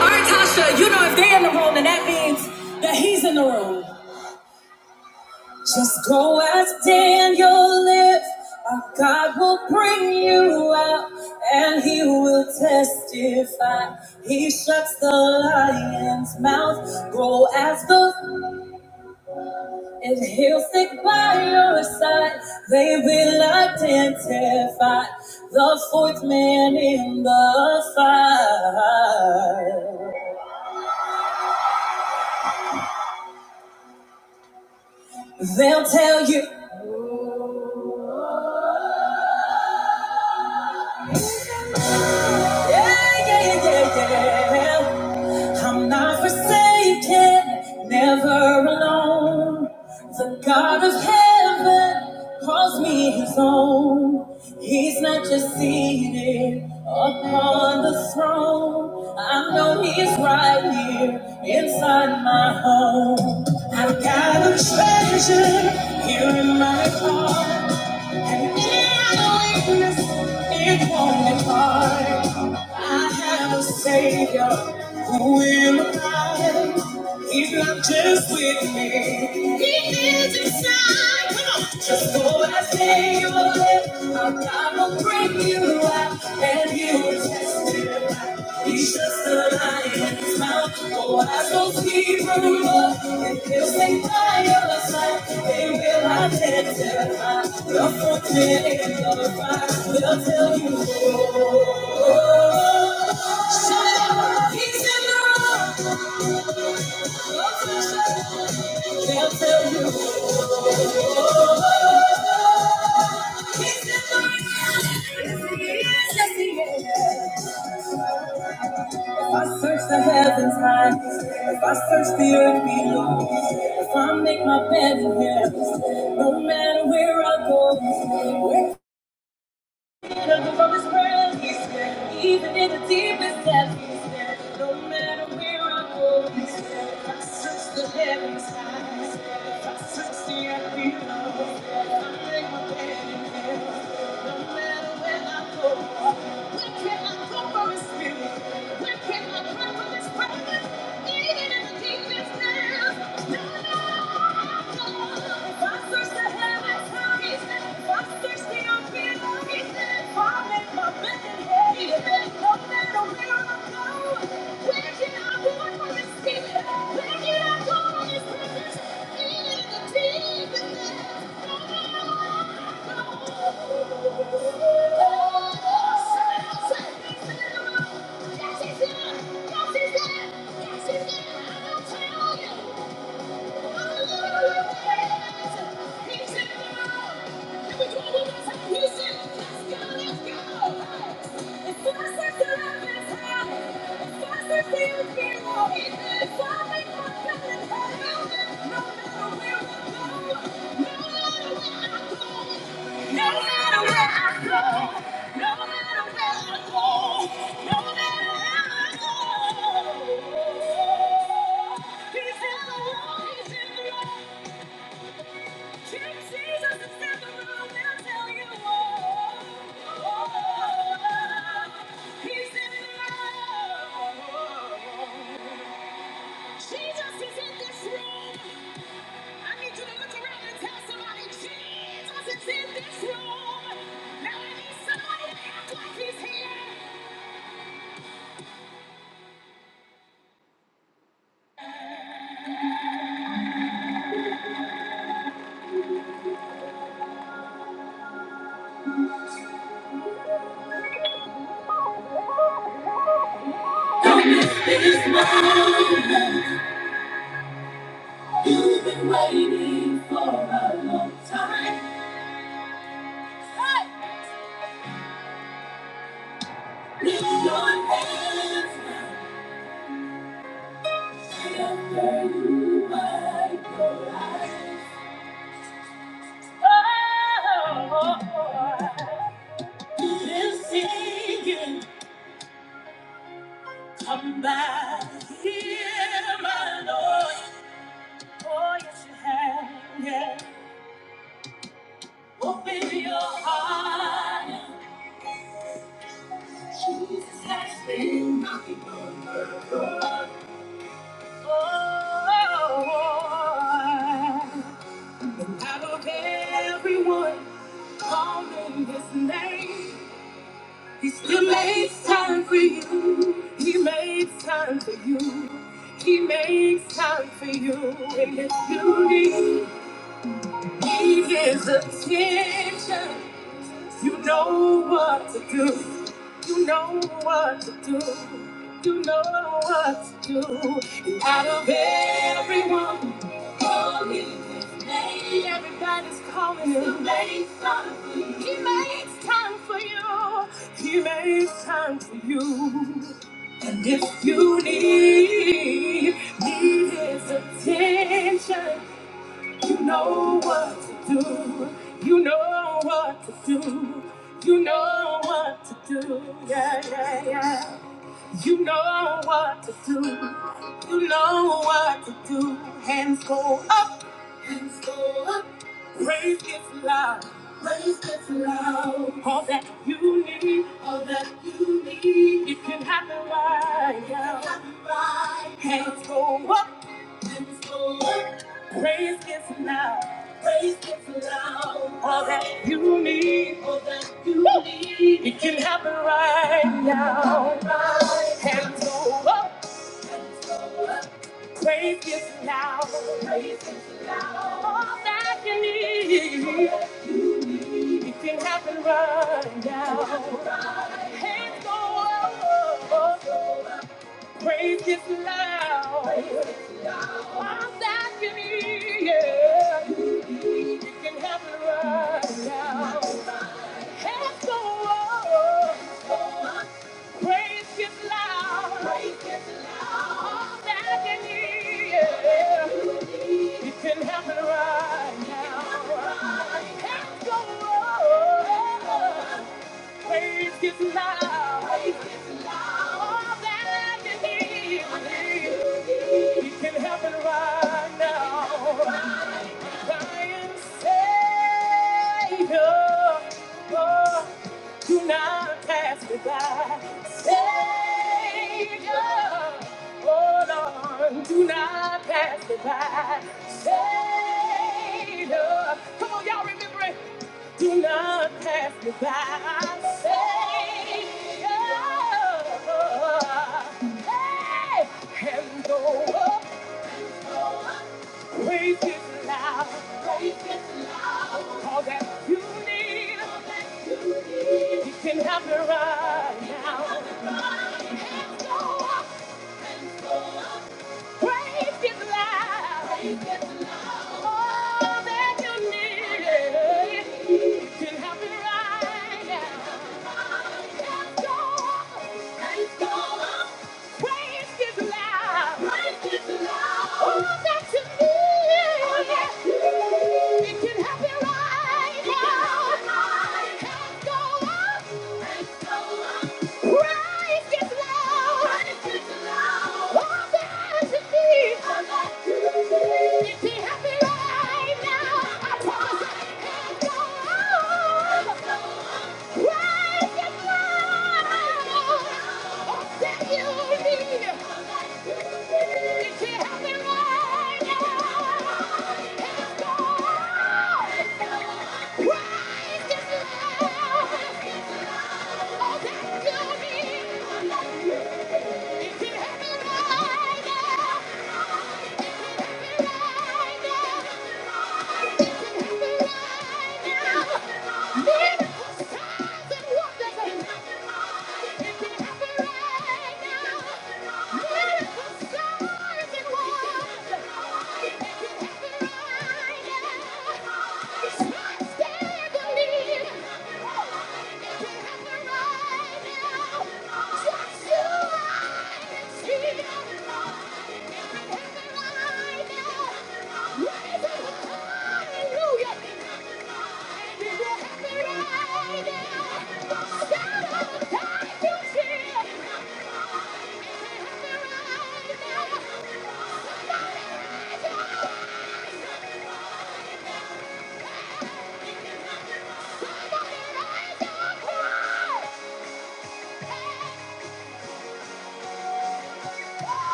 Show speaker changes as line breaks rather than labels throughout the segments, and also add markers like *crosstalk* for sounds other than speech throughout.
All right, Tasha, you know if they're in the room, then that means that he's in the room. Just go as Daniel lives. Our God will bring you out, and he will testify. He shuts the lion's mouth. Go as the and he'll stick by your side. They will identify the fourth man in the fire. They'll tell you. Yeah, yeah, yeah, yeah. I'm not forsaken, never alone. The God of heaven calls me his own. He's not just seated upon the throne. I know he's right here inside my home. I've got a treasure here in my heart. It won't be hard. I have a Savior who will abide. He's not just with me. He is inside. Come on. Just for that Savior, live. Our God will bring you out, and you will testify. He's just a lion in his mouth. Oh, I go Hebrew law. And they'll say, by your side, they will identify. The frontier and the fire, they'll tell you. Oh, shut up. He's in the room. They'll tell you. He's in the room. Yes, he is. Yes, he is. If I search the heavens high, if I search the earth below, if I make my bed in hell, no matter where I go, where even from his friends, he's there. Even in the deepest depths, he's there. No matter where I go, he's there. If I search the heavens high, he's there. If I search the earth below, he's there. If I break my bed in hell, no matter where I go, where can I go from his spirit? Where can I run from his presence? Even in the deepest depths, no matter where I go, if I search the heavens Yes, he's there. Yes, he's there. Yes, he's there. I'm gonna tell you. Thank you. No matter where I go, no matter where I go, no matter where I go, He's in the room, Jesus is in the room, they'll tell you oh, oh, He's in the room. Jesus is in this room. I need you to look around and tell somebody, Jesus is in this room. Now I need somebody to act like he's here. Oh, Oh, been singing, come back here, my Lord. Oh, yes, you have, yeah. Open your heart and touch me. Oh, oh, oh, oh. Out of everyone calling his name, he still makes time for you. He makes time for you. He makes time for you. And if you need, need his attention, you know what to do. You know what to do. You know what to do. And out of everyone Everybody's calling him. He makes time for you. He makes time for you. He makes time for you. And if you need, need his attention, you know what to do. You know what to do. You know what to do. Yeah, yeah, yeah. You know what to do. You know what to do. Hands go up. Hands go up. Praise gets loud. Praise gets loud. All that you need. All that you need. It can happen right now. It can happen right now. Hands go up. Hands go up. Praise gets loud. Praise gets loud. All that you need. All that you Woo! need. It can happen right now. Right. Hands go up. Praise gets loud. All that you need. It can happen right now. Praise is loud. I'm back in yeah. It can happen right now. Hands go up. Praise is loud. I'm back in yeah. It can happen right now. Hands go up. Praise His love. All that I can need. He can help it right now. Lion Savior, oh, do not pass me by. Savior, oh Lord, do not pass me by. Savior, come on, y'all remember it. Do not pass me by. Savior. Hey! And though Praise His loud. Praise His loud. All that you need. All that you need. You can have it right now. Hands go up. Praise His loud. Praise All that you need. You can have it right now. Hands go up. hands go up. Praise is loud. Praise is loud. Oh, that's it. Oh, that's it. It can happen right It can happen now. Let's go up. Let's go up. Praise is loud. Praise is loud. Oh, that's it. Oh, that's it. It can happen right now. I promise it can go up. Thank you. Just you and see. It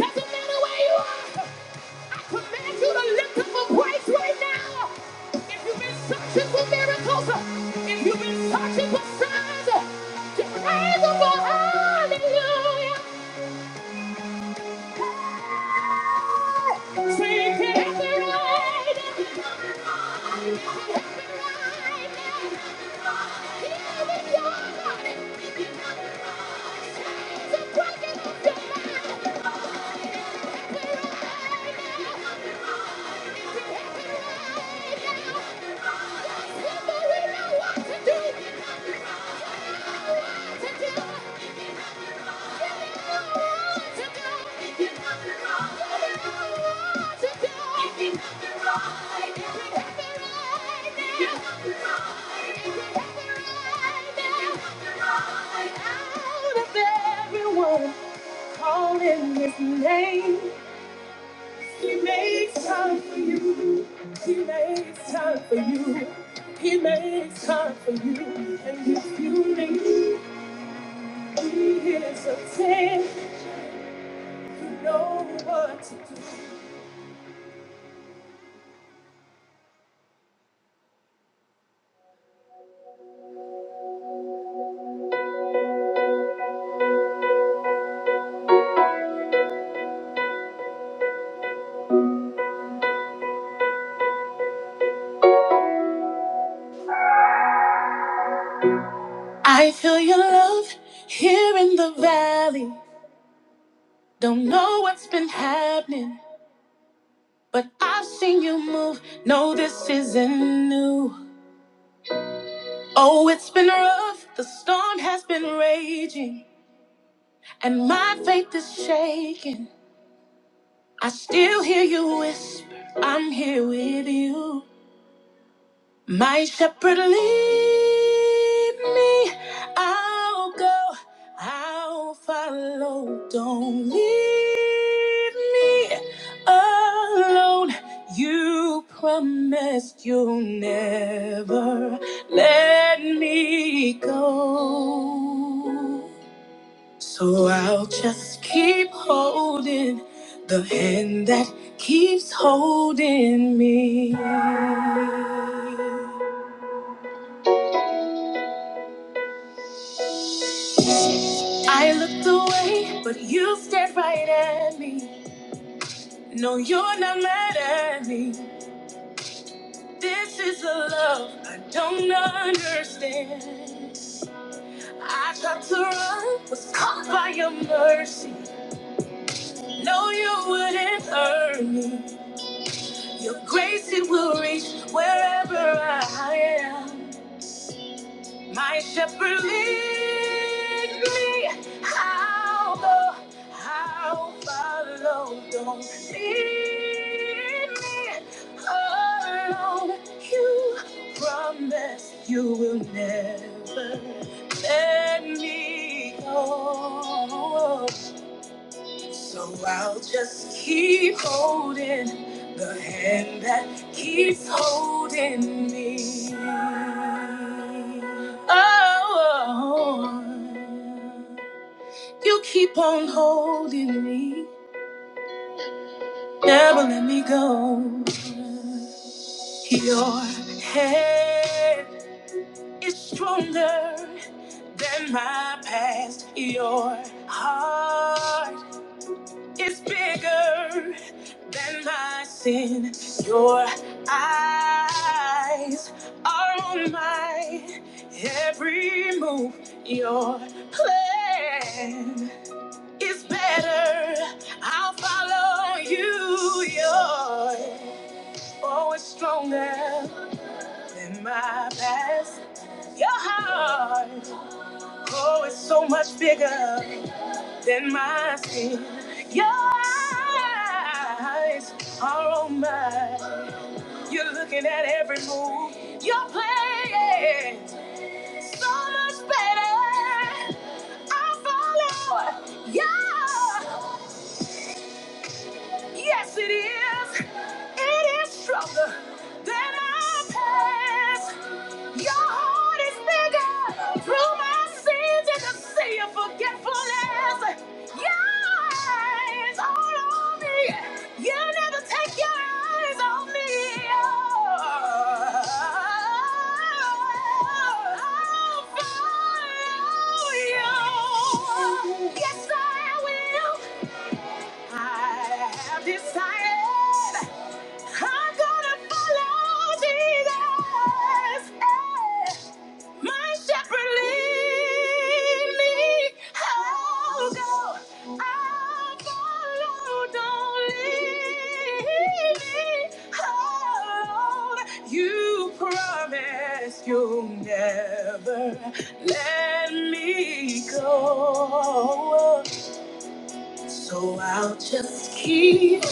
doesn't matter where you are! I command you to lift up a price right now. If you've been searching for miracles, if you've been searching for signs, just raise up a Hallelujah. Say it can happen right now. It can happen right now. Healing your body. Chains are breaking off your mind. It can happen right now. Out of everyone calling his name. He makes time for you. He makes time for you. He makes time for you. And if you need, he is a ten. You know what to do. I feel your love here in the valley. Don't know what's been happening, but I've seen you move. No, this isn't new. Oh, it's been rough. The storm has been raging, and my faith is shaking. I still hear you whisper, I'm here with you. My shepherd, lead me. I'll go, I'll follow. Don't leave me alone. You promised you'll never let me go. So I'll just keep holding the hand that keeps holding me. I looked away, but you stared right at me. No, you're not mad at me. This is a love I don't understand. I tried to run, was caught by your mercy. No, you wouldn't hurt me. Your grace it will reach wherever I am. My shepherd lead me. I'll go. I'll follow. Don't leave me alone. You promise you will never let me go. So I'll just keep holding the hand that keeps holding me. Oh, you keep on holding me, never let me go. Your hand is stronger than my past. Your heart It's bigger than my sin. Your eyes are on my every move. Your plan is better. I'll follow you. Your oh, it's stronger than my past. Your heart, oh, it's so much bigger. Then my skin. Your eyes are on mine. You're looking at every move. You're playing so much better. I follow. Yeah. Yes, it is. It is stronger than our past. Your heart is bigger. Through my sins and the sea of forgetfulness. Your eyes all on me. You never take your eyes off me. Oh, I'll follow you. Yes, I will. I have decided I'm gonna follow Jesus. Eh, My shepherd lead me. I'll go. I'll follow. Don't leave me alone. You promised you'll never let me go. So I'll just keep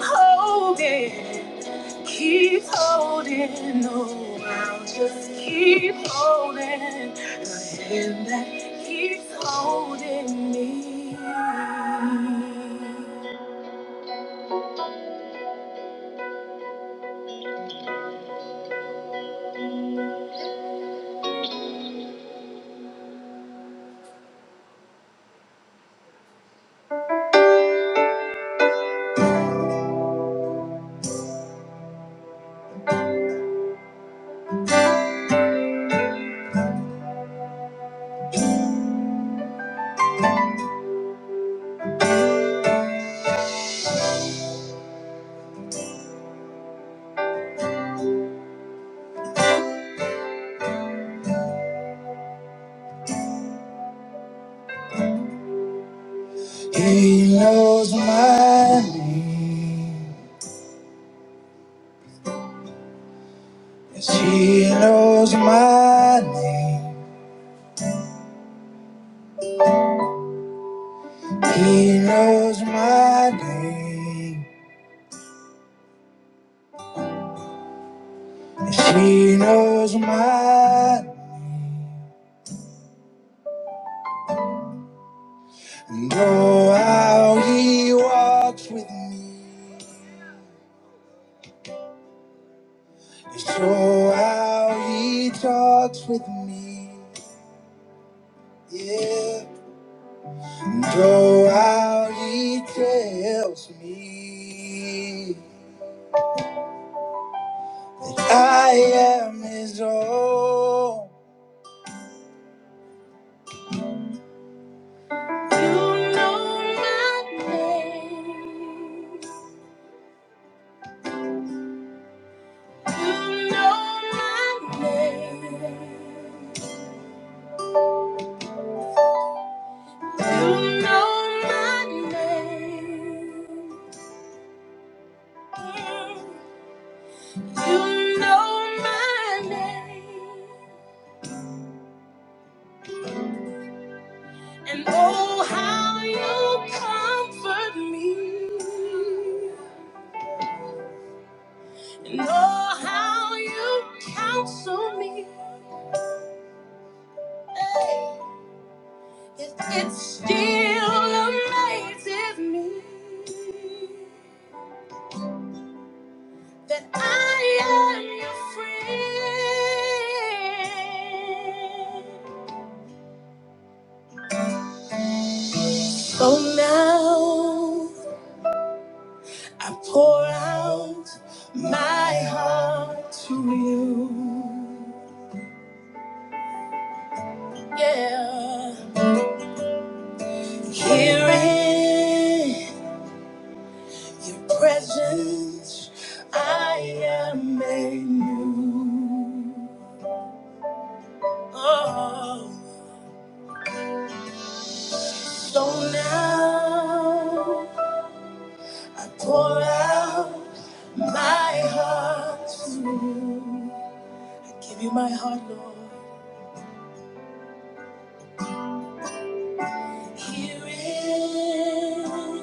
holding, keep holding. No, I'll just keep holding the hand that keeps holding me. He knows my name. Yes, he knows my name. He knows my name. Yes, he knows my name. And oh, how he walks with me. Yes, oh, how he talks with me. Yeah. And oh, how he tells me I am his own. You know my name. You know my name. You know my name. You know my name, and oh, how you comfort me, and oh, how you counsel me. Hey, It, it still amazes me that I am your friend. So now, oh, so Pour out my heart. Give you my heart, Lord. Here in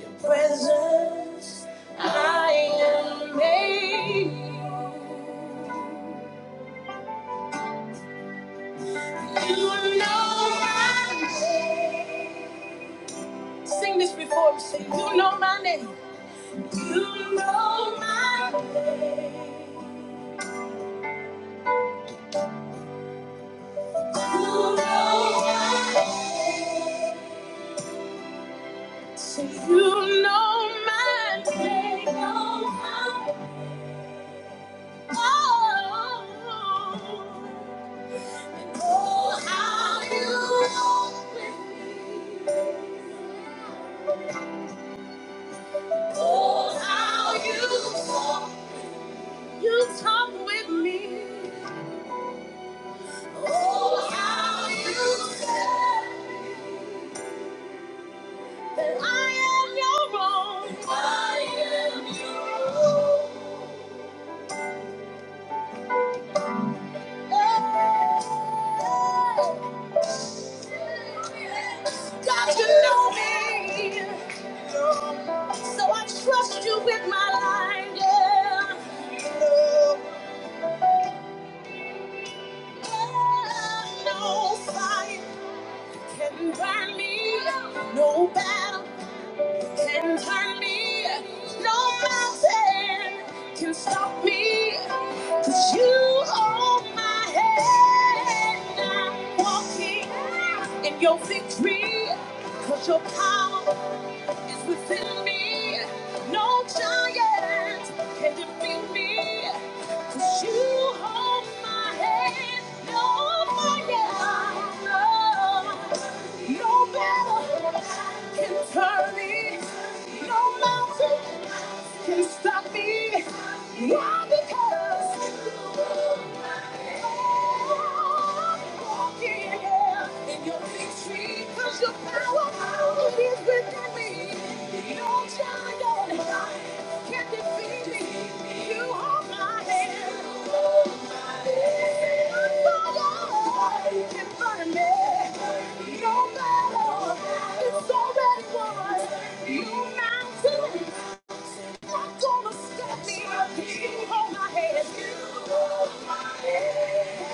your presence, I am made. new. You know my name. Sing this before we sing. You know my name. You know my name. You know my name. So you know my name. Oh, oh, how you walk with me. Oh, how you talk. You talk with me. Oh, how you say that I am your own. I am your own. God, you know me. So I trust you with my life. Yeah. Yeah, no fear in me. No battle. can No mountain can stop me, 'cause you hold my hand. I'm walking in your victory, 'cause your power is within me. No giant can defeat me, 'cause you hold my hand. No fire. No battle can turn me. No mountain can stop me. Why? Because I'm walking in your victory. 'Cause your power, it is within me. No giant not gonna stop me. You hold my hand. You hold my hand. Yeah.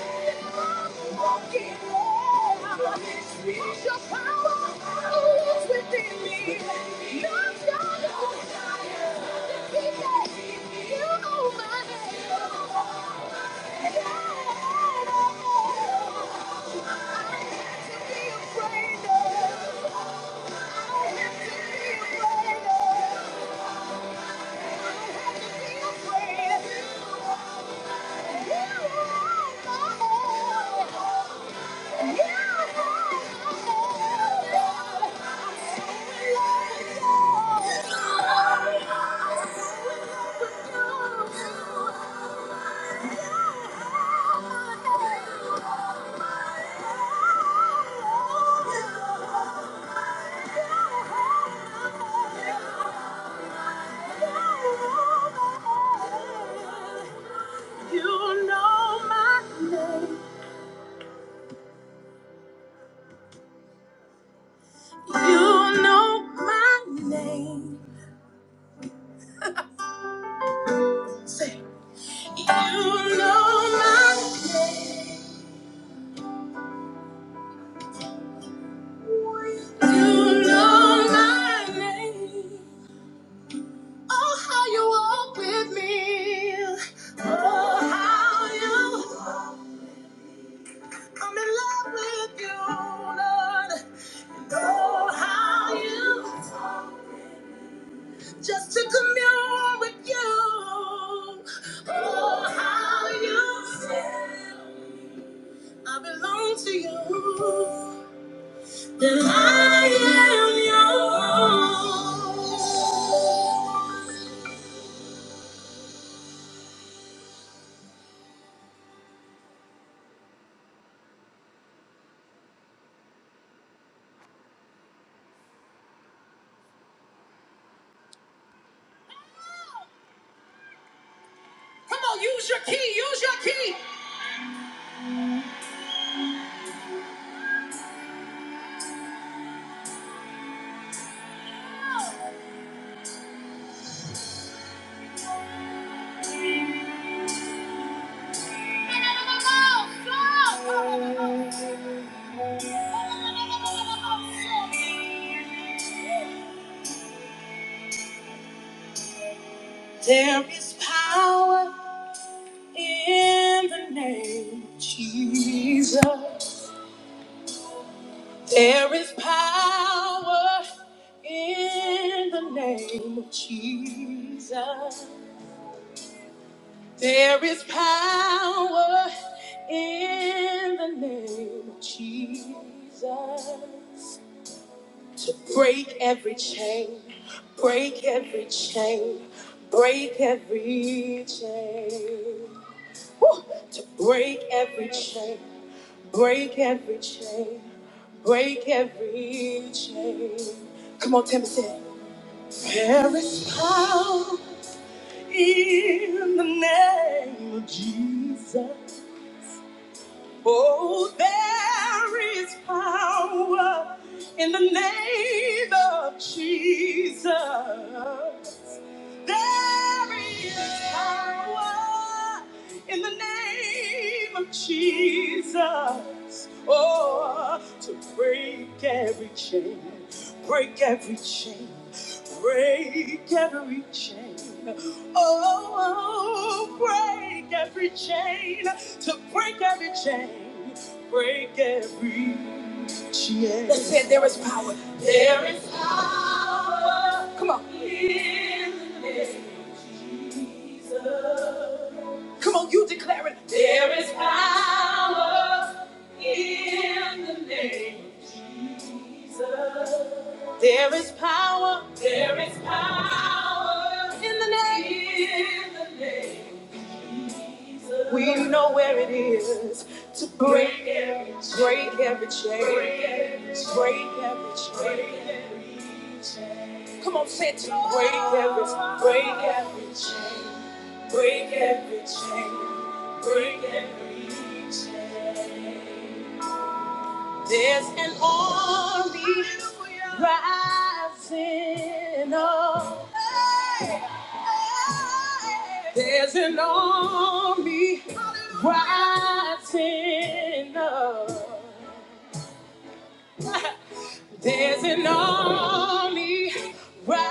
You know my name. You know my name. Oh, how you walk with me. Oh, how you. I'm in love with you, Lord. oh, how you. Just to commune with you. Oh, how you. I belong to you. And I am yours. There is power in the name of Jesus. There is power in the name of Jesus. There is power in the name of Jesus. to break every chain, break every chain, break every chain. Woo! To break every chain, break every chain, break every chain. Come on, Timothy. There is power in the name of Jesus. Oh, there is power in the name of Jesus. There is power in the name of Jesus. Oh, to break every chain, break every chain, break every chain. Oh, break every chain, to break every chain, break every chain. They said there is power. We know where it is to break, break every chain, break every chain. Come on, say it to me. break every, break every, There's an army rising up. There's an army rising up. There's an army rising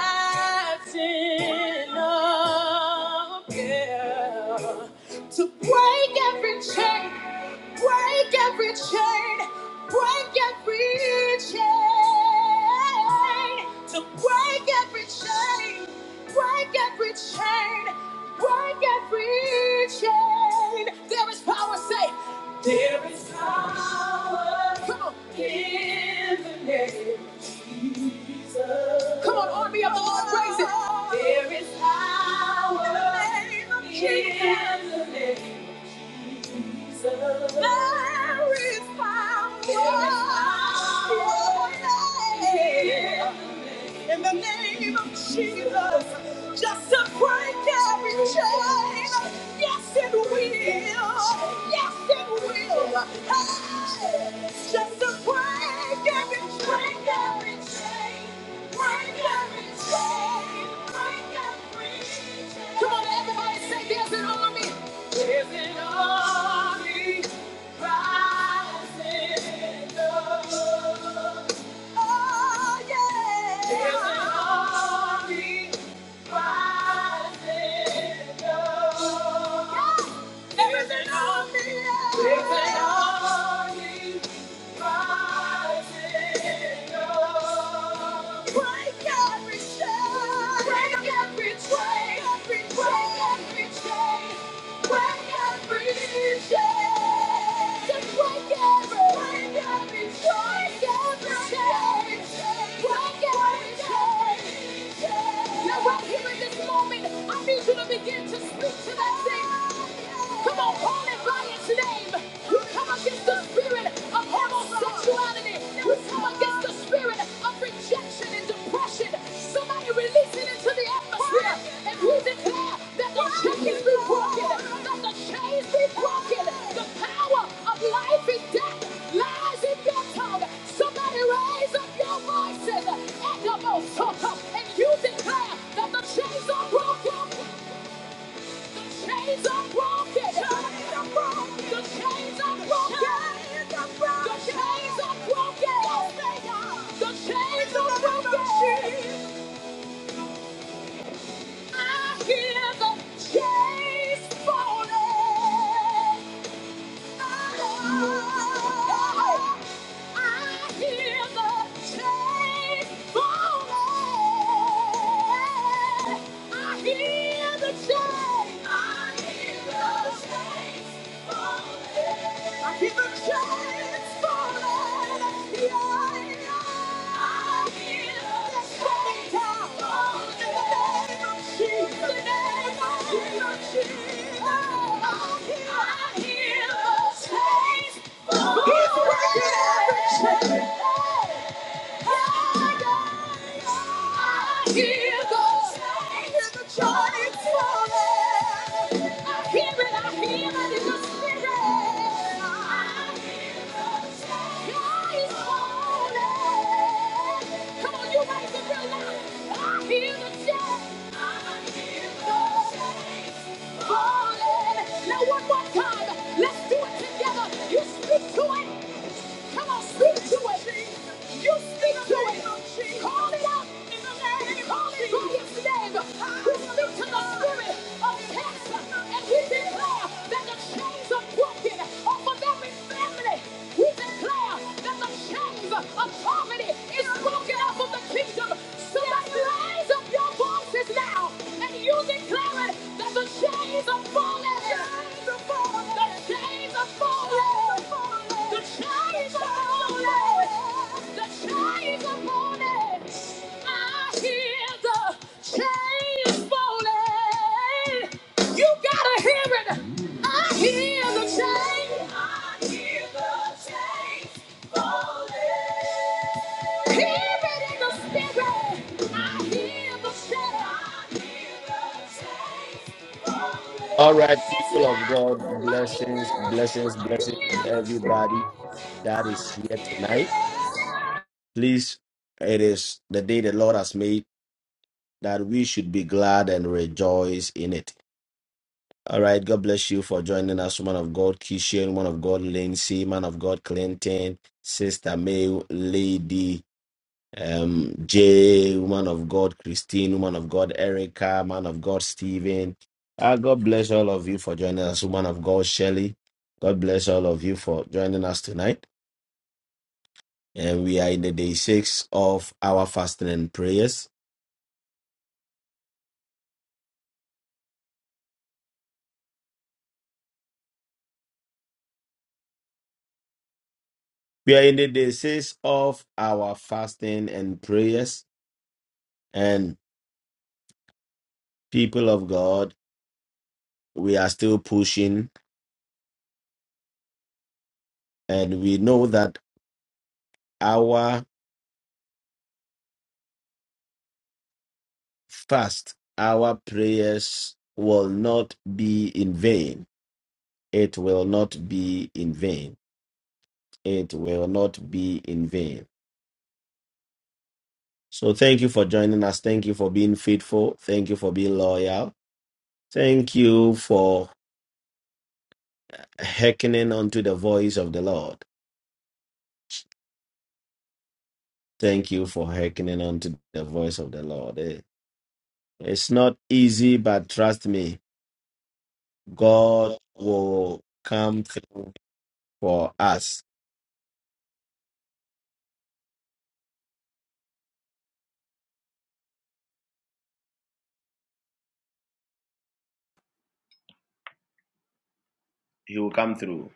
up yeah, to break every chain, break every chain, break every chain, to break every chain, break every chain, break every chain. There is power, say, there is power. Come on. Come on, army of the Lord, praise it. There is power in the name of Jesus. There is power. There is in the name. in the name of Jesus. Just to break every chain. Yes, it will. Yes, it will. Hey, just to break every break every chain. Break every chain. Break every chain. Come on, everybody, say there's an army. There's an army rising up. Yeah. Now, right here in this moment, I need you to begin to speak to that thing. Come on, call it in come against the spirit of homosexuality. We come against the spirit of rejection and depression. Somebody release it into the atmosphere. And we declare that the chains be broken. That the chains be broken. The power of life and death lies in your tongue. Somebody raise up your voices. And the most and you declare that the chains are broken chains are broken. Chains are broken. The chains are broken. The chains are broken. The chains are broken. I hear the chains falling. I hear the chains falling. He's breaking every chain. Now one more time, let's do it together. You speak to it. Come on, speak to it. You. You speak to it. Call it out. Call it by its name. We speak to the spirit of cancer and we declare that the chains are broken off of every family. We declare that the chains of poverty is broken off of the kingdom. Somebody rise up your voices now and you declare it that the chains are falling. The chains are falling. The chains are falling. The chains are falling. I hear the chains falling. You gotta hear it. I hear the chains. I hear the chains falling. Hear it in the spirit. I hear the chains. I hear the chains
All
falling.
right,
It's
people of
loud
God,
in my
blessings,
ear.
blessings,
I
blessings
hear
to
the
everybody
chains.
that
I
is here
hear
tonight.
the chains.
Please, it is the day the Lord has made that we should be glad and rejoice in it. All right, God bless you for joining us, woman of God, Kishan, woman of God, Lindsay, man of God, Clinton, Sister May, Lady. um, Jay, woman of God, Christine, woman of God, Erica, man of God, Stephen. Ah, God bless all of you for joining us, woman of God, Shelley. God bless all of you for joining us tonight. And we are in the day six of our fasting and prayers. We are in the day six of our fasting and prayers. And people of God, we are still pushing, and we know that fast, our prayers will not be in vain. It will not be in vain. It will not be in vain. So thank you for joining us. Thank you for being faithful. Thank you for being loyal. Thank you for hearkening unto the voice of the Lord. Thank you for hearkening unto the voice of the Lord. Eh, It's not easy, but trust me, God will come through for us.
He will come through.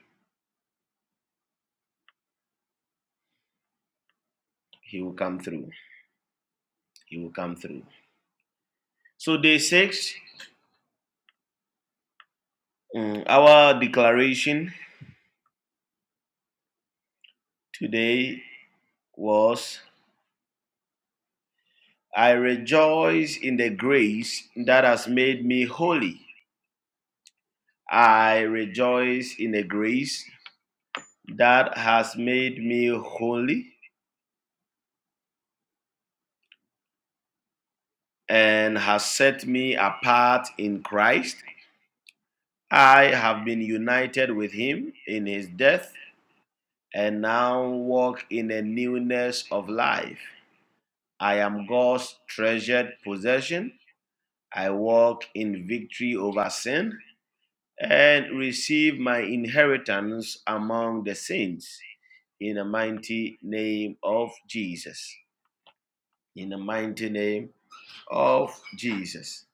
He will come through. He will come through. So, day six, mm, our declaration today was I rejoice in the grace that has made me holy. I rejoice in the grace that has made me holy and has set me apart in Christ. I have been united with him in his death and now walk in the newness of life. I am God's treasured possession. I walk in victory over sin and receive my inheritance among the saints in the mighty name of Jesus. In the mighty name of Jesus.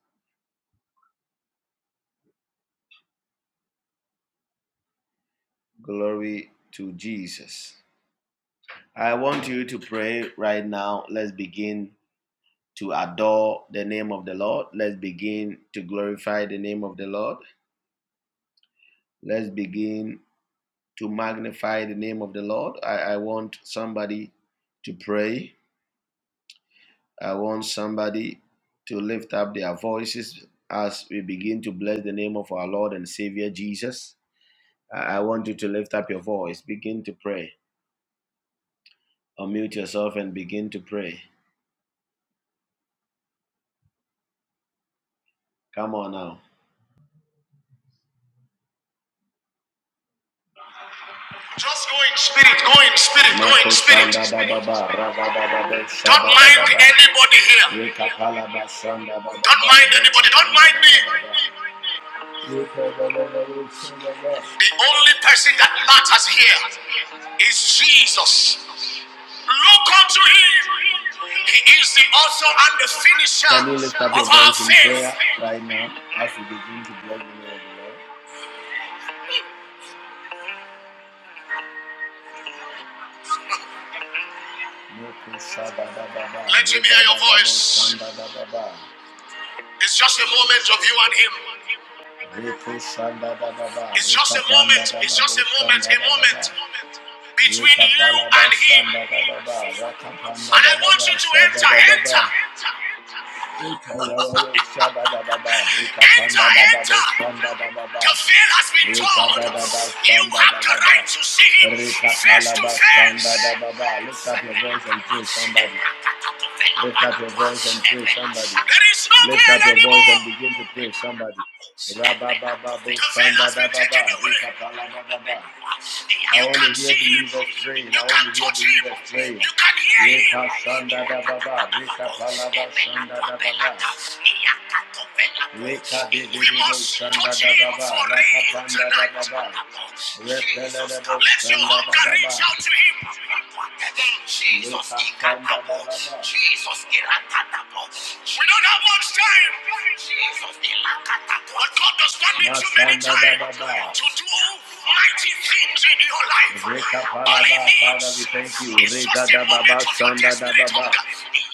Glory to Jesus. I want you to pray right now. Let's begin to adore the name of the Lord. Let's begin to glorify the name of the Lord. Let's begin to magnify the name of the Lord. I, I want somebody to pray. I want somebody to lift up their voices as we begin to bless the name of our Lord and Savior Jesus. I, I want you to lift up your voice. Begin to pray. Unmute yourself and begin to pray. Come on now. Just go in spirit, go in spirit, go in Mako spirit. shanda da baba, raba da da be, Don't mind anybody here. Don't mind anybody. Don't mind me. The only person that matters here is Jesus. Look unto him. He is the author and the finisher of our faith. right now as we begin to bless the Lord? Let him hear your voice. It's just a moment of you and him. It's just a moment. It's just a moment. A moment between you and him. And I want you to enter, enter, enter, *laughs* enter, enter. The veil has been torn. You have the right to see him face to face. Lift up your voice and pray, somebody. Lift up your voice and pray, somebody. no Lift up your voice and begin to pray, somebody. I want to hear see him. believers praying. I want to hear touch him. believers praying. You can hear him. Rika shanda da baba, We must touch him for real tonight. Jesus, let your hunger reach out to him. Jesus, ikatabo. Jesus, irakatabo. we don't have much time. Jesus, ilakatabo. but God does not need too many time to do mighty things in your life. All he needs Father, we thank you. is just a moment of your desperate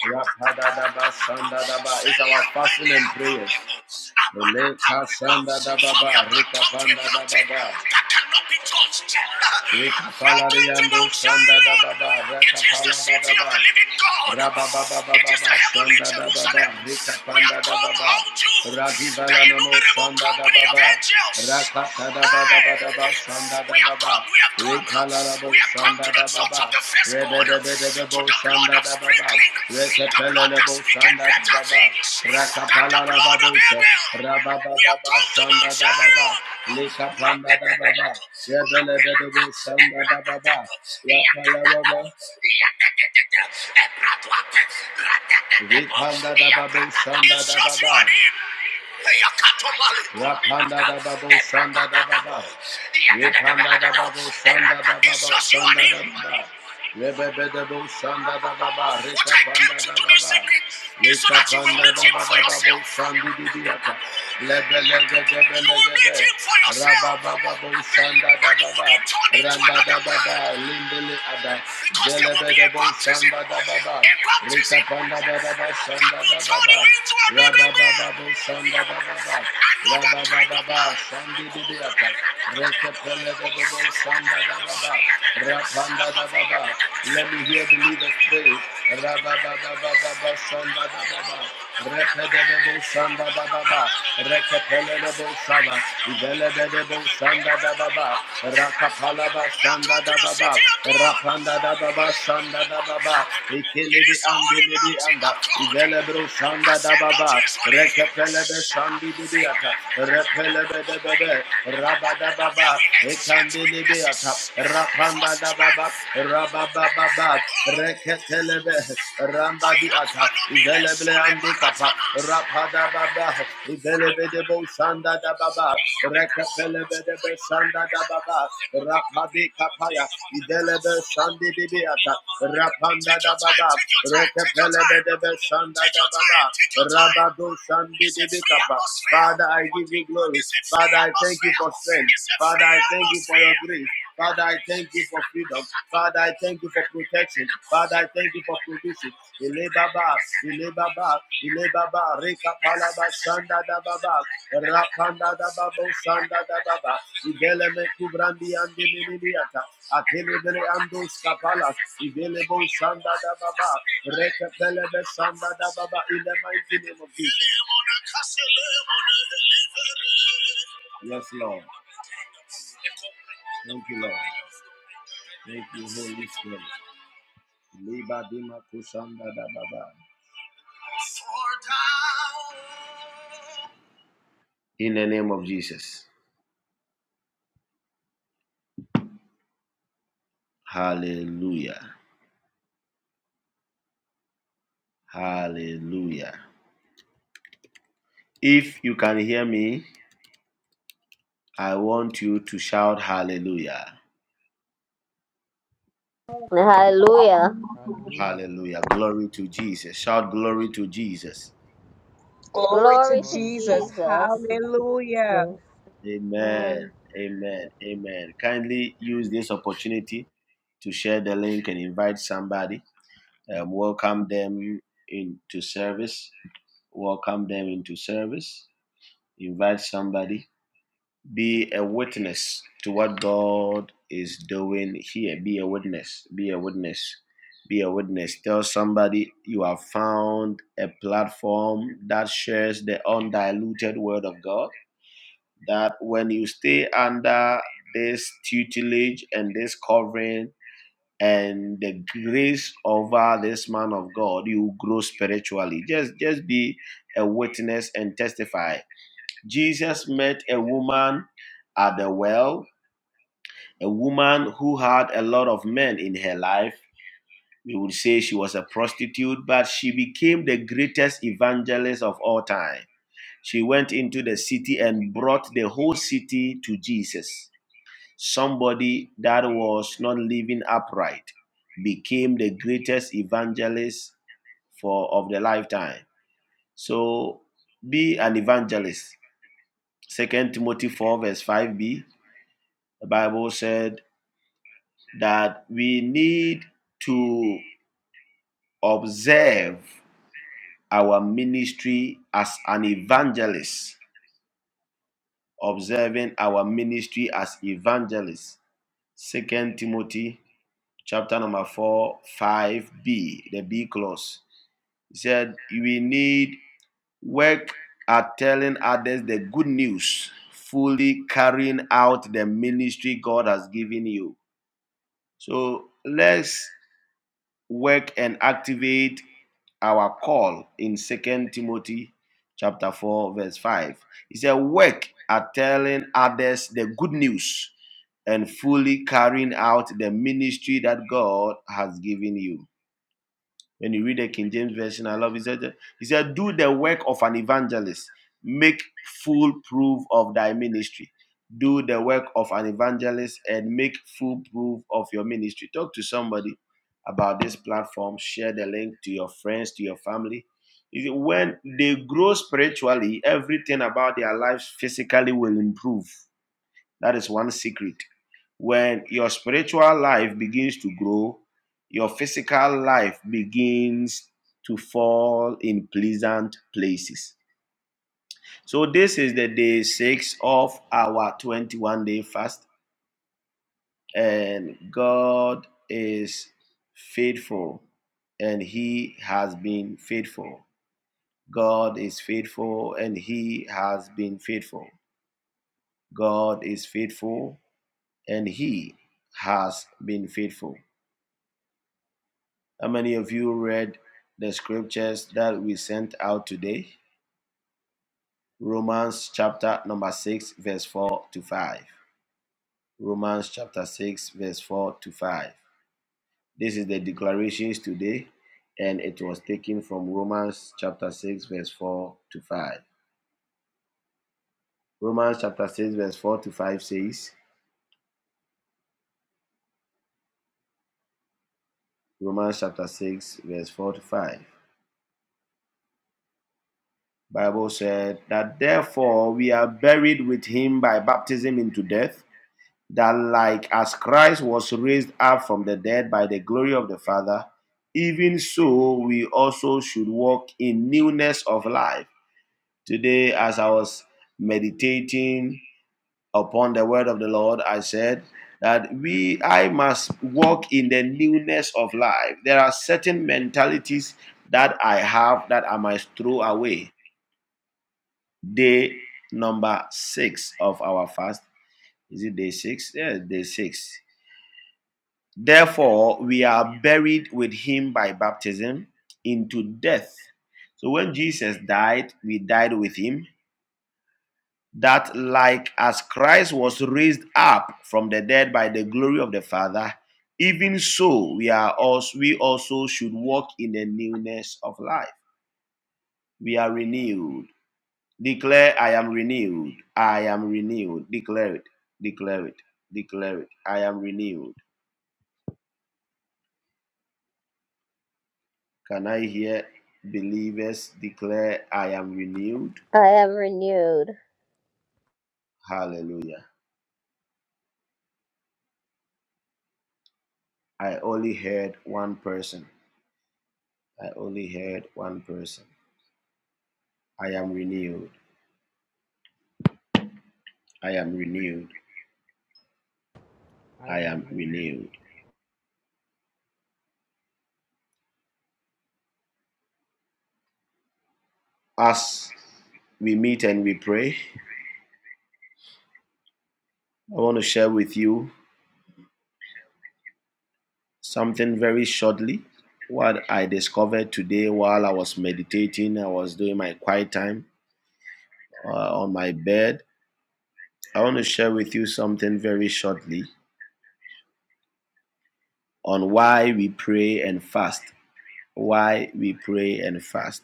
Rekadababa, hunger. Shandadababa, Rakadadaba, Shandadaba. It's our fasting and prayers. Leka sanda da baba, rika panda da baba. Rika pala riando sanda da baba, raka pala da baba. Raba baba baba baba sanda da baba, rika panda da baba. Ragiva la nomo sanda da baba. Rakata da baba baba baba sanda da baba come, we have come, we have come to the touch of the firstborn, to the blood of sprinkling, the blood that speaketh better things than the blood of Abel. We have come to Mount Zion. Instruction on him. Rapanda da babo shanda da baba. Yepanda da babo shanda da baba shanda da baba. Lebebe da bo shanda da baba. Rekapanda da baba. Lekapanda da babo shandi di diata. You will meet him for yourself. But you will be turned into another man. Because there will be a baptism. A baptism that will turn you into another man. Another kind of man. Rabba let me hear believers pray. Rabba Rekadebo Sanda Baba, Rekapelebo Saba, Velebebo Sanda Baba, Rakapalaba Sanda Baba, Rapanda Baba Sanda Baba, Ikilibi Ambilibi Anda, Velebro Sanda Baba, Rekapelebe Sandi Bibiata, Repelebe Bebe, Rabada Baba, Ekandilibiata, Rapanda Baba, Rababa Baba, Rek. Ketelebe, Rambadi Ata, Ivelebe Andi Kapa, Rapada Baba, Ivelebe de Bosanda da Baba, Rekapelebe de Besanda da Baba, Rapadi Kapaya, Ivelebe Sandi Bibiata, Rapanda da Baba, Rekapelebe de Besanda da Baba, Rabado Sandi Bibikapa. Father, I give you glory. Father, I thank you for strength. Father, I thank you for your grace. Father, I thank you for freedom. Father, I thank you for protection. Father, I thank you for provision. Ile baba, ile baba, ile baba, reka palaba shanda da baba, rapanda da babo shanda da baba, igele me kubrandi andi minimiata, atele bere ando skapala, igele bo shanda da baba, reka pelebe shanda da baba, in the mighty name of Jesus. Yes, Lord. Thank you, Lord. Thank you, Holy Spirit. Liba dima kushanda da ba In the name of Jesus. Hallelujah. Hallelujah. If you can hear me, I want you to shout hallelujah.
Hallelujah.
Hallelujah.
Hallelujah. Glory to Jesus. Shout glory to Jesus.
Glory to
Glory to
Glory to
Jesus.
Jesus.
Jesus.
Hallelujah.
Yes,
Amen.
Man,
Amen. Amen. Kindly use this opportunity to share the link and invite somebody. Um, welcome them into service. Welcome them into service. Invite somebody. Be a witness to what God is doing here. Be a witness. Be a witness. Be a witness. Tell somebody you have found a platform that shares the undiluted word of God. That when you stay under this tutelage and this covering, and the grace over this man of God, you will grow spiritually. Just just be a witness and testify. Jesus met a woman at the well, a woman who had a lot of men in her life. We would say she was a prostitute, but she became the greatest evangelist of all time. She went into the city and brought the whole city to Jesus. Somebody that was not living upright became the greatest evangelist for of the lifetime. So be an evangelist. Second Timothy 4 verse 5b, the Bible said that we need to observe our ministry as an evangelist. Observing our ministry as evangelists. Second Timothy chapter number 4, 5b, the B clause. He said, We need work at telling others the good news, fully carrying out the ministry God has given you. So let's work and activate our call in Second Timothy chapter 4, verse 5. He said, Work at telling others the good news and fully carrying out the ministry that God has given you. When you read the King James Version, I love it. He said, he said, Do the work of an evangelist, make full proof of thy ministry. Do the work of an evangelist and make full proof of your ministry. Talk to somebody about this platform. Share the link to your friends, to your family. When they grow spiritually, everything about their lives physically will improve. That is one secret. When your spiritual life begins to grow, your physical life begins to fall in pleasant places. So, this is the day six of our 21 day fast, and God is faithful, and He has been faithful. God is faithful, and He has been faithful. God is faithful, and He has been faithful. How many of you read the scriptures that we sent out today? Romans chapter number 6, verse 4 to 5. Romans chapter 6, verse 4 to 5. This is the declarations today, and it was taken from Romans chapter 6, verse 4 to 5. Romans chapter 6, verse 4 to 5 says, Romans chapter 6, verse 4 to 5. Bible said that therefore we are buried with him by baptism into death that like as Christ was raised up from the dead by the glory of the Father, even so we also should walk in newness of life. Today, as I was meditating upon the word of the Lord, I said that we I must walk in the newness of life. There are certain mentalities that I have that I must throw away. Day number six of our fast. Is it day six? Yeah, day six Therefore, we are buried with him by baptism into death. So when Jesus died, we died with him. That, like as Christ was raised up from the dead by the glory of the Father, even so we are also we also should walk in the newness of life. We are renewed. Declare, I am renewed. I am renewed. Declare it. Declare it. Declare it. I am renewed. Can I hear believers declare, I am renewed?
I am renewed.
Hallelujah. I only heard one person. I only heard one person. I am renewed. I am renewed.
I
I
am
am
renewed.
renewed. As we meet and we pray, I want to share with you something very shortly. What I discovered today while I was meditating, I was doing my quiet time uh, on my bed. I want to share with you something very shortly on why we pray and fast. Why we pray and fast.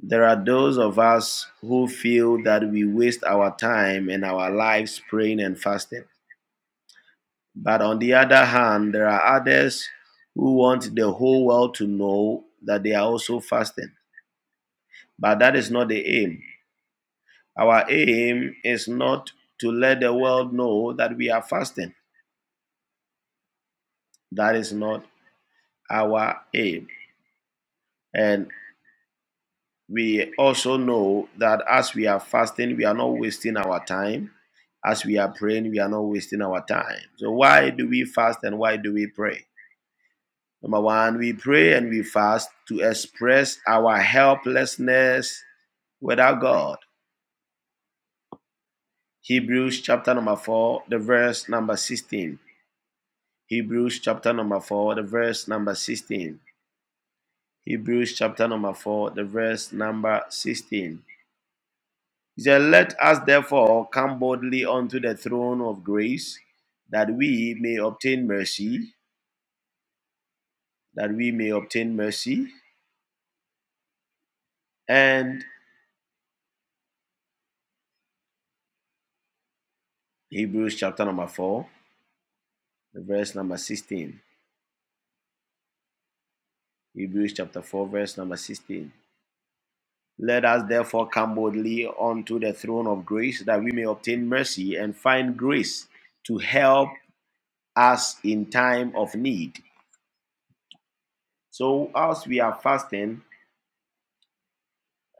There are those of us who feel that we waste our time and our lives praying and fasting. But on the other hand, there are others who want the whole world to know that they are also fasting. But that is not the aim. Our aim is not to let the world know that we are fasting. That is not our aim. And we also know that as we are fasting, we are not wasting our time. As we are praying, we are not wasting our time. So, why do we fast and why do we pray? Number one, we pray and we fast to express our helplessness without God. Hebrews chapter number 4, the verse number 16. Hebrews chapter number 4, the verse number 16. Hebrews chapter number 4, the verse number 16. He said, Let us therefore come boldly unto the throne of grace, that we may obtain mercy, that we may obtain mercy. And Hebrews chapter number 4, verse number 16. Hebrews chapter 4, verse number 16. Let us therefore come boldly unto the throne of grace, that we may obtain mercy and find grace to help us in time of need. So, as we are fasting,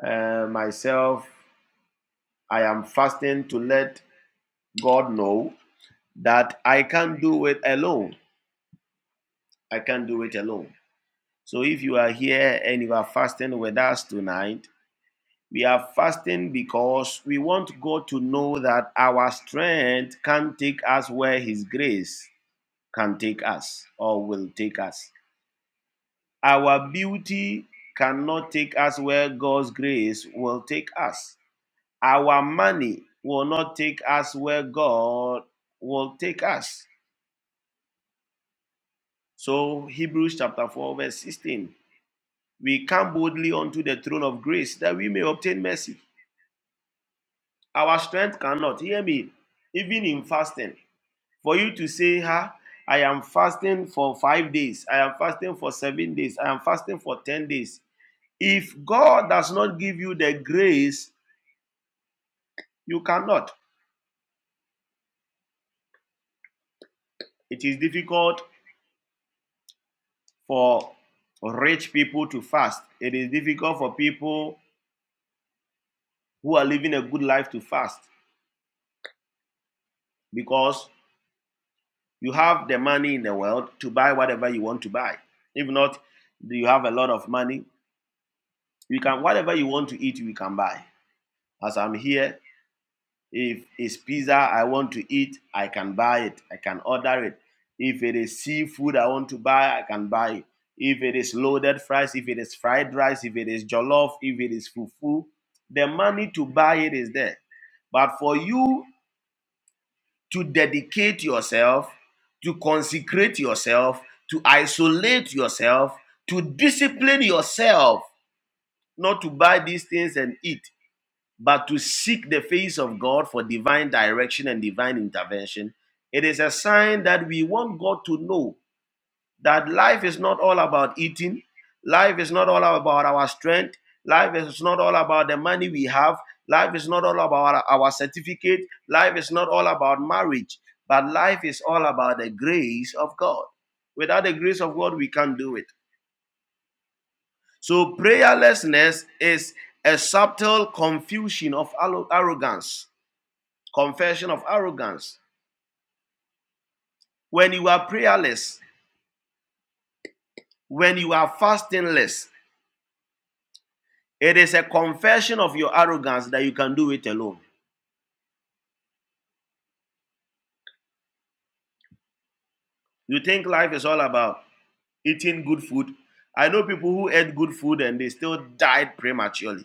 uh, myself, I am fasting to let God know that I can't do it alone. I can't do it alone. So if you are here and you are fasting with us tonight, we are fasting because we want God to know that our strength can take us where His grace can take us or will take us. Our beauty cannot take us where God's grace will take us. Our money will not take us where God will take us. So, Hebrews chapter 4, verse 16. We come boldly unto the throne of grace that we may obtain mercy. Our strength cannot, hear me, even in fasting. For you to say, Ha, I am fasting for five days, I am fasting for seven days, I am fasting for 10 days. If God does not give you the grace, you cannot. It is difficult for rich people to fast, it is difficult for people who are living a good life to fast because You have the money in the world to buy whatever you want to buy. If not, you have a lot of money. You can whatever you want to eat, you can buy. As I'm here, if it's pizza I want to eat, I can buy it. I can order it. If it is seafood I want to buy, I can buy it. If it is loaded fries, if it is fried rice, if it is jollof, if it is fufu, the money to buy it is there. But for you to dedicate yourself, to consecrate yourself, to isolate yourself, to discipline yourself, not to buy these things and eat, but to seek the face of God for divine direction and divine intervention. It is a sign that we want God to know that life is not all about eating. Life is not all about our strength. Life is not all about the money we have. Life is not all about our certificate. Life is not all about marriage. But life is all about the grace of God. Without the grace of God, we can't do it. So, prayerlessness is a subtle confusion of arrogance, confession of arrogance. When you are prayerless, when you are fastingless, It is a confession of your arrogance that you can do it alone. You think life is all about eating good food. I know people who ate good food and they still died prematurely.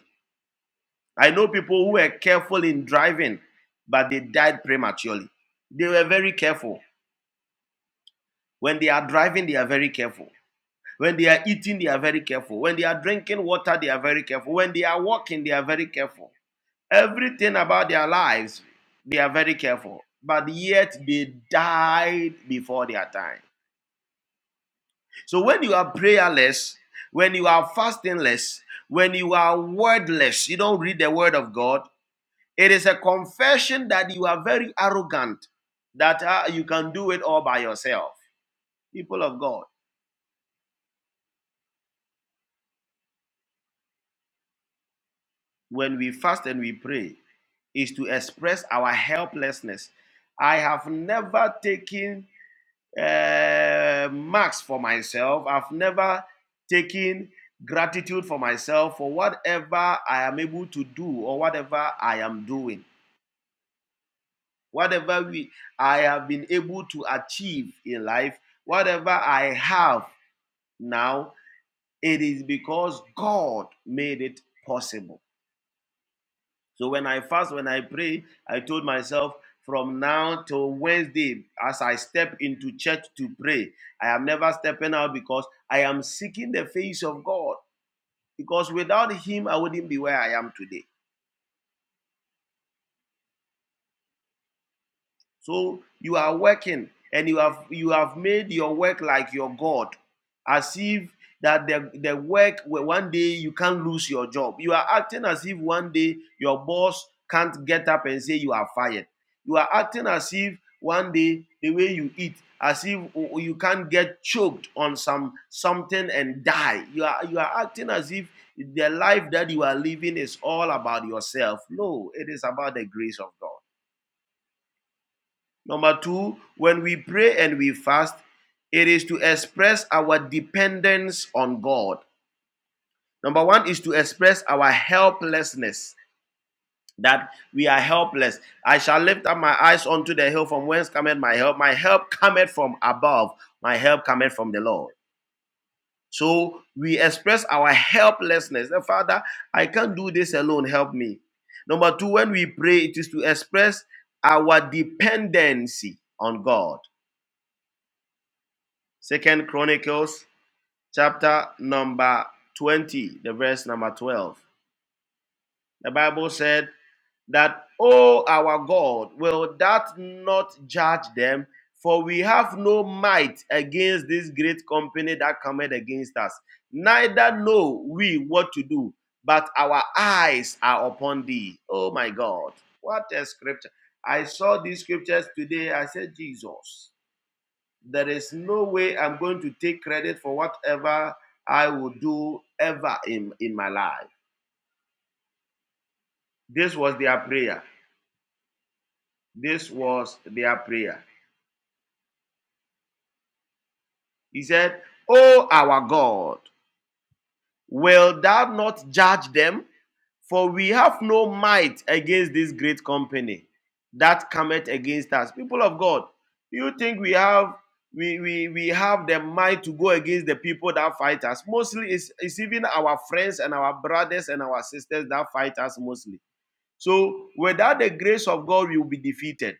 I know people who were careful in driving, but they died prematurely. They were very careful. When they are driving, they are very careful. When they are eating, they are very careful. When they are drinking water, they are very careful. When they are walking, they are very careful. Everything about their lives, they are very careful, but yet they died before their time. So when you are prayerless, when you are fastingless, when you are wordless, you don't read the word of God, it is a confession that you are very arrogant, that uh, you can do it all by yourself. People of God, when we fast and we pray, is to express our helplessness. I have never taken uh, marks for myself. I've never taken gratitude for myself for whatever I am able to do or whatever I am doing, whatever we I have been able to achieve in life, whatever I have now, it is because God made it possible. So when I fast, when I pray, I told myself from now till Wednesday, as I step into church to pray, I am never stepping out because I am seeking the face of God. Because without Him, I wouldn't be where I am today. So you are working and you have you have made your work like your God, as if that the, the work where one day you can't lose your job. You are acting as if one day your boss can't get up and say you are fired. You are acting as if one day the way you eat, as if you can't get choked on some something and die. You are you are acting as if the life that you are living is all about yourself. No, it is about the grace of God. Number two, when we pray and we fast, it is to express our dependence on God. Number one is to express our helplessness, that we are helpless. I shall lift up my eyes unto the hill from whence cometh my help. My help cometh from above, my help cometh from the Lord. So we express our helplessness. Father, I can't do this alone, help me. Number two, when we pray, it is to express our dependency on God. Second Chronicles chapter number 20, the verse number 12. The Bible said that, O our God, will that not judge them? For we have no might against this great company that cometh against us. Neither know we what to do, but our eyes are upon thee. Oh my God. What a scripture. I saw these scriptures today. I said, Jesus. There is no way I'm going to take credit for whatever I will do ever in, in my life. This was their prayer. This was their prayer. He said, Oh, our God, Will thou not judge them? For we have no might against this great company that cometh against us. People of God, you think we have we, we, we have the might to go against the people that fight us. Mostly it's, it's even our friends and our brothers and our sisters that fight us mostly. So without the grace of God, we will be defeated.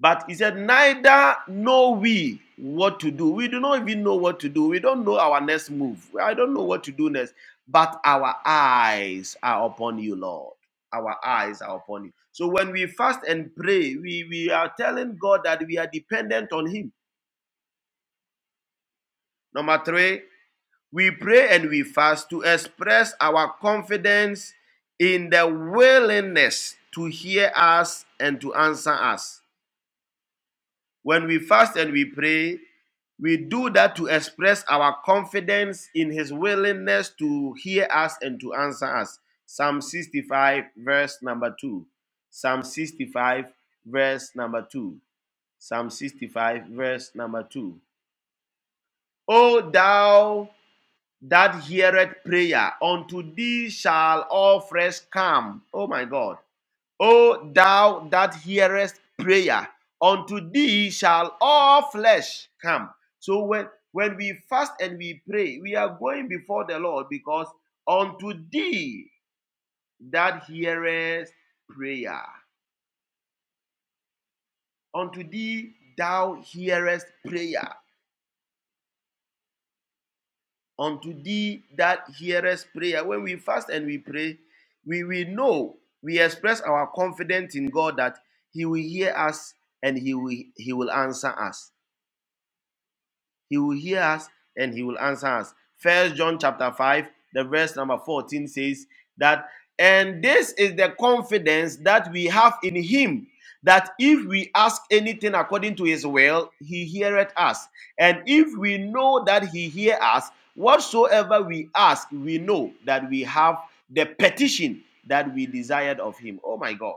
But he said, Neither know we what to do. We do not even know what to do. We don't know our next move. I don't know what to do next. But our eyes are upon you, Lord. Our eyes are upon you. So when we fast and pray, we, we are telling God that we are dependent on Him. Number three, we pray and we fast to express our confidence in the willingness to hear us and to answer us. When we fast and we pray, We do that to express our confidence in his willingness to hear us and to answer us. Psalm 65, verse number 2. Psalm 65, verse number 2. Psalm 65, verse number 2. O thou that heareth prayer, unto thee shall all flesh come. Oh my God. O thou that hearest prayer, unto thee shall all flesh come. So when when we fast and we pray, we are going before the Lord because unto thee that hearest prayer, unto thee thou hearest prayer, unto thee that hearest prayer. When we fast and we pray, we will know we express our confidence in God that He will hear us and He will He will answer us. He will hear us and he will answer us. First John chapter 5, the verse number 14 says that, and this is the confidence that we have in him. That if we ask anything according to his will, he heareth us. And if we know that he hear us, whatsoever we ask, we know that we have the petition that we desired of him. Oh my God.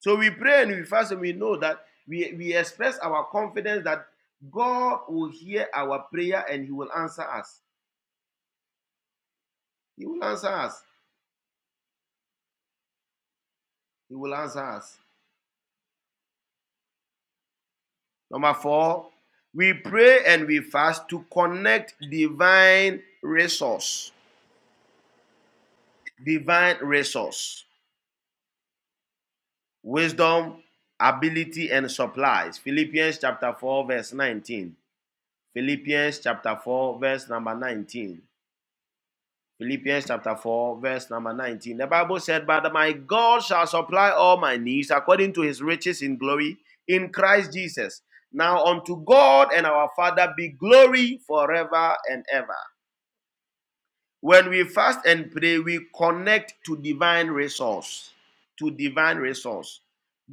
So we pray and we fast and we know that we, we express our confidence that God will hear our prayer and He will answer us. He will answer us. He will answer us. Number four, we pray and we fast to connect divine resource. Divine resource. Wisdom, ability, and supplies. Philippians chapter 4, verse 19. Philippians chapter 4, verse number 19. Philippians chapter 4, verse number 19. The Bible said, But my God shall supply all my needs according to his riches in glory in Christ Jesus. Now unto God and our Father be glory forever and ever. When we fast and pray, we connect to divine resource. To divine resource.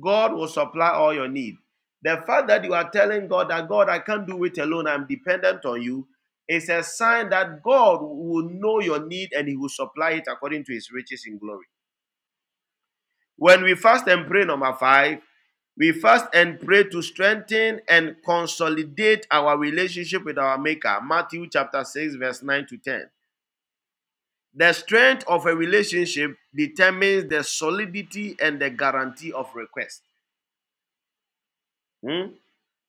God will supply all your need. The fact that you are telling God that God, I can't do it alone, I'm dependent on you, is a sign that God will know your need and He will supply it according to His riches in glory. When we fast and pray, number five, we fast and pray to strengthen and consolidate our relationship with our Maker. Matthew chapter 6, verse 9 to 10. The strength of a relationship determines the solidity and the guarantee of request. Hmm?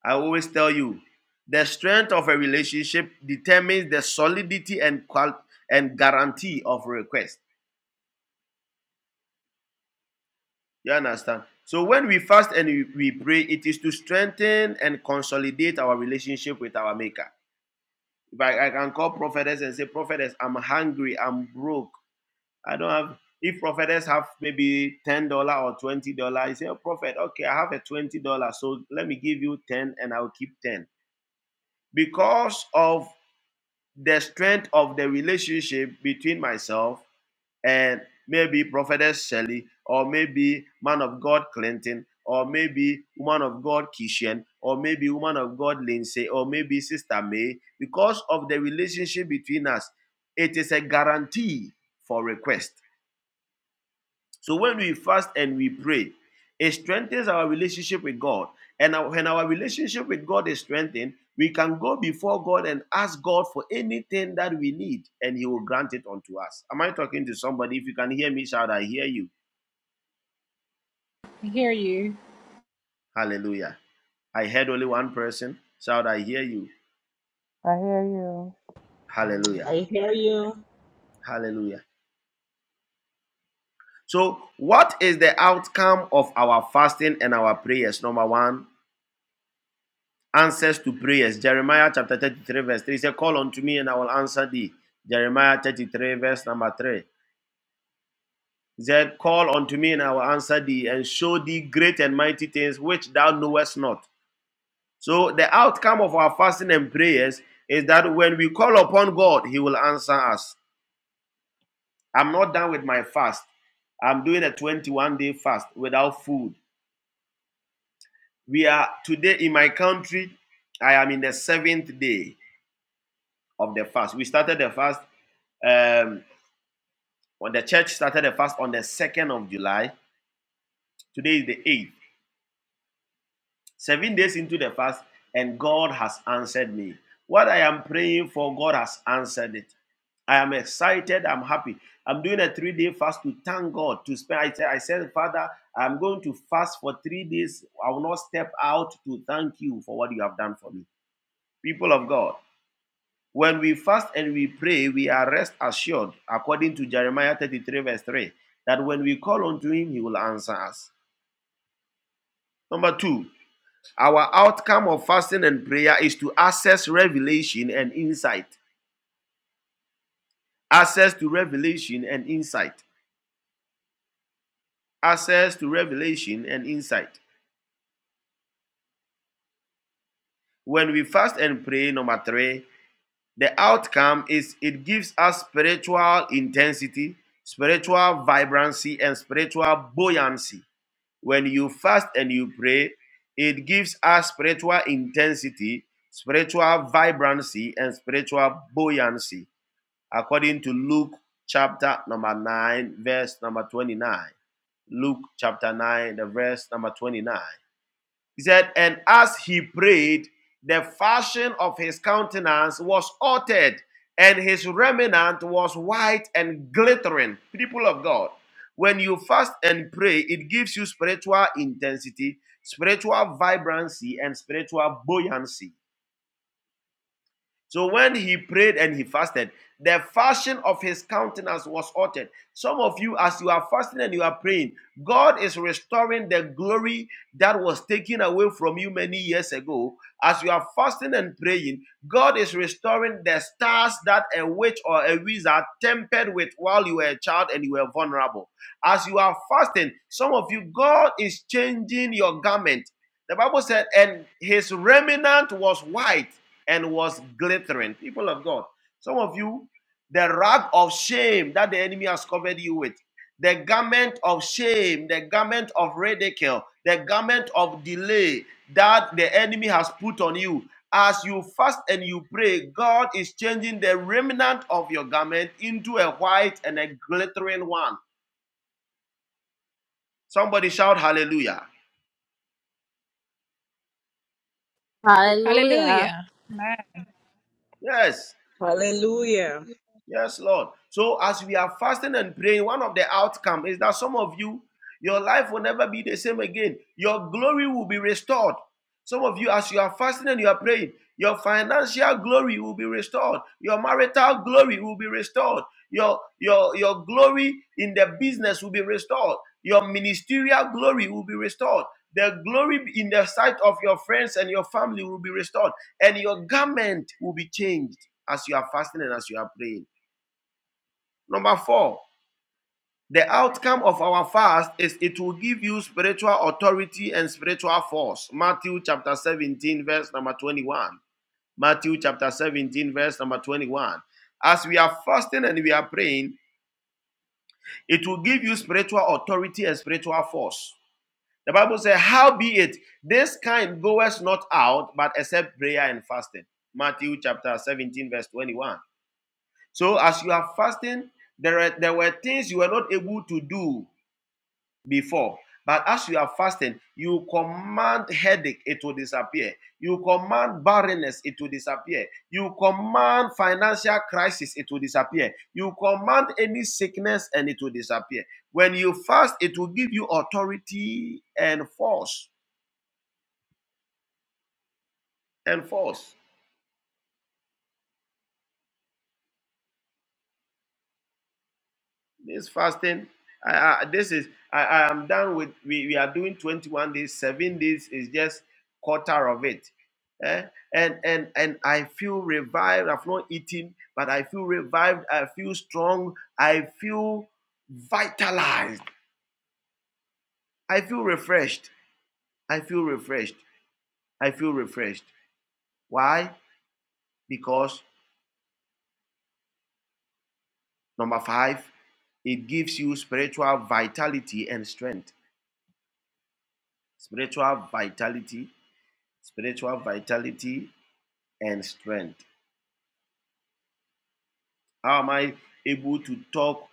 I always tell you, the strength of a relationship determines the solidity and qual- and guarantee of request. You understand? So when we fast and we, we pray, it is to strengthen and consolidate our relationship with our Maker. If I, I can call prophetess and say, prophetess, I'm hungry, I'm broke, I don't have. If prophetess have maybe ten dollar or twenty dollar, you say, "Oh, prophet, okay, I have a twenty dollar, so let me give you ten, and I'll keep ten because of the strength of the relationship between myself and maybe prophetess Shelley, or maybe man of God Clinton, or maybe woman of God Kishan, or maybe woman of God Lindsay, or maybe Sister May. Because of the relationship between us, it is a guarantee for request So when we fast and we pray, it strengthens our relationship with God. And our- when our relationship with God is strengthened, we can go before God and ask God for anything that we need, and He will grant it unto us. Am I talking to somebody? If you can hear me, shout, I hear you.
I hear you.
Hallelujah. I heard only one person. Shout, I hear you.
I hear you.
I hear
Hallelujah.
him
I hear you.
Hallelujah. So, what is the outcome of our fasting and our prayers? Number one, answers to prayers. Jeremiah chapter 33, verse 3 He said, Call unto me and I will answer thee. Jeremiah 33, verse number 3. He said, Call unto me and I will answer thee and show thee great and mighty things which thou knowest not. So, the outcome of our fasting and prayers is that when we call upon God, He will answer us. I'm not done with my fast. I'm doing a 21 day fast without food. We are today in my country, I am in the seventh day of the fast. We started the fast um, When the church started the fast on the 2nd of July, today is the 8th, seven days into the fast, and God has answered me. What I am praying for, God has answered it. I am excited. I'm happy. I'm doing a three day fast to thank God. To spend, I said, I said, Father, I'm going to fast for three days. I will not step out to thank you for what you have done for me. People of God, when we fast and we pray, we are rest assured, according to Jeremiah 33, verse 3, that when we call unto him, he will answer us. Number two, our outcome of fasting and prayer is to access revelation and insight. Access to revelation and insight. Access to revelation and insight. When we fast and pray, number three, the outcome is it gives us spiritual intensity, spiritual vibrancy, and spiritual buoyancy. When you fast and you pray, it gives us spiritual intensity, spiritual vibrancy, and spiritual buoyancy according to Luke chapter number 9, verse number 29. Luke chapter 9, the verse number 29. He said, And as he prayed, the fashion of his countenance was altered, and his remnant was white and glittering. People of God, when you fast and pray, it gives you spiritual intensity, spiritual vibrancy, and spiritual buoyancy. So when he prayed and he fasted, the fashion of his countenance was altered. Some of you, as you are fasting and you are praying, God is restoring the glory that was taken away from you many years ago. As you are fasting and praying, God is restoring the stars that a witch or a wizard tempered with while you were a child and you were vulnerable. As you are fasting, some of you, God is changing your garment. The Bible said, and his remnant was white and was glittering. People of God, some of you, the rag of shame that the enemy has covered you with, the garment of shame, the garment of ridicule, the garment of delay that the enemy has put on you. As you fast and you pray, God is changing the remnant of your garment into a white and a glittering one. Somebody shout hallelujah.
Hallelujah.
Yes.
Hallelujah.
Yes, Lord. So as we are fasting and praying, one of the outcome is that some of you, your life will never be the same again. Your glory will be restored. Some of you, as you are fasting and you are praying, your financial glory will be restored. Your marital glory will be restored. Your your your glory in the business will be restored. Your ministerial glory will be restored. The glory in the sight of your friends and your family will be restored, and your garment will be changed as you are fasting and as you are praying. Number four, the outcome of our fast is it will give you spiritual authority and spiritual force. Matthew chapter 17, verse number 21. Matthew chapter 17, verse number 21. As we are fasting and we are praying, it will give you spiritual authority and spiritual force. The Bible says, How be it, this kind goeth not out, but except prayer and fasting. Matthew chapter 17, verse 21. So as you are fasting, there, are, there were things you were not able to do before. But as you are fasting, you command headache, it will disappear. You command barrenness, it will disappear. You command financial crisis, it will disappear. You command any sickness, and it will disappear. When you fast, it will give you authority and force. And force. This fasting, I, I, this is, I, I am done with, we, we are doing 21 days, seven days is just quarter of it. Eh? And, and, and I feel revived. I've not eaten, but I feel revived. I feel strong. I feel vitalized. I feel refreshed. I feel refreshed. I feel refreshed. Why? Because number five, it gives you spiritual vitality and strength. Spiritual vitality, spiritual vitality and strength? How am I able to talk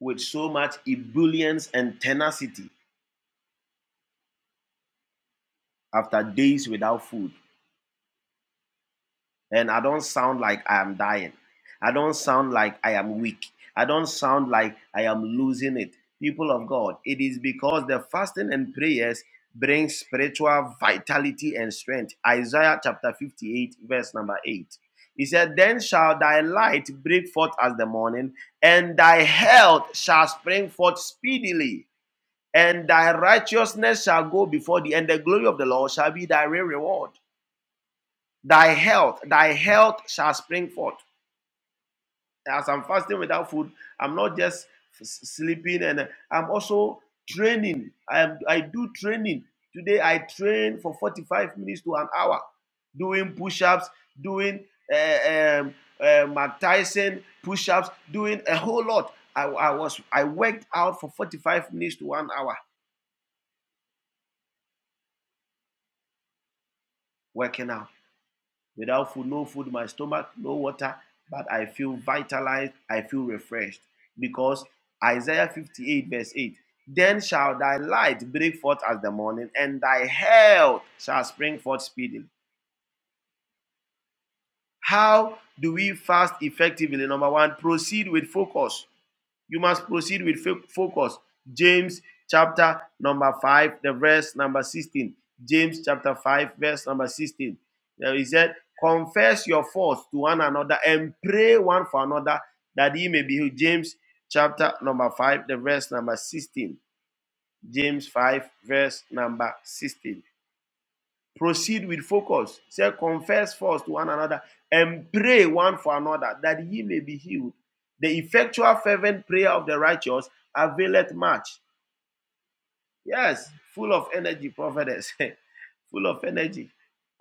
with so much ebullience and tenacity after days without food? and I don't sound like I am dying. I don't sound like I am weak. I don't sound like I am losing it. People of God, it is because the fasting and prayers bring spiritual vitality and strength. Isaiah chapter 58, verse number 8. He said, Then shall thy light break forth as the morning, and thy health shall spring forth speedily, and thy righteousness shall go before thee, and the glory of the Lord shall be thy real reward. Thy health, thy health shall spring forth. As I'm fasting without food, I'm not just sleeping and uh, I'm also training. I, am, I do training. Today I train for 45 minutes to an hour, doing push ups, doing uh, um, uh, Mark Tyson push ups, doing a whole lot. I, I was I worked out for 45 minutes to one hour working out. Without food, no food in my stomach, no water, but I feel vitalized, I feel refreshed. Because Isaiah 58, verse 8 Then shall thy light break forth as the morning, and thy health shall spring forth speedily. How do we fast effectively? Number one, proceed with focus. You must proceed with fo- focus. James chapter number 5, the verse number 16. James chapter 5, verse number 16. Now He said, Confess your faults to one another and pray one for another that ye may be healed. James chapter number 5, the verse number 16. James 5, verse number 16. Proceed with focus. Say, confess first to one another and pray one for another that ye may be healed. The effectual, fervent prayer of the righteous availeth much. Yes, full of energy, prophetess. *laughs* full of energy.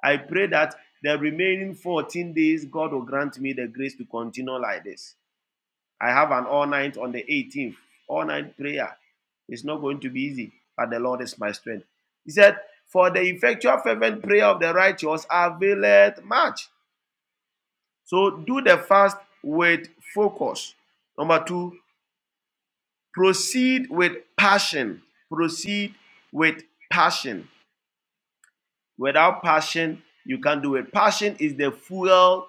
I pray that the remaining 14 days, God will grant me the grace to continue like this. I have an all night on the 18th, all night prayer. It's not going to be easy, but the Lord is my strength. He said, For the effectual fervent prayer of the righteous availeth much. So do the fast with focus. Number two, proceed with passion. Proceed with passion. Without passion, you can't do it. Passion is the fuel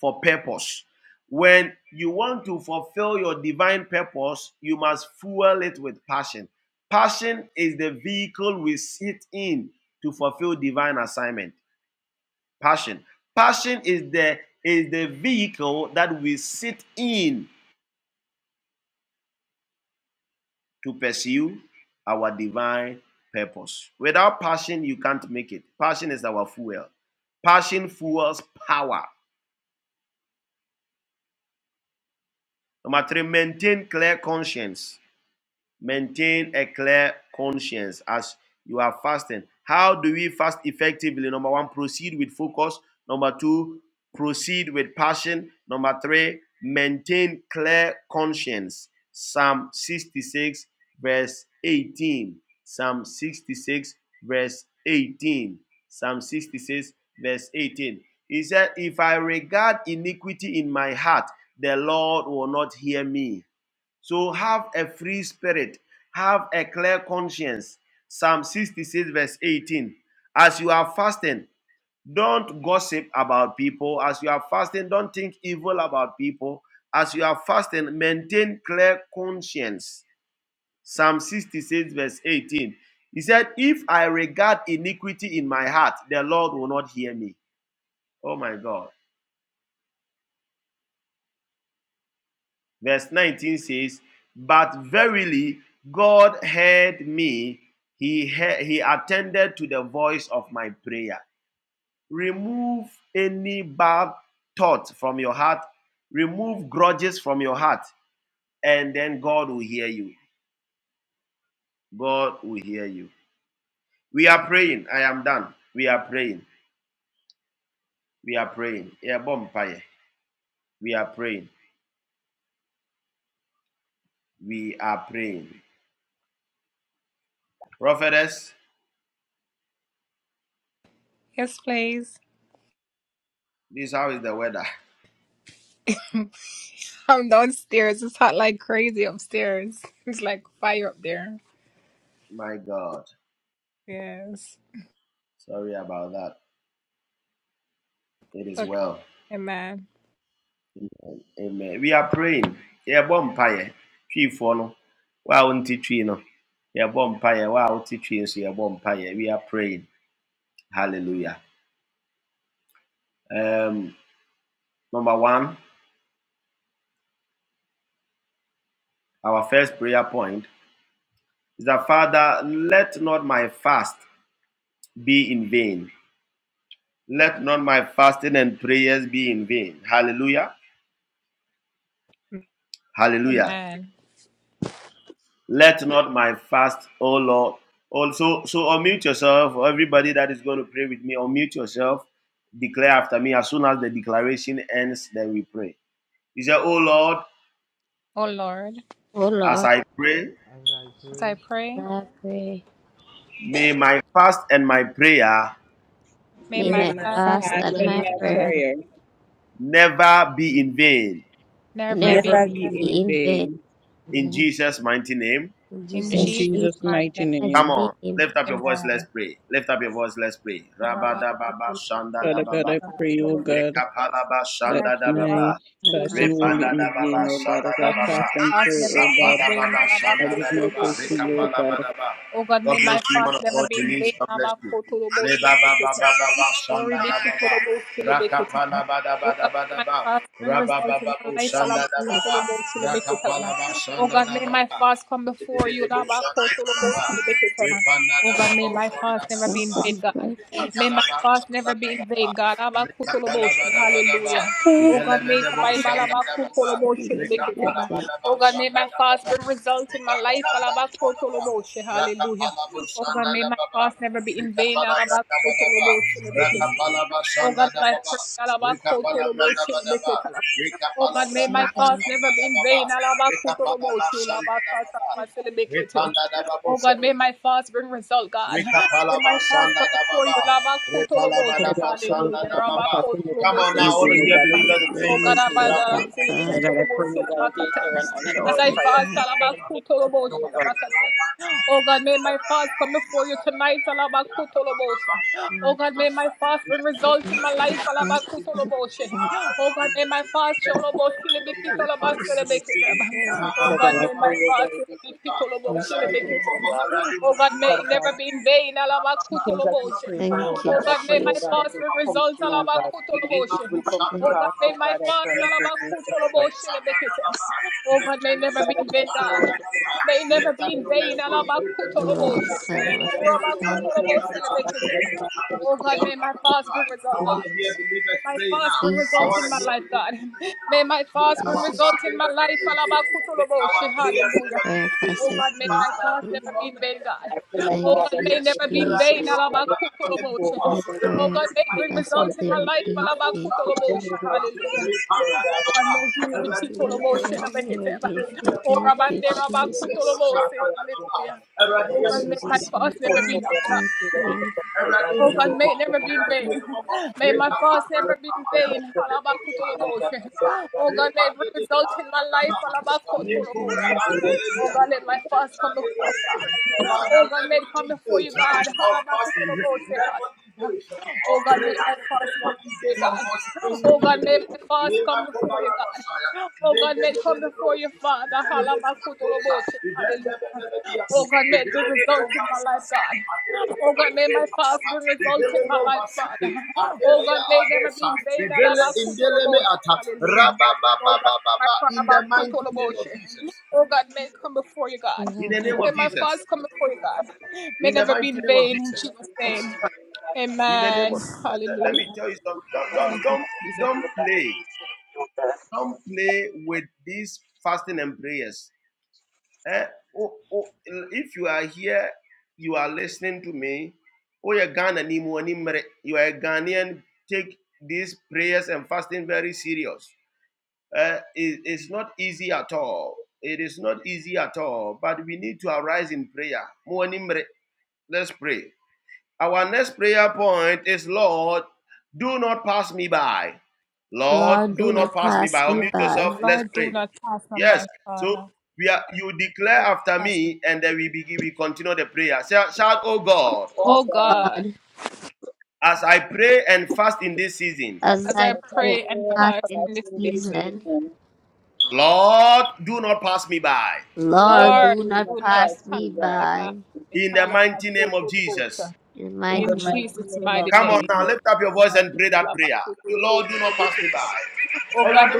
for purpose. When you want to fulfill your divine purpose, you must fuel it with passion. Passion is the vehicle we sit in to fulfill divine assignment. Passion. Passion is the is the vehicle that we sit in to pursue our divine purpose. Without passion, you can't make it. Passion is our fuel. Passion fuels power. Number three, maintain clear conscience. Maintain a clear conscience as you are fasting. How do we fast effectively? Number one, proceed with focus. Number two, proceed with passion. Number three, maintain clear conscience. Psalm 66, verse 18. Psalm 66, verse 18. Psalm 66, verse 18. He said, If I regard iniquity in my heart, the Lord will not hear me. So have a free spirit, have a clear conscience. Psalm 66, verse 18. As you are fasting, don't gossip about people. As you are fasting, don't think evil about people. As you are fasting, maintain clear conscience. Psalm 66, verse 18. He said, If I regard iniquity in my heart, the Lord will not hear me. Oh my God. Verse 19 says, But verily God heard me, he, he- he attended to the voice of my prayer. Remove any bad thought from your heart, remove grudges from your heart, and then God will hear you. God will hear you. We are praying. I am done. We are praying. We are praying. Yeah, bonfire. We are praying. We are praying. Prophetess, this how is the weather? *laughs* My God. Sorry about that. It is well. Amen. We are praying. Yɛbɔ mpaeɛ. Twiifoɔ no, wo a wonte no. no, yɛbɔ mpaeɛ. Wo a wote twii nso, yɛbɔ mpaeɛ. We are praying. Hallelujah. Um, number one, our first prayer point is that, Father, let not my fast be in vain. Let not my fasting and prayers be in vain. Hallelujah. Hallelujah. Let not my fast, O Lord. Also, so so unmute yourself. Everybody that is going to pray with me, unmute yourself. Declare after me. As soon as the declaration ends, then we pray. He said, O Lord,
Oh
as
Lord,
I pray,
as I pray.
I pray.
may my fast and my prayer
May
May
May
my
May
my
my
my
fast
fast
fast
fast
and
and
my
and
my
prayer
my
prayer
prayer
never be in vain.
We have
never
never
never
to
never
be
be
do
in
be
be
in
that.
in
vain.
vain.
vain.
In
Amen.
Jesus' mighty name.
in
In
Thanks
In
In
Jesus'
be
name.
Jesus'
to
Jesus'
Jesus'
God
mighty
mighty
and
name.
name.
Come
mighty
on.
name.
Lift up your voice, let's pray. Lift up your voice, let's pray. Rabadababa,
Father
hope
God,
shandadababa,
I
to
pray,
God.
oh God,
rekapalaba,
that my
shandadababa,
Oh God,
fasting won't be in
repandadababa,
vain, oh God. As I fast and pray, oh God, I give
rababa,
myself to
rekapaba.
you, oh God.
God bless you, man of God, Denise. God bless you. Shanda da ba ba. Rakapala ba da ba da ba da ba. Rabba shanda da ba
my
ba. Rakapala ba shanda da ba ba. Didi didi bo shanda da ba ba. Repanda da ba bo shanda da ba
God,
ba.
for the Christ.
Rakapala ba shanda da ba ba. Rekapalabadabadaba,
Ah.
ibelebedebo shandadababa,
I've been taken.
rekapalabadaba shandadababa, rekapalabadabadaba, rakapalabo shandadababa, rekapalabradabadaba, rakapalaba shandadababa, rekapalabrandabadaba, rekapalabrandaba
Every
shandadababa, rekapalaba shandadababa, repandadababose, Rekapalabasanda da baba.
Father God, I pray, oh
Repalabadabasanda
God,
da
that my
baba.
fast will never
Come on
be
now,
in
this
all of
one
vain, oh
for
you
God. Let
God.
it
believers,
be your
pray.
Let me
voice, oh
stay
God.
for
Father
God.
God, I pray, oh God, that you'll hear and answer
Yesterday
our
for
prayers. We pray and make it to you, oh God.
God. God. As God being close, I thank
Father
you,
God, I pray, oh God, if you can put
Lift
in
Jesus.
our lives, oh
Thank you,
God. Father God, the things that we pray for, oh
thank you,
God, I pray, oh God,
Jesus.
that it will come through, oh God. It will come to
Thank you,
pass, oh God, I
Jesus.
pray and I thank you, Jesus. Father God, I pray, oh God,
up
that
your
you will
hands,
worship
O
and
ye
thank you, oh God.
Lord, come
Father
on,
God, I pray, oh God,
God,
that you will worship and thank you, oh God, that
for
you will not be able to
protection.
see that you
I
have done,
want
Thank you,
to hear
oh
believers pray
God.
now. I want to
Jesus,
hear believers
I
May our
Jesus,
party never be in vain. May our prayers never be
prayer
in vain.
fasted never
Father, may
give.
you not turn the deaf
pray,
ear to
mighty
Thank
our
God, that
you,
it
prayers.
will
And
come
I will
Jesus.
through,
now
God, let it come
and
through,
you are
God,
I
so
don't let
able
it
to
prayer
be
the
I
fight.
faithful, God, I
fasted
pray,
never
May
mighty
you
be
not
God.
go
vain.
back.
Remove, mighty God, any fear, God, you know, you
Fasted
know,
and prayer never be vain. Thank
past, you
you,
know, you know, that were
Jesus.
prayer for, oh God. Father God, any
Jesus,
demon
I
force, oh
thank
God,
you.
anything that is affecting, God, remove it from us, oh God. In I thank you, and pray that
Lord,
In the mighty name of Jesus. In the name of Jesus. In the mighty name of Jesus. In the name of Jesus. let me tell you something. Don't don't don't, don't play. Don't play with these fasting and prayers. Eh? Oh, oh, if you are here, you are listening to me. Oh, you're Ghana, ni mo, ni mere. you are a Ghanaian. Take these prayers and fasting very serious. Eh, it- it's not easy at all. It is not easy at all. But we need to arise in prayer. Mo, ni mere. Let's pray. Our next prayer point is Lord, do not pass me by. Lord, do
do
not
not
pass me
pass
by.
me
Unmute
by.
yourself. Let's pray. Yes. So we are you declare after me, and then we begin we continue the prayer. Shout, shout, oh God,
O
Oh God,
God,
as I pray and fast in this season,
as I
as
pray
I
and
pray and
fast in
fast
this
in this
season,
season,
Lord, do not pass me by.
Lord,
Lord,
Lord,
do
do
do
not
not
not
pass me
pass
pass
by.
me
me by.
by.
In the mighty name of Jesus.
In the
in
In
the
the
mighty name.
mighty
mighty
name
of
name
of
Jesus.
of
Come on now,
Jesus.
lift up your voice and pray that prayer. Lord, do not pass me by. Awurade,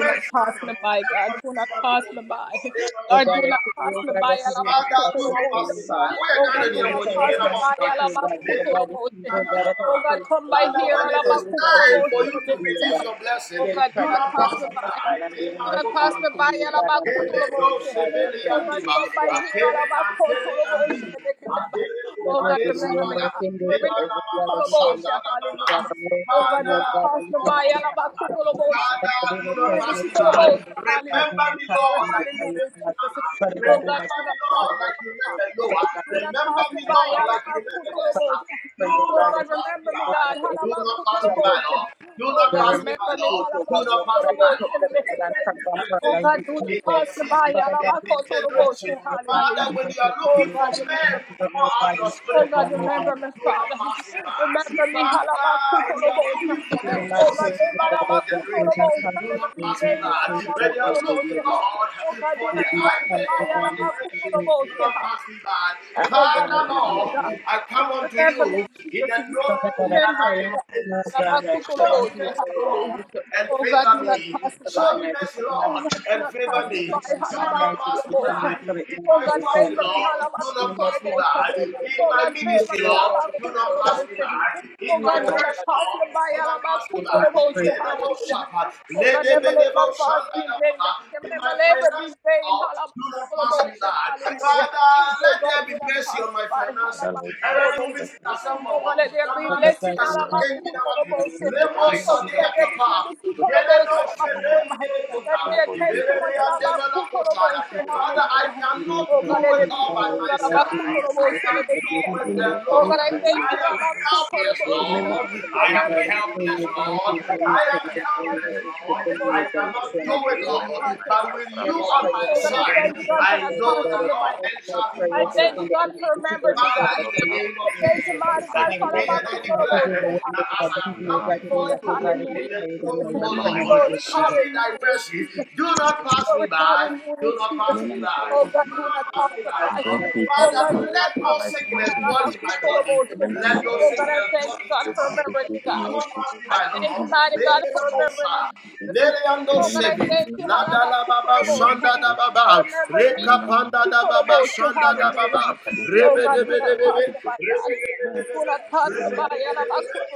Oh God, I pray, oh God, that you do not
Father,
fight
do
me
not
for
pass me
you,
by.
God.
Woyɛ Ghana
Hear the prayer of my heart, oh God, for the God is evil, God, that I pray for, oh
Father,
God, I
when it
pray,
is
oh God, that
time
you're
for
going
you
to
to
see me, oh
release
God.
your blessing,
Hear the prayer
do
of
not
my
pass me
heart, oh God, and
by.
be merciful unto me, oh God, and bless me, oh God, I pray and I give you, oh God. Let your good name, my finger for every God and your mercy endure forever, God. I give you a God. I worship you, O God. I give you the highest praise. But I do not trust my children. I do not trust you. I do not. Father God, do not trust our reactions, Father God, do not trust my family. Father God, pray, O God, that you, God, the the remnant, oh
do
God, we
not pass
invite
tonight,
you, oh
Lord. In
God,
this
and come from our life
dispensation,
with
in
Jesus.
this season,
Father
in
God, we
this
ask for
generation,
the God, and
Father,
we
when you are
worship
looking
you, oh
for
God,
men
and we
to
give
pour
you, oh
out
God,
your
in
spirit
spirit and oh
upon,
God.
do not pass me by. Father, when you are looking for
We
the
will not
Moses
curse the
of
God,
our
oh God, we will
generation,
not curse
do
the
not
God, oh
pass me
God, and I
by.
say, oh
When
God,
you are
God, we
looking,
will.
Lord, for
We
the
will not
Isaac
curse the
of our
brother, and I
generation,
say
do
to God,
not pass me by.
I pray
Father,
and
Lord,
we will.
I come unto you in the throne
Father God,
room
I
that I
pray
may
unto you, O God. I pray unto you, Lord, that I lift up my voice to you, O God, and I lift up my my family, my friends, and my life to the people and then fill it in the Spirit, and I pray, O God. You have blessed us, O God, O
be,
God. See you, O
Lord.
God, and we thank you. See you, O God, and we thank you. O God, I pray to you, O God.
Father, Lord Jesus, thank you for this
Father God, do
Lord
not cast
Jesus.
me away, O God. Do not
Remember me,
cast me to
Father,
be
Jesus.
destroyed.
Remember me, my Father, Father, Lord Jesus Christ, and remember, Father, Lord
Father, I
Jesus.
Do
cannot
not
do
cast
Remember
it
me
me,
all
away, O God. Do not cast me away, O God. Do
by myself. I
not
can't
and
do
do
it
trust
not
the
alone.
me, Lord
God,
I
O God.
am
Jesus. Lord.
helpless,
Thank
Remember my
Lord. I
children and
am
academics,
helpless,
Lord Jesus
Lord.
Christ.
I am
It's out
helpless.
there in the
Lord.
mighty name
I
of
cannot
Jesus.
do it,
Remember
Lord.
my
But
wife,
with
Father,
you
Lord
on
Jesus
my
Christ.
side,
Remember
I know that all things shall be
my wife,
possible for
Father, Lord
me.
Jesus Christ, and her
Father, in
health,
the
Father,
name
Lord
of Jesus, I
Jesus
decree
Christ.
and
and
I
Lord Jesus,
declare that as I have
Remember
come
us in
before
my name
you
of
in
Jesus.
the throne room, O
Remember my
Lord,
marriage
show me
with
thy
Jesus.
mercy. Do
Remember
not
my
pass
marriage
me
family.
by. Do not pass
Remember
me
me,
by.
Father,
If
what
you Do
Jesus
not
Christ.
pass me by,
And bring
Lord.
peace into
Father,
every area
let
of my
no
life in the mighty
sickness
name of
dwell in
Jesus
my
Christ.
body.
Remember me,
Let no
Father, Lord
sickness
Jesus,
dwell
what
in
my
my
vision has
body.
been
Do
me, Lord
not pass
Jesus
me by,
Christ, and bring
Lord.
that
Lele
approval to
the
me in the
kosa.
mighty name of Jesus.
Lele ando
Remember me,
sebi.
Heavenly
La da
Father.
la baba
Remember me,
shanda da
Heavenly Father.
baba. Reka
Remember me,
panda
Heavenly
da
Father.
baba shanda
Remember
da
my sister,
baba.
Kadimia,
Rebe
and
de
my
be
Father,
de be
Lord
be.
Jesus Christ. Remember my sister, Kadimia,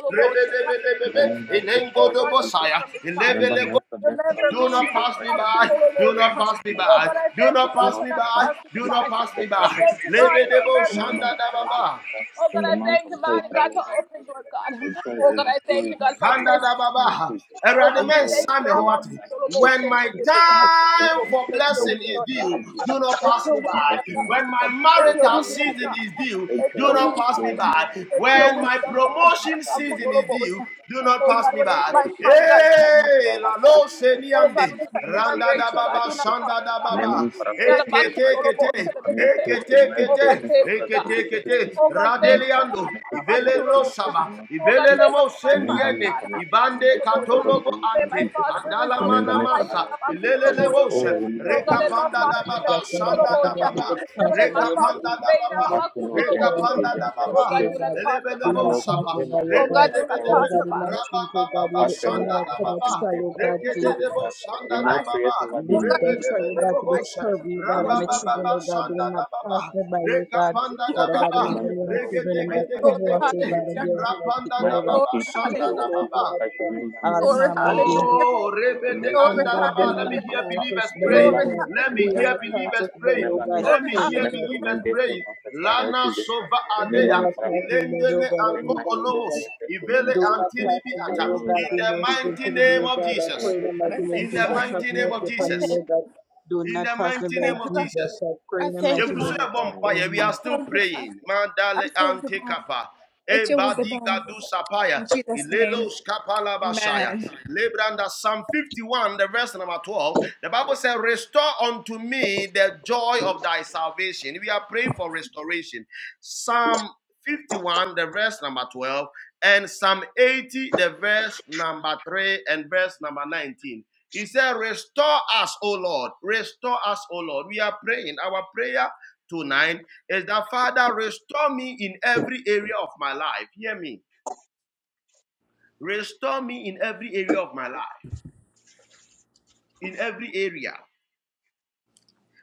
Rebe rebe de be de be be.
Remember
be,
my check for
Inengo
our
do
Lord Jesus
bosaya.
Christ.
lebe
Remember
le
my problems for our Lord
do not
Jesus
pass
Christ
me
and
by.
do more to
Do
them
not
and
pass
not
me
more
by.
Jesus.
Do not
They
pass me
all have
by.
consumed
Do
the
not
perfect
pass me
faith for our
by.
Lord Jesus
Lebe
Christ.
debo shanda
Remember my
da
Lord
baba.
Jesus Christ in the month of joy for our Lord Jesus Christ. Enjoy overflowing my life in
Handa
the
da
name of
baba.
Jesus.
Erade
Enjoy
same
overflowing my
hoati.
life in
When
Jesus'
my
name. I pray
time
for
for
unspeakable
blessing
joy
is
for our
due,
Lord Jesus
do not
Christ.
pass me
Enjoy to
by.
me
When my
unspeakable joy for
marital
our Lord
season
Jesus
is
Christ.
due,
Let joy
do not pass me
overflow in my
by.
life for our Lord
you.
Jesus
When
Christ.
my promotion
Remember me
season is due, do not pass me
Do not
by.
pass
and put me upside my mind for
Hey,
our
la
Lord Jesus
lo
Christ.
se liande.
Remember me and embrace
Randa
me
da
for our Lord
baba,
Jesus Christ.
shanda da
Remember
baba,
me for our Lord Jesus
eke
Christ
teke te,
and connect me
eke
to my
teke te,
destiny purpose
eke
in
teke
Jesus'
te,
name. Remember me and
radeliando,
connect me to my
ivele lo
destiny purpose in
saba,
the mighty name of
ivele
Jesus.
nemo
Remember me
sendiene,
and connect me to my
ibande
destiny purpose
katolobo
in the mighty name of
ante,
Jesus Christ.
adala
Remember me for our
manamasa,
Lord Jesus
ilele
Christ.
lebose,
Oh, remember me, oh Lord,
rekapanda
remember
da
me, oh
baba,
Lord,
shanda da
remember me,
baba,
oh Lord, Jesus
rekapanda da
Christ.
baba,
Pass me not gently,
rekapanda da
just our
baba,
Lord Jesus Christ.
elebe
Father
lebo
Lord, we
saba,
me
within
by
my
your
humble
God.
rende de
cry
be
for our
de
Father God, in
Jesus
my
Christ.
sleep, oh God,
baba,
where the
Fast and
enemy
shanda
rest,
will
da
come
fast
and
and
baba,
try,
pray
oh
for all
God,
Lord
to
Jesus
Rekedebo
Christ. May
shanda da
my prayers
baba.
never be
this
in vain for our
betrayal, oh
Lord
God,
Rebedebedebo
to this
Jesus
bosha.
Christ.
purview, God, I'm
Remember
a
me.
children,
Rabababa
oh God, they will
sanda da
not
baba.
pass me by oh God.
Rekapanda da
Father God,
baba.
Remember
remember
me,
me
for
and
Father
the
Lord Jesus.
children in
My
my
finance,
cover
Father
us,
Lord
oh
Regedegedegedegede.
God,
Jesus.
and give
Remember
us
me.
my
Rapanda
My
particular,
da
oh God.
baba
education, for
Keep
sanda
Father
us,
da
Lord
oh
baba.
Jesus
God,
Christ.
from
Remember me.
all
Remember
harm
me.
and
Remember
danger, oh
me.
Oh,
God.
Rebede
Remember me
Father God,
Andalaba.
do
and
Let
not
me
direct my
hear
pass
path.
us
believers
by
praying.
oh
Remember me
God.
Let
and
Do
me
direct
hear
not
my
pass
path.
believers
us by
praying.
oh
Remember
God,
me
I
Let me
and
pray,
hear
oh
connect us
God.
to my
believers
destiny
praying.
for Father Lord
Lana
Jesus Christ.
Sova
Do
Remember
Adea.
me,
not
Father
pass
Lord
me by
Jesus
oh
Ilendele
Christ.
God,
And
I
Anko
bring
beg
my
of you, oh
Olomos.
God.
destiny and to me in
Ivele
Do
Jesus'
not
name.
Antini
pass me by,
Biata.
O
Remember me,
God,
In
be
Father
the
Lord Jesus
merciful
mighty
to
Christ. And
me,
name
O
bring
of
my
God. I
destiny
Jesus.
pray
and
in the
to
mighty
you
name of
In the
in
Jesus,
the
have
mighty
mighty
name
name
of
mercy
of
upon
Jesus.
me, O
Jesus.
God. Do
In
not
the
pass me
mighty
by,
name of
Jesus.
Jesus.
I pray in the mighty name of God.
Amen.
Amen.
We are
Lord,
still praying. Mandale ante kapa. Ebadi gadu sapaya. Ilelos kapala basaya. Lebranda Psalm 51, the verse number 12. The Bible says, Restore unto me the joy of thy salvation. We are praying for restoration. Psalm 51, the verse number 12, and Psalm 80, the verse number 3 and verse number 19. He said, Restore us, O Lord. Restore us, O Lord. We are praying. Our prayer tonight is that, Father, restore me in every area of my life. Hear me. Restore me in every area of my life. In every area.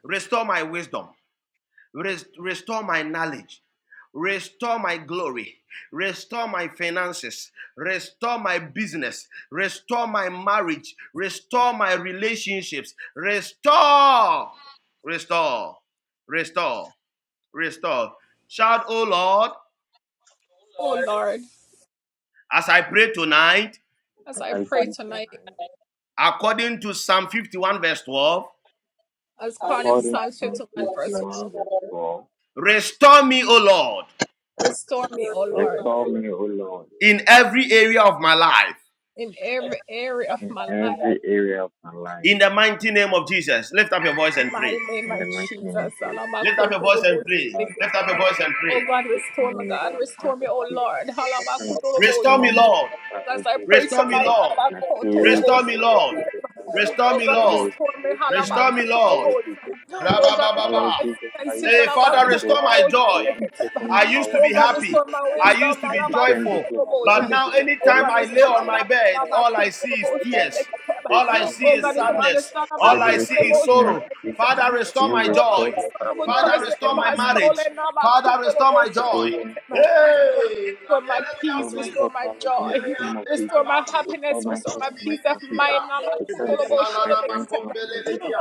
Restore my wisdom. Rest- restore my knowledge Restore my glory. Restore my finances. Restore my business. Restore my marriage. Restore my relationships. Restore. Restore. Restore. Restore. Shout, O Lord, as I pray tonight,
Matthew
as I
29.
pray tonight,
according to Psalm 51, verse 12,
according to
According to
Psalm
Psalm
51, verse
51 verse 4.
restore me, O Lord,
4, for you, Lord,
Restore me, O Lord,
everything
in every area of my life.
of
in
my life,
every area of my life,
In the mighty name of Jesus, lift up your voice and pray.
in the mighty name of Jesus.
Lift up your voice and pray.
Father,
Lift up your
that is
voice
my
and pray.
this final is in
word,
front
that
of
is my word, that is my word, that is my
you.
word,
The time of thank
Restore me,
one more
that
Lord.
time,
is
Lord Jesus
Restore me,
Christ.
Lord.
And I
my
pray,
Restore
for the
me,
word, that
Lord
Lord.
Jesus
is my
Christ, that
word. that is my word, that is my
Restore
word,
me,
there be
Lord.
restoration in my
Restore me,
life, Father,
Lord.
Lord Jesus Christ. Father,
Rabababa.
Lord Jesus Christ,
Hey,
that
by
Father,
the
restore
blood
my
of the
joy.
Lamb, the testimony
I
of
used to
our
be
Father, Lord
happy.
Jesus Christ,
I used to
I
be
declare and
joyful.
declare that
is
But
let
my
there
now,
be
word,
anytime I
restoration in
lay
the
on my
area.
bed, all I see is tears.
Pray
All I
para Lord
see is
Jesus.
sadness.
Let
All
there be
I see is
restoration and
sorrow.
restitution.
Father,
May
restore
you
my joy.
restore me, para Lord
Father,
Jesus,
restore
Lord,
my
that my
marriage. Father, restore my joy.
experience for
Hey!
Restore my health, Father, in the mighty name of Jesus. Restore my health in my son, Jesus. Restore the health of my parents in my son, Jesus.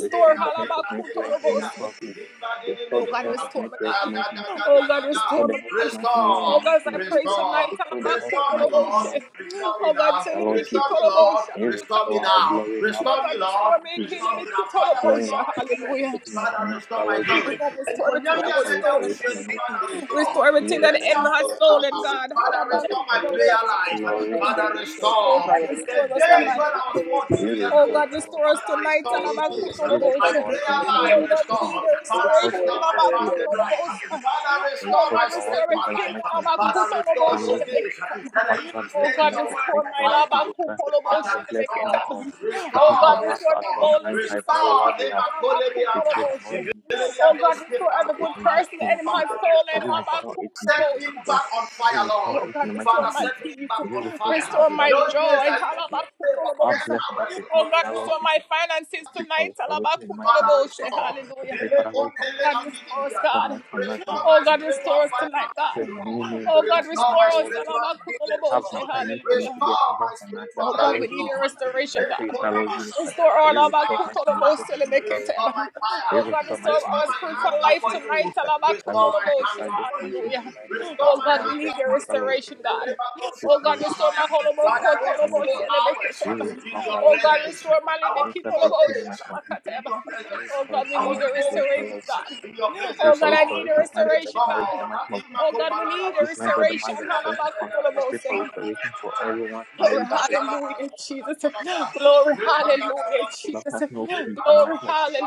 Restore the health of my parents in my son, Jesus. Restore the health of my parents in my son, Jesus. Restore the health of my in-law in the
Restore,
mighty name of Jesus.
restore.
Restore the health of
Restore me,
my in-law in
Lord.
the mighty name of Jesus.
Restore me now.
For Lord
Restore
Jesus
me,
Christ,
Lord.
may you
Restore me
restore our
now.
glory and our
Restore me,
family in the mighty
Lord.
name of Jesus
Restore me
Christ.
now. Father,
Glory and
restore
our
my
family, and
strength.
taking us
Father,
from us,
restore
our
my
Lord Jesus.
glory.
Christ.
And when you are
Therefore,
there, we
restoration is
shall
not
Father,
completed. Real response
restore.
was what Louis
Father,
Finality
restore restore my
respect,
prayer life.
Lowry data
Father,
as to the
restore
second
the
was
days when I
respect,
was
real
14 years old.
response our
Father,
features.
restore those
He said
days.
that real response
My
our
prayer
favor and
life
my
restore.
completion.
Father,
Response to
restore
us
my
our favor
fasting
and my
life.
completion.
Father,
The
restore
response
my
to our
spiritual
favor and
life.
my
Father,
completion.
restore
But I'm
those
Lord
days
Jesus Christ.
that I used to
Whatever
study
blessing
God,
that
your
you
word
restore
make
for
my
from
love.
five
Lord Jesus
hours.
Christ,
Father,
whatever blessing
restore,
that was taken
Oh
restore,
God,
from us
restore
as
restore,
one
boldness.
blind high, for
restore.
otherwise we have
Never call me
we
under.
pray the
If
Lord
you let
Jesus
me
Oh
have
God,
those
Christ
restore every
people,
restore it in the mighty
person
name of
in my
Father,
Jesus. May
life.
you
restore.
restore it in
Set
Jesus'
me
name.
back on
May you
fire, Lord.
restore it in the mighty name
Father,
of
My
set
Jesus.
me back
peace,
May you
on
restore to
fire.
us, our Lord
Those days
Jesus,
rejoice.
I
for
used to
our blessing.
pray for
Our
10
blessing that
hours,
is
Oh
made,
Lord,
our
restore.
Lord Jesus Christ. We pray for restoration in the mighty name of
Father,
Jesus
restore.
Christ. I pray
Ele
for our Lord Jesus Christ. May you restore my commerce in
Restore
the
my
mighty name of
spiritual
Jesus Christ. It
vibrancy,
says, the new
Lord.
name does not
Restore
come out,
my
our Lord Jesus
spiritual
Christ. You
business,
have an
Lord.
assignment for me to be a
Restore
kingdom
my
financier
spiritual
for our
life,
Lord Jesus
Lord.
Christ. I pray for
Restore
our
my
Lord Jesus
Father,
Christ. May you restore my finances to me, for our Lord
restore
Jesus
my
Christ.
fire.
Every store my
Restore
pharmacist
my
is
hunger
my
for
small
you.
teacher said,
Restore
Fellow
my
teacher said
hunger
this
for you.
Monday, July night, but
Restore
my
my
wife bet
hunger
my
for
fellow
you.
teacher. Christmas is coming to us, so yes,
Father, I
for
want to
fellow
go
Jesus Christ.
hours
Here is
in
for
your
fellow Jesus
presence.
Christ.
I
I
want
make
to
sure I
go
break free
days
my from Jesus
in your
Christ. Here
presence.
is for
I want to go
to a fellow
weeks
Jesus
in your
I pray
presence,
for
Lord.
restoration of my
Praise
brother's
God.
marriage in the mighty of
Natima
Jesus I
kopalalaba.
give my brother marriage as a point of contact.
Lebelebelebeleba.
I pray for restoration for
Shalabelebeleba.
everyone's marriage that is,
Lekatalaba. Shalabelebeleba. Lekandalaba.
that has no peace in the
Lekalaba.
mighty of Jesus.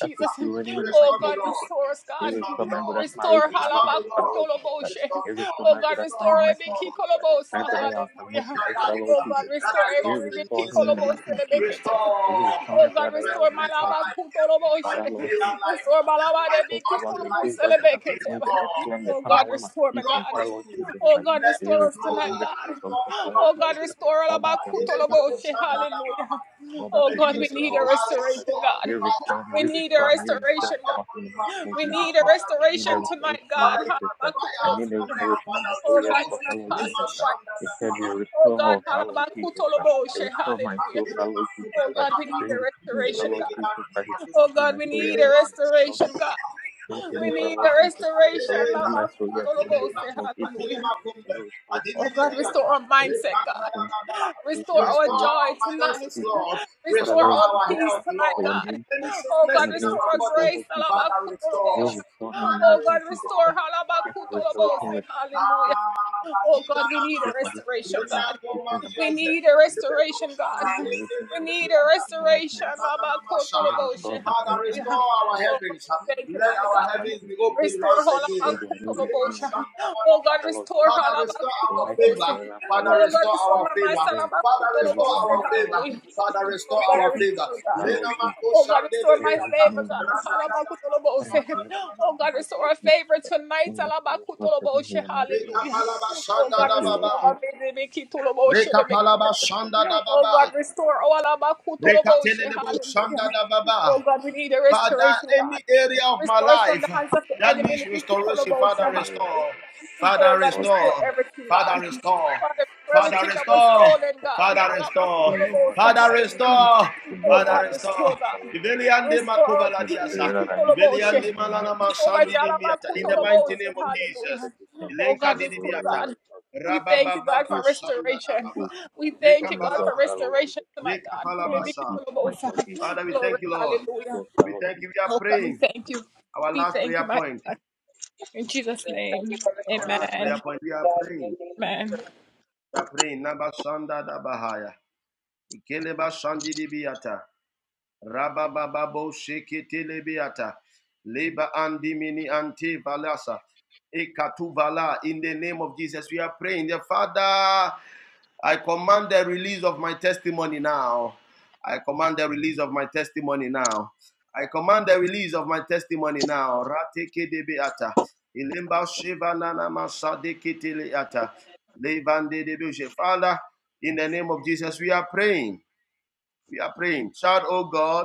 That's what you and in the mighty
Restore
name
me,
of
Lord.
Jesus Christ. Here's
Restore me,
a man, but
Lord.
that's marriage and
Restore me,
happiness, but
Lord.
Lord Jesus Christ.
Restore me,
Here's a
Lord.
man, but that's the
Restore,
mighty name of
restore.
Jesus Christ. Man,
Father,
but
any
I
good
am
thing
with
in my
life for the
life
Lord
uh,
Jesus Christ.
that I
Here
lost many
restore
years
him in the
ago,
mighty name of Jesus Christ. Here's
restore
a man, but I
my
in the mighty name
spiritual
of Jesus
life, my
Father, Lord
prayer
Jesus
life,
Christ, thank you
my
for to us
fasting
the
life,
days that they can come with the earth
restore.
when the farmer
Father,
when must eat
love
in
for
Father, Lord
you, let
Jesus Christ. They
me
restore
grow.
hundred foods of
Restore
the
my
Father,
love
Lord
for
Jesus
you.
Christ. All that
I
you have been
didn't Adelema
taken from
kosha
Father, Lord Jesus
dalama.
Christ. All that's that
Many
is made
years
for our
ago,
Lord
I
Jesus
was so
Christ.
on
You
fire.
restore me, you restore me,
Father,
you
if my
restore to
love
us
for
in the
you
mighty
has
name of
come
Jesus
down,
Christ.
Father,
I need a
restore.
restoration, Father, Lord
Father, if my
Jesus Christ.
fire
I
has
need a
come down,
restoration of
Father,
my soul, yes,
restore.
for Father, Lord
Lima
Jesus Christ.
Shanda
He said, You
Sahara.
restore, Father, Lord Jesus Christ. You restore my soul,
Akele
Father, Lord Jesus
makubele
Christ.
ata.
Bring to me,
Ifele
our
My
Lord Jesus,
dan
thy
dimadum.
restoration of my soul,
Ifele
young
makubele
for me. Lord,
ata.
Bring to me, our
Akele ba.
Lord Jesus, thy restoration
Adeleba,
of my soul, young for me.
Adeleba,
My Lord Jesus,
Adeleba
And
Kumbe,
you restore to me, our Lord
Adiminiata,
Jesus. and You bring to me,
Rekandalaba.
restoration of my soul,
Restore
young
our
for me. My Lord
finances,
Jesus,
Lord.
for our
Restore
Lord
our
Jesus
health,
Christ, for
Lord.
your name's
Any
sake. For
sickness
your
in
name's
our
sake, our
body,
Lord Jesus,
Father, restore
you
us.
restore me,
Father,
my Lord Jesus
restore.
Christ. I
Father,
pray for restoration restitution in the
Ah,
I pray for restoration restitution in the mighty name of Jesus. I pray for restoration and restitution in the mighty name of Jesus. You restore me in
Father,
the mighty
restore
name of
our
Jesus.
heavens.
You restore
Let
me in
our
the mighty
heavens be
name of Jesus.
open once
May
again.
the new divine and then my Jesus fellowship.
Father, restore
The
our
light is
favor.
forever,
Father,
fellow
restore
Jesus Christ.
our favor.
You restore
Father,
your favor
restore
over
our
me, fellow
favor.
Jesus
Father,
Christ.
restore
My
our
destiny
favor.
has a fellow
Lena Mako
Jesus Christ.
Shande
Let it come to
Lebeata.
me in the mighty name of
Rada da
Jesus Christ. Let him
Shanda
connect
da
to me in the mighty name of Jesus Christ. In the spiritual of heaven, in the mighty name of Jesus. Thank you, Lord Jesus. Thank you, Lord
Reka
Jesus.
palaba
Thank you, Lord
shanda
Jesus.
da
Thank
baba.
you, Lord Jesus.
Reka telelebo shanda da baba. Father, any
Jesus.
area of my life
Thank you,
that
Lord Jesus.
needs restoration, Father,
Thank you,
restore.
Lord Jesus.
Father,
Lord Jesus
restore.
Christ,
Father,
you
restore.
touch
Father,
your love,
restore.
set your
Father,
love. You
restore.
know all that
Father,
concerns me.
restore.
You know all that I need for Lord Jesus You know the
Father,
area that I need restoration. I think you live for there is what is in me. That
restore.
is them. Oh, it's not this
Rabba,
time. No, So, Restore my joy
Ribalaba,
for Lord Jesus Christ.
Rita,
Restore my peace, my motivation.
Father, Lord,
Restore my joy for
we
Lord Jesus
think
Christ.
our
my motivation.
link,
Thank you for restoration.
last
Thank you, God, in your
thing,
name.
Father, in the name of Jesus, we are praying, we are praying. So,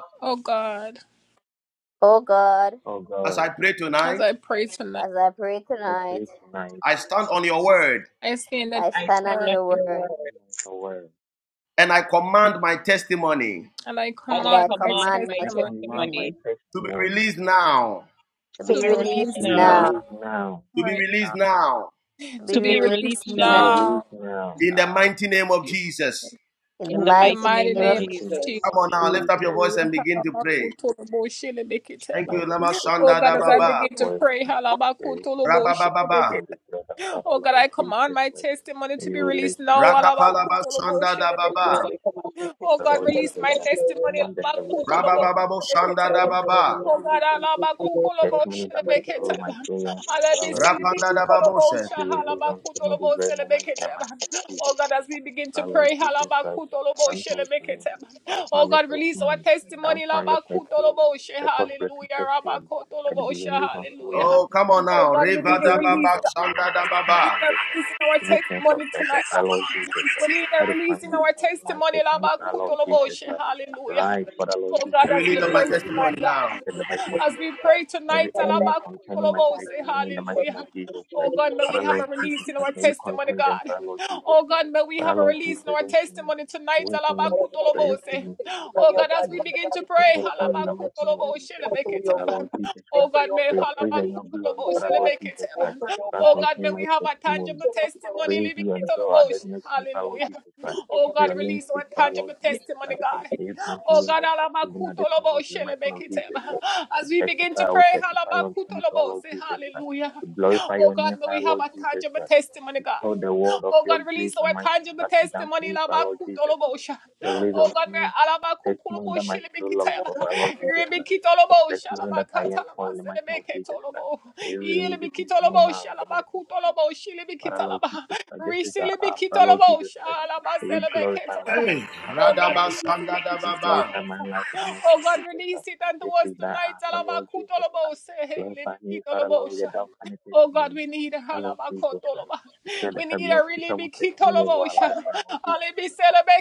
O God,
Oh
as I
God,
mind,
as I pray
as
This
I
morning,
tonight,
pray
Lord,
tonight,
I
tonight,
heard,
I
I
stand on
stand on
your
your
word
come
word
my word.
and I think
and
and
I
I
command
command
And
my
my
I command
testimony
my
testimony
to be
testimony
bound.
to
to
be
be
released
released
To be
now,
now,
released now.
to be
to be
to be
released
released
To be
now,
now
released now.
in the
in the
mighty
mighty name
In the
name
of
of
mighty
Jesus.
name
Jesus.
of
Amore.
Jesus.
Thank you,
Lord
Lama
Jesus Christ,
Shanda
I
da
lift
Okay,
up
Baba,
my
open it
voice
up.
and I pray spirit.
Rabba,
Begin to through the same distress of Father, Lord Jesus Christ. And you release to me my
Rakapala ba
testimony in the
Shanda da
name
Oh,
of
Baba,
I
Jesus
command
Christ.
my
Our
testimony
Lord
to
Jesus
release
Christ, I
now, oh God.
command the
In the name
heavens
of
to
Rabba
bring
Jesus.
to me
Babo
my
Shanda da
Father,
testimony in the
Father, in
mighty
the
Baba,
name
name
of
of
Jesus,
Jesus Christ.
I know, that we can, whatever, whatever, whatever, whatever, whatever, whatever,
Testimony that my
whatever, whatever,
soul,
whatever, whatever,
my soul yearns for, our Lord Jesus
Rapanda da
Christ.
Baboshe.
Be released unto me this very moment in the mighty name of Jesus Christ. Our Lord Jesus Christ, grant unto me confounded testimony, confounded testimony, record breaking testimony, that be released unto me in the mighty
Oh,
name of
come on
Jesus,
now, Riva
that be
da
released
Baba
unto me in
Shanda da
the mighty name of
Baba.
Jesus Christ. Any prince of pressure, our Lord Jesus Christ, that is found on my testimony, our Lord Jesus Christ. Arise
Testimony
for the Lord Jesus Christ,
Really,
and let every enemy after the mighty name of
of
Jesus Christ.
God,
Every
Father God,
enemy
we thank
containing
you,
my
God,
testimony in the mighty name of Jesus Christ. Father Lord Jesus Christ, may you contend them, Father Lord Jesus Christ. But I Lord Jesus, you're going to me, you're going to me, you're going to me, and testimony, and testimony in
we
the
have
mighty name of
in
Jesus.
store for you,
Father
God.
Lord Jesus
I
Christ,
pray, oh God,
for your
that
praise
every
and your
need,
glory,
oh
Father Lord
God,
Jesus
I
Christ,
pray, oh
grant
God, that
unto
you
me my testimony.
show up for us,
Praise you and
Jesus.
draw
We
others near to you, Father Lord
have a
Jesus Christ. For
testimony,
your
oh
name's sake, Father
God,
Lord Jesus Christ,
testimony,
may you grant me my testimony at this moment in the mighty name of Jesus Christ. To testify, I will testify unto you, Father Lord Jesus Christ. To glorify your name, Father
God.
Lord Jesus Christ to tell the world of your grace and mercy that you done for me, for Lord Jesus Christ. Release unto me the testimony that my soul longs for, for Lord Jesus Christ. The testimony that I am for in the mighty name of Jesus Christ. That you release it into me now in the mighty name of Jesus. For Lord Jesus Christ, this is the hour for Lord Jesus Christ. That you glorify my life
hey,
in the mighty name of
Radaba
Jesus Christ.
Shanda da
You
Baba.
glorify my life in the mighty name of Jesus Christ. This is the hour for Lord Jesus Christ. Glorify me, Father Lord, with your down and testimony. Father Lord Jesus Christ to share The chant that could be on testimony of our life and our Jesus.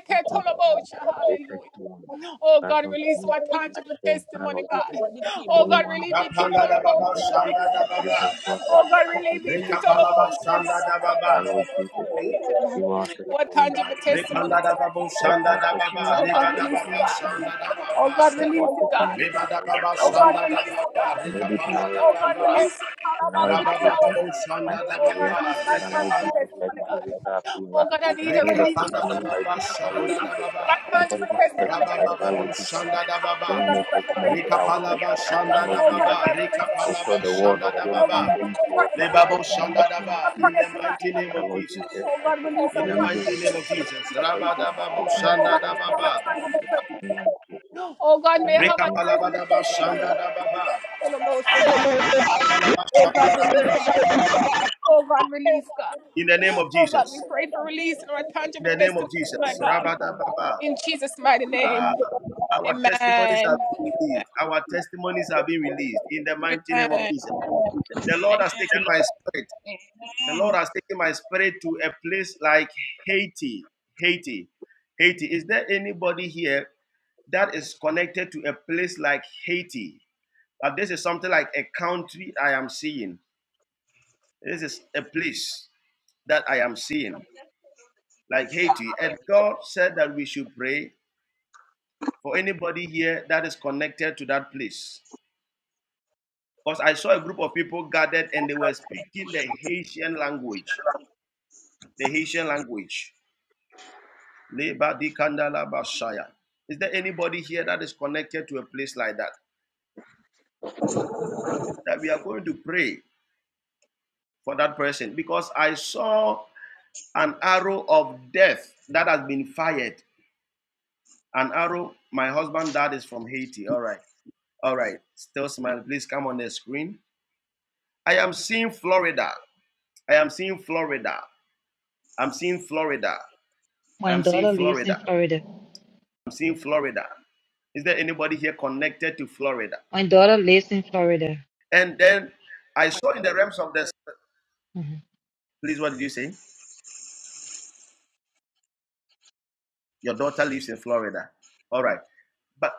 Grant unto me great testimony. Grant unto me a share in the Lord Jesus. Christ. Any one of us that
Rapanda
the
da
Lord
Baba
Jesus
Shanda da
give
Baba,
us God our divine testimony in the mighty
Rekapala
name
ba
of Jesus.
Shanda da Baba,
Father Lord Jesus Christ. Give our testimony in the mighty name of Jesus
Rekanda da
Christ.
Babo
Let
Shanda
our
da
testimony
Baba,
not pass
Riva
us
da
by in the
Baba
mighty name of
Shanda da
Jesus.
Baba.
That's our testimony of
Reba
our
da
celebration,
baba,
Lord
shanda
Jesus
da
Christ.
baba,
We
reka
need it now,
panda da
Jesus
baba.
In our education,
Rabababo
my
Shanda
career,
Dababa,
Father, Lord
Rikapan,
Jesus Christ, my visa approval. We need a
Rikapanda
testimony right
Dababa,
now, Father, Lord
Shanda
Jesus
Dababa,
Christ. Cause me to testify, Father,
Rabababo
Lord Jesus
Shanda Dababa,
Bring me a testimony so that I will
Rikapalaba
testify, Father,
Shanda
Lord Jesus
Dababa,
I will tell
Rikapalaba
the world of
Shanda
your great deeds towards my life in the mighty name of Jesus Christ. Father, Lord Jesus Christ. Release your own religion. My testimony, my testimony, my testimony. In the mighty name of Jesus. In the mighty name of Jesus. I pray.
Dababa. Testimonies are being released in the mighty name of Jesus. The Lord has taken my spirit. The Lord has taken my spirit to a place like Haiti. Haiti. Haiti. Is there anybody here that is connected to a place like Haiti? Uh, this is something like a country I am seeing. This is a place that I am in. Like for anybody here that is connected to that place. Because I saw a group of people gathered and they were speaking the Haitian language. The Haitian language. Leba di kandala bashaya. Is there anybody here that is connected to a place like that? That we are going to pray for that person. Because I saw an arrow of death that has been fired. An arrow. My husband dad is from Haiti. All right. All right. Still smiling. Please come on the screen. I am seeing Florida. I am seeing Florida. I'm seeing Florida.
My
I'm seeing
daughter lives in
Florida.
Florida.
I'm seeing Florida. Is there anybody here connected to Florida?
My daughter lives in Florida.
And then I saw in the realms of this.
Mhm.
Please, what did you say? Your daughter lives in Florida. All right. But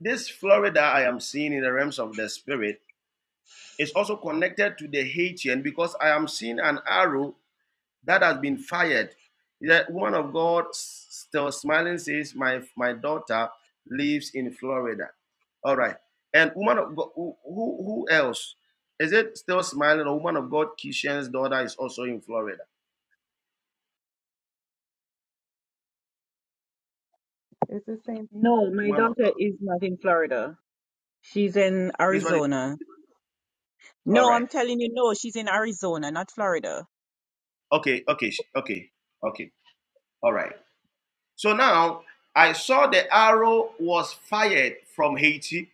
this Florida I am seeing in the realms of the spirit is also connected to the Haitian because I am seeing an arrow that has been fired. The woman of God, still smiling, says, "My my daughter lives in Florida." All right. And woman of God, who, who who else? Is it still smiling? A woman of God, Kishan's daughter is also in Florida.
It's the same
No, my
Woman of
daughter
God.
is not in Florida. She's in
Please, what is,
Arizona.
all
No,
right.
I'm telling you, no, she's in Arizona, not Florida.
Okay, okay, okay, okay. All right. So now I saw the arrow was fired from Haiti,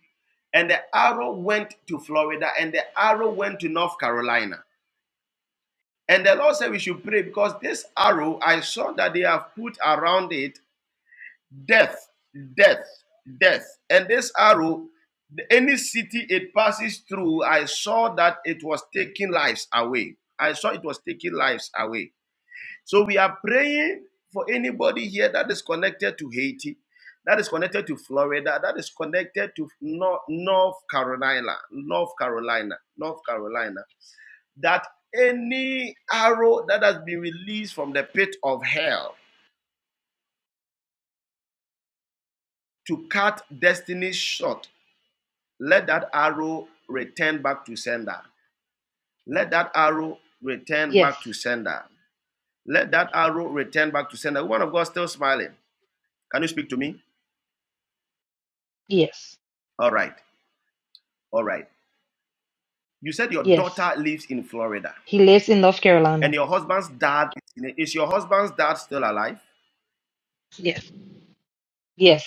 and the arrow went to Florida, and the arrow went to North Carolina. And the Lord said we should pray because this arrow, I saw that they have put around it death, death, death. And this arrow, any city it passes through, I saw that it was taking lives away. I saw it was taking lives away. So we are praying for anybody here that is connected to Haiti, that is connected to Florida, that is connected to North, North Carolina, North Carolina, North Carolina, that any arrow that has been released from the pit of hell to cut destiny short Let that arrow return back to sender. Let that arrow return
Yes,
back to sender. Let that arrow return back to sender. Woman of God still smiling. Can you speak to me?
yes,
All right. All right. You said your
yes.
daughter lives in Florida
He lives in North
and
Carolina.
your husband's dad is, your husband's dad still alive?
Yes, yes.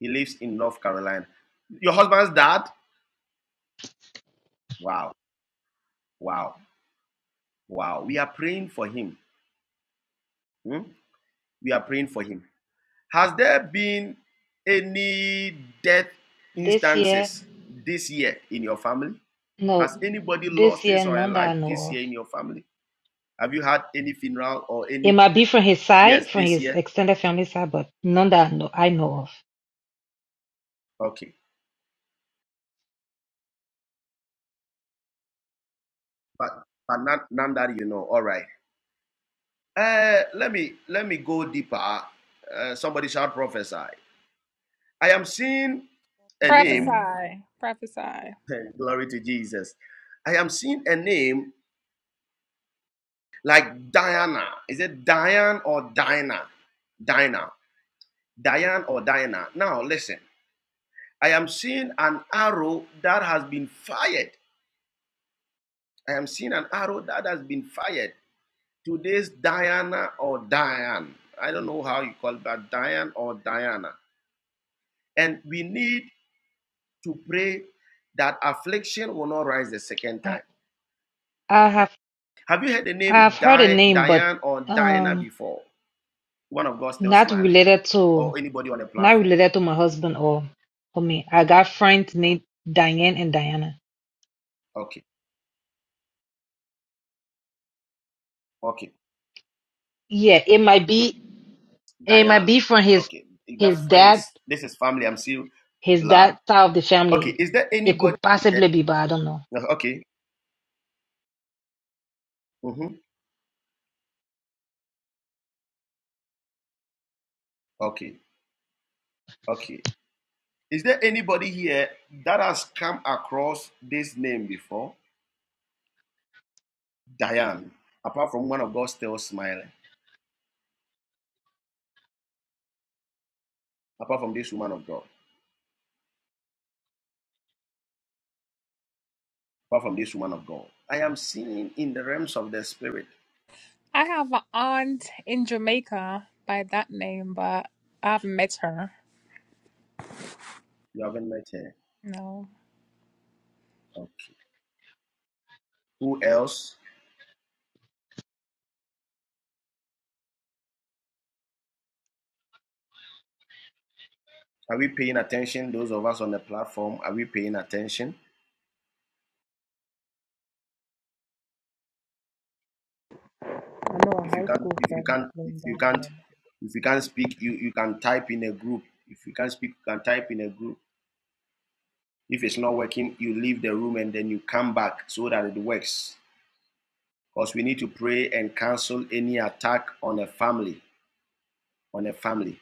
He lives in North Carolina. Your husband's dad? Wow. Wow. Wow. We are praying for him. Hmm? We are praying for him. Has there been any death
This year,
instances this year in your family?
no,
Has anybody
this
lost his
year,
or her
none that
life
I know
this
of.
year in your family? Have you had any funeral or any?
It might be from his
Yes,
side, from
this
his
year.
extended family side, but none that I know, I know of.
Okay, but but not none that you know. All right. Uh, let me let me go deeper. Uh, somebody shout prophesy. I am seeing a
thing.
name.
Sorry,
and Glory to Jesus. I am seeing a name like Diana. Is it Diane or Dinah? Dinah. Diane or Diana. Now, listen, I am seeing an arrow that has been fired. I am seeing an arrow that has been fired. Today's Diana or Diane. I don't know how you call that, Diane or Diana. And we need to pray that affliction will not rise the second
I,
time.
I have,
Have you heard the
I
name
have heard a
Di-
name, but
Diane or Diana
um,
before? One of God still
not
smiling,
related to,
or anybody on the
not
platform?
related to my husband or, or me. I got friends named Diane and Diana.
Okay, okay,
Yeah, it might be. It might
Diane.
be from his
Okay, you got
his dad
friends. This is family. I'm seeing
his
blood.
dad side of the
Okay,
family.
is there
It
anybody?
could possibly be, but I don't know.
uh, Okay, hmm okay, okay. Is there anybody here that has come across this name before? Diane, apart from one of God still smiling, apart from this woman of God, apart from this woman of God. I am seeing in the realms of the spirit. You haven't met her. Okay. Who else? Are we paying attention? Those of us on the platform, are we paying attention?
I know
If
a
you
high
can't,
school
if you
friend was
can't, if
named
you
that
can't,
way.
if you can't speak, you, you can type in a group. If you can't speak, you can type in a group. If it's not working, you leave the room and then you come back so that it works. Because we need to pray and cancel any attack on a family. On a family.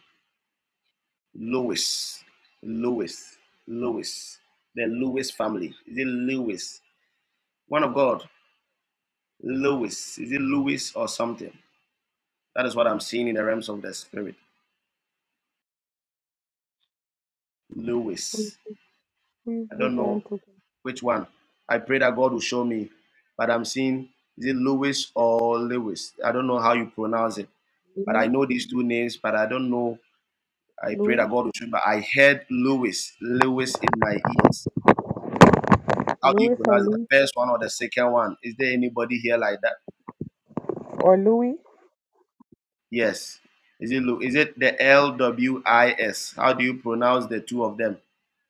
Lewis. Lewis. Lewis. The Lewis family. Is it Lewis? One of God. Lewis. Is it Lewis or something? That is what I'm seeing in the realms of the spirit.
Who
Lewis.
who you
I don't
referring
know
to?
which one. I pray that God will show me. But I'm seeing, is it Lewis or Lewis? I don't know how you pronounce it. but I
Louis,
know these two names, but I don't know. I pray
Louis,
that God will show me. I heard Lewis, Lewis in my ears. How do you
Louis, or
pronounce it? The
Louis,
first one or the second one? Is there anybody here like that?
or Louis?
Yes. Is it Lu? is it the L W I S? How do you pronounce the two of them?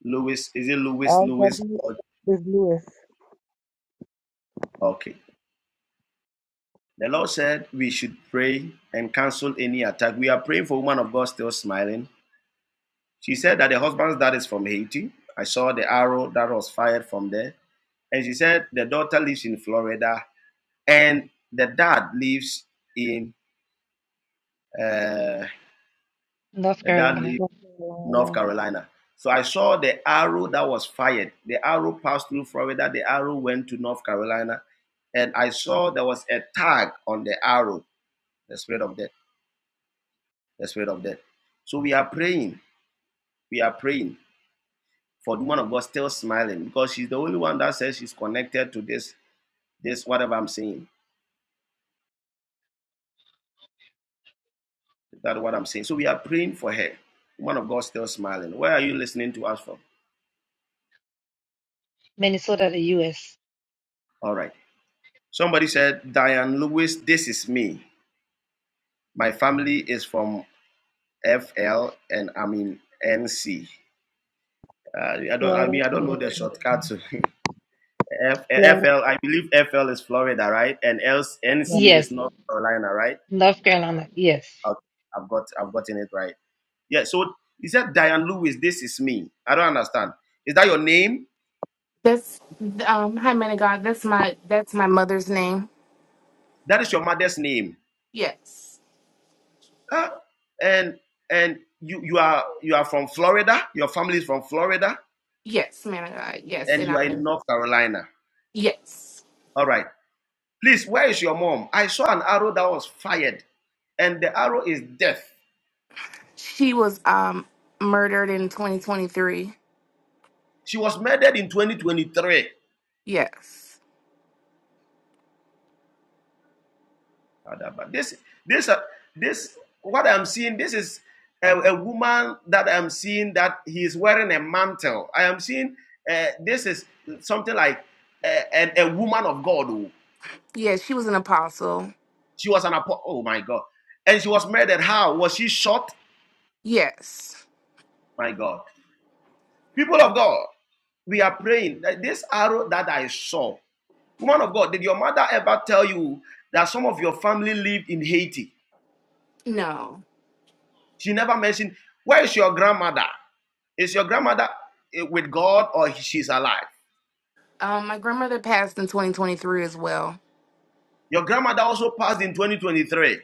Lewis, is it Lewis,
L
Lewis?
W
Or,
is Louis,
okay. The Lord said we should pray and cancel any attack. We are praying for woman of God still smiling. She said that the husband's dad is from Haiti. I saw the arrow that was fired from there. And she said the daughter lives in Florida and the dad lives in uh,
North
the dad
Carolina,
lives
North
in North
Carolina,
Carolina. So I saw the arrow that was fired. The arrow passed through Florida. The arrow went to North Carolina, and I saw there was a tag on the arrow. The spirit of death. The spirit of death. So we are praying. We are praying for the woman of God still smiling because she's the only one that says she's connected to this. This whatever I'm saying. Is that what I'm saying? So we are praying for her. Woman of God still smiling. Where are you listening to us from?
Minnesota, the U.S.
All right. Somebody said, Diane Lewis, this is me. My family is from FL and I'm in NC. Uh, I don't. I
Florida,
mean, I don't know
North
the
Carolina,
shortcut *laughs* to
Florida.
FL. I believe FL is Florida, right? And
Yeah,
NC is
Yes,
North Carolina, right?
North Carolina. Yes.
I've, I've got. I've gotten it right. Yeah. So he said, Diane Lewis, this is me. I don't understand. Is that your name?
That's um hi man of God. That's my that's my mother's name.
That is your mother's name.
Yes.
Ah, and and you you are you are from Florida. Your family is from Florida,
Yes, man of God. Yes,
and
and
you are
I'm
in
in
North Carolina.
yes.
All right. Please, where is your mom? I saw an arrow that was fired, and the arrow is death.
She was um murdered in 2023.
She was murdered in 2023.
Yes.
This this uh, this what I'm seeing. This is a, a woman that I'm seeing that he is wearing a mantle. I am seeing uh, this is something like uh, a, a woman of God. oh.
Yes, Yeah, she was an apostle.
She was an apostle. Oh my God. And she was murdered. How? Was she shot?
Yes.
My God. People of God, we are praying that this arrow that I saw, woman of God, did your mother ever tell you that some of your family lived in Haiti?
No.
She never mentioned, where is your grandmother? Is your grandmother eh, with God or she's alive?
Um my grandmother passed in 2023 as well.
Your grandmother also passed in 2023.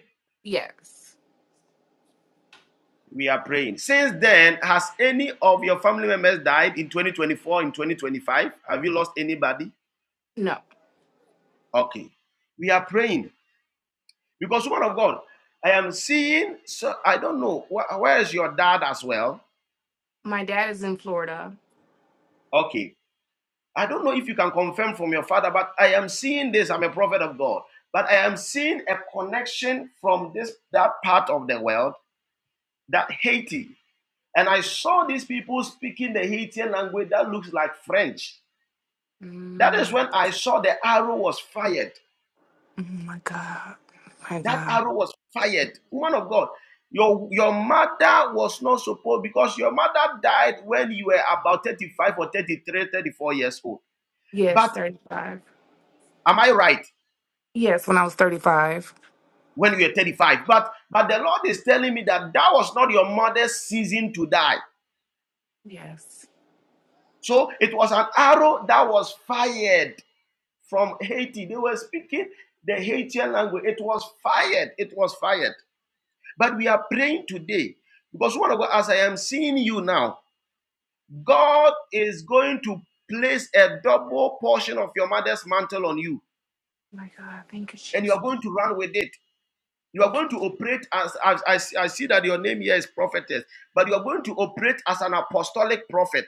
Yes.
We are praying. Since then, has any of your family members died in 2024, in 2025? Have you lost anybody?
No.
Okay. We are praying Because woman of God, I am seeing. So I don't know wh- where is your dad as well.
My dad is in Florida.
Okay, I don't know if you can confirm from your father, but I am seeing this. I'm a prophet of God, but I am seeing a connection from this that part of the world, that Haiti, and I saw these people speaking the Haitian language that looks like French. That is
Mm,
when I saw the arrow was fired
oh my god. My
That
god.
arrow was fired. Woman of God, your your mother was not supposed because your mother died when you were about 35 or 33, 34 years old.
Yes,
But
35.
am I right?
Yes, when I was 35.
When you were 35. But but the Lord is telling me that that was not your mother's season to die.
Yes.
So it was an arrow that was fired from Haiti. They were speaking the Haitian language. It was fired. It was fired. But we are praying today because one of God, as I am seeing you now, God is going to place a double portion of your mother's mantle on you,
My God, thank you,
and you
Jesus.
are going to run with it. You are
Thank you.
going to operate as, as I, I see that your name here is prophetess, but you are going to operate as an apostolic prophet,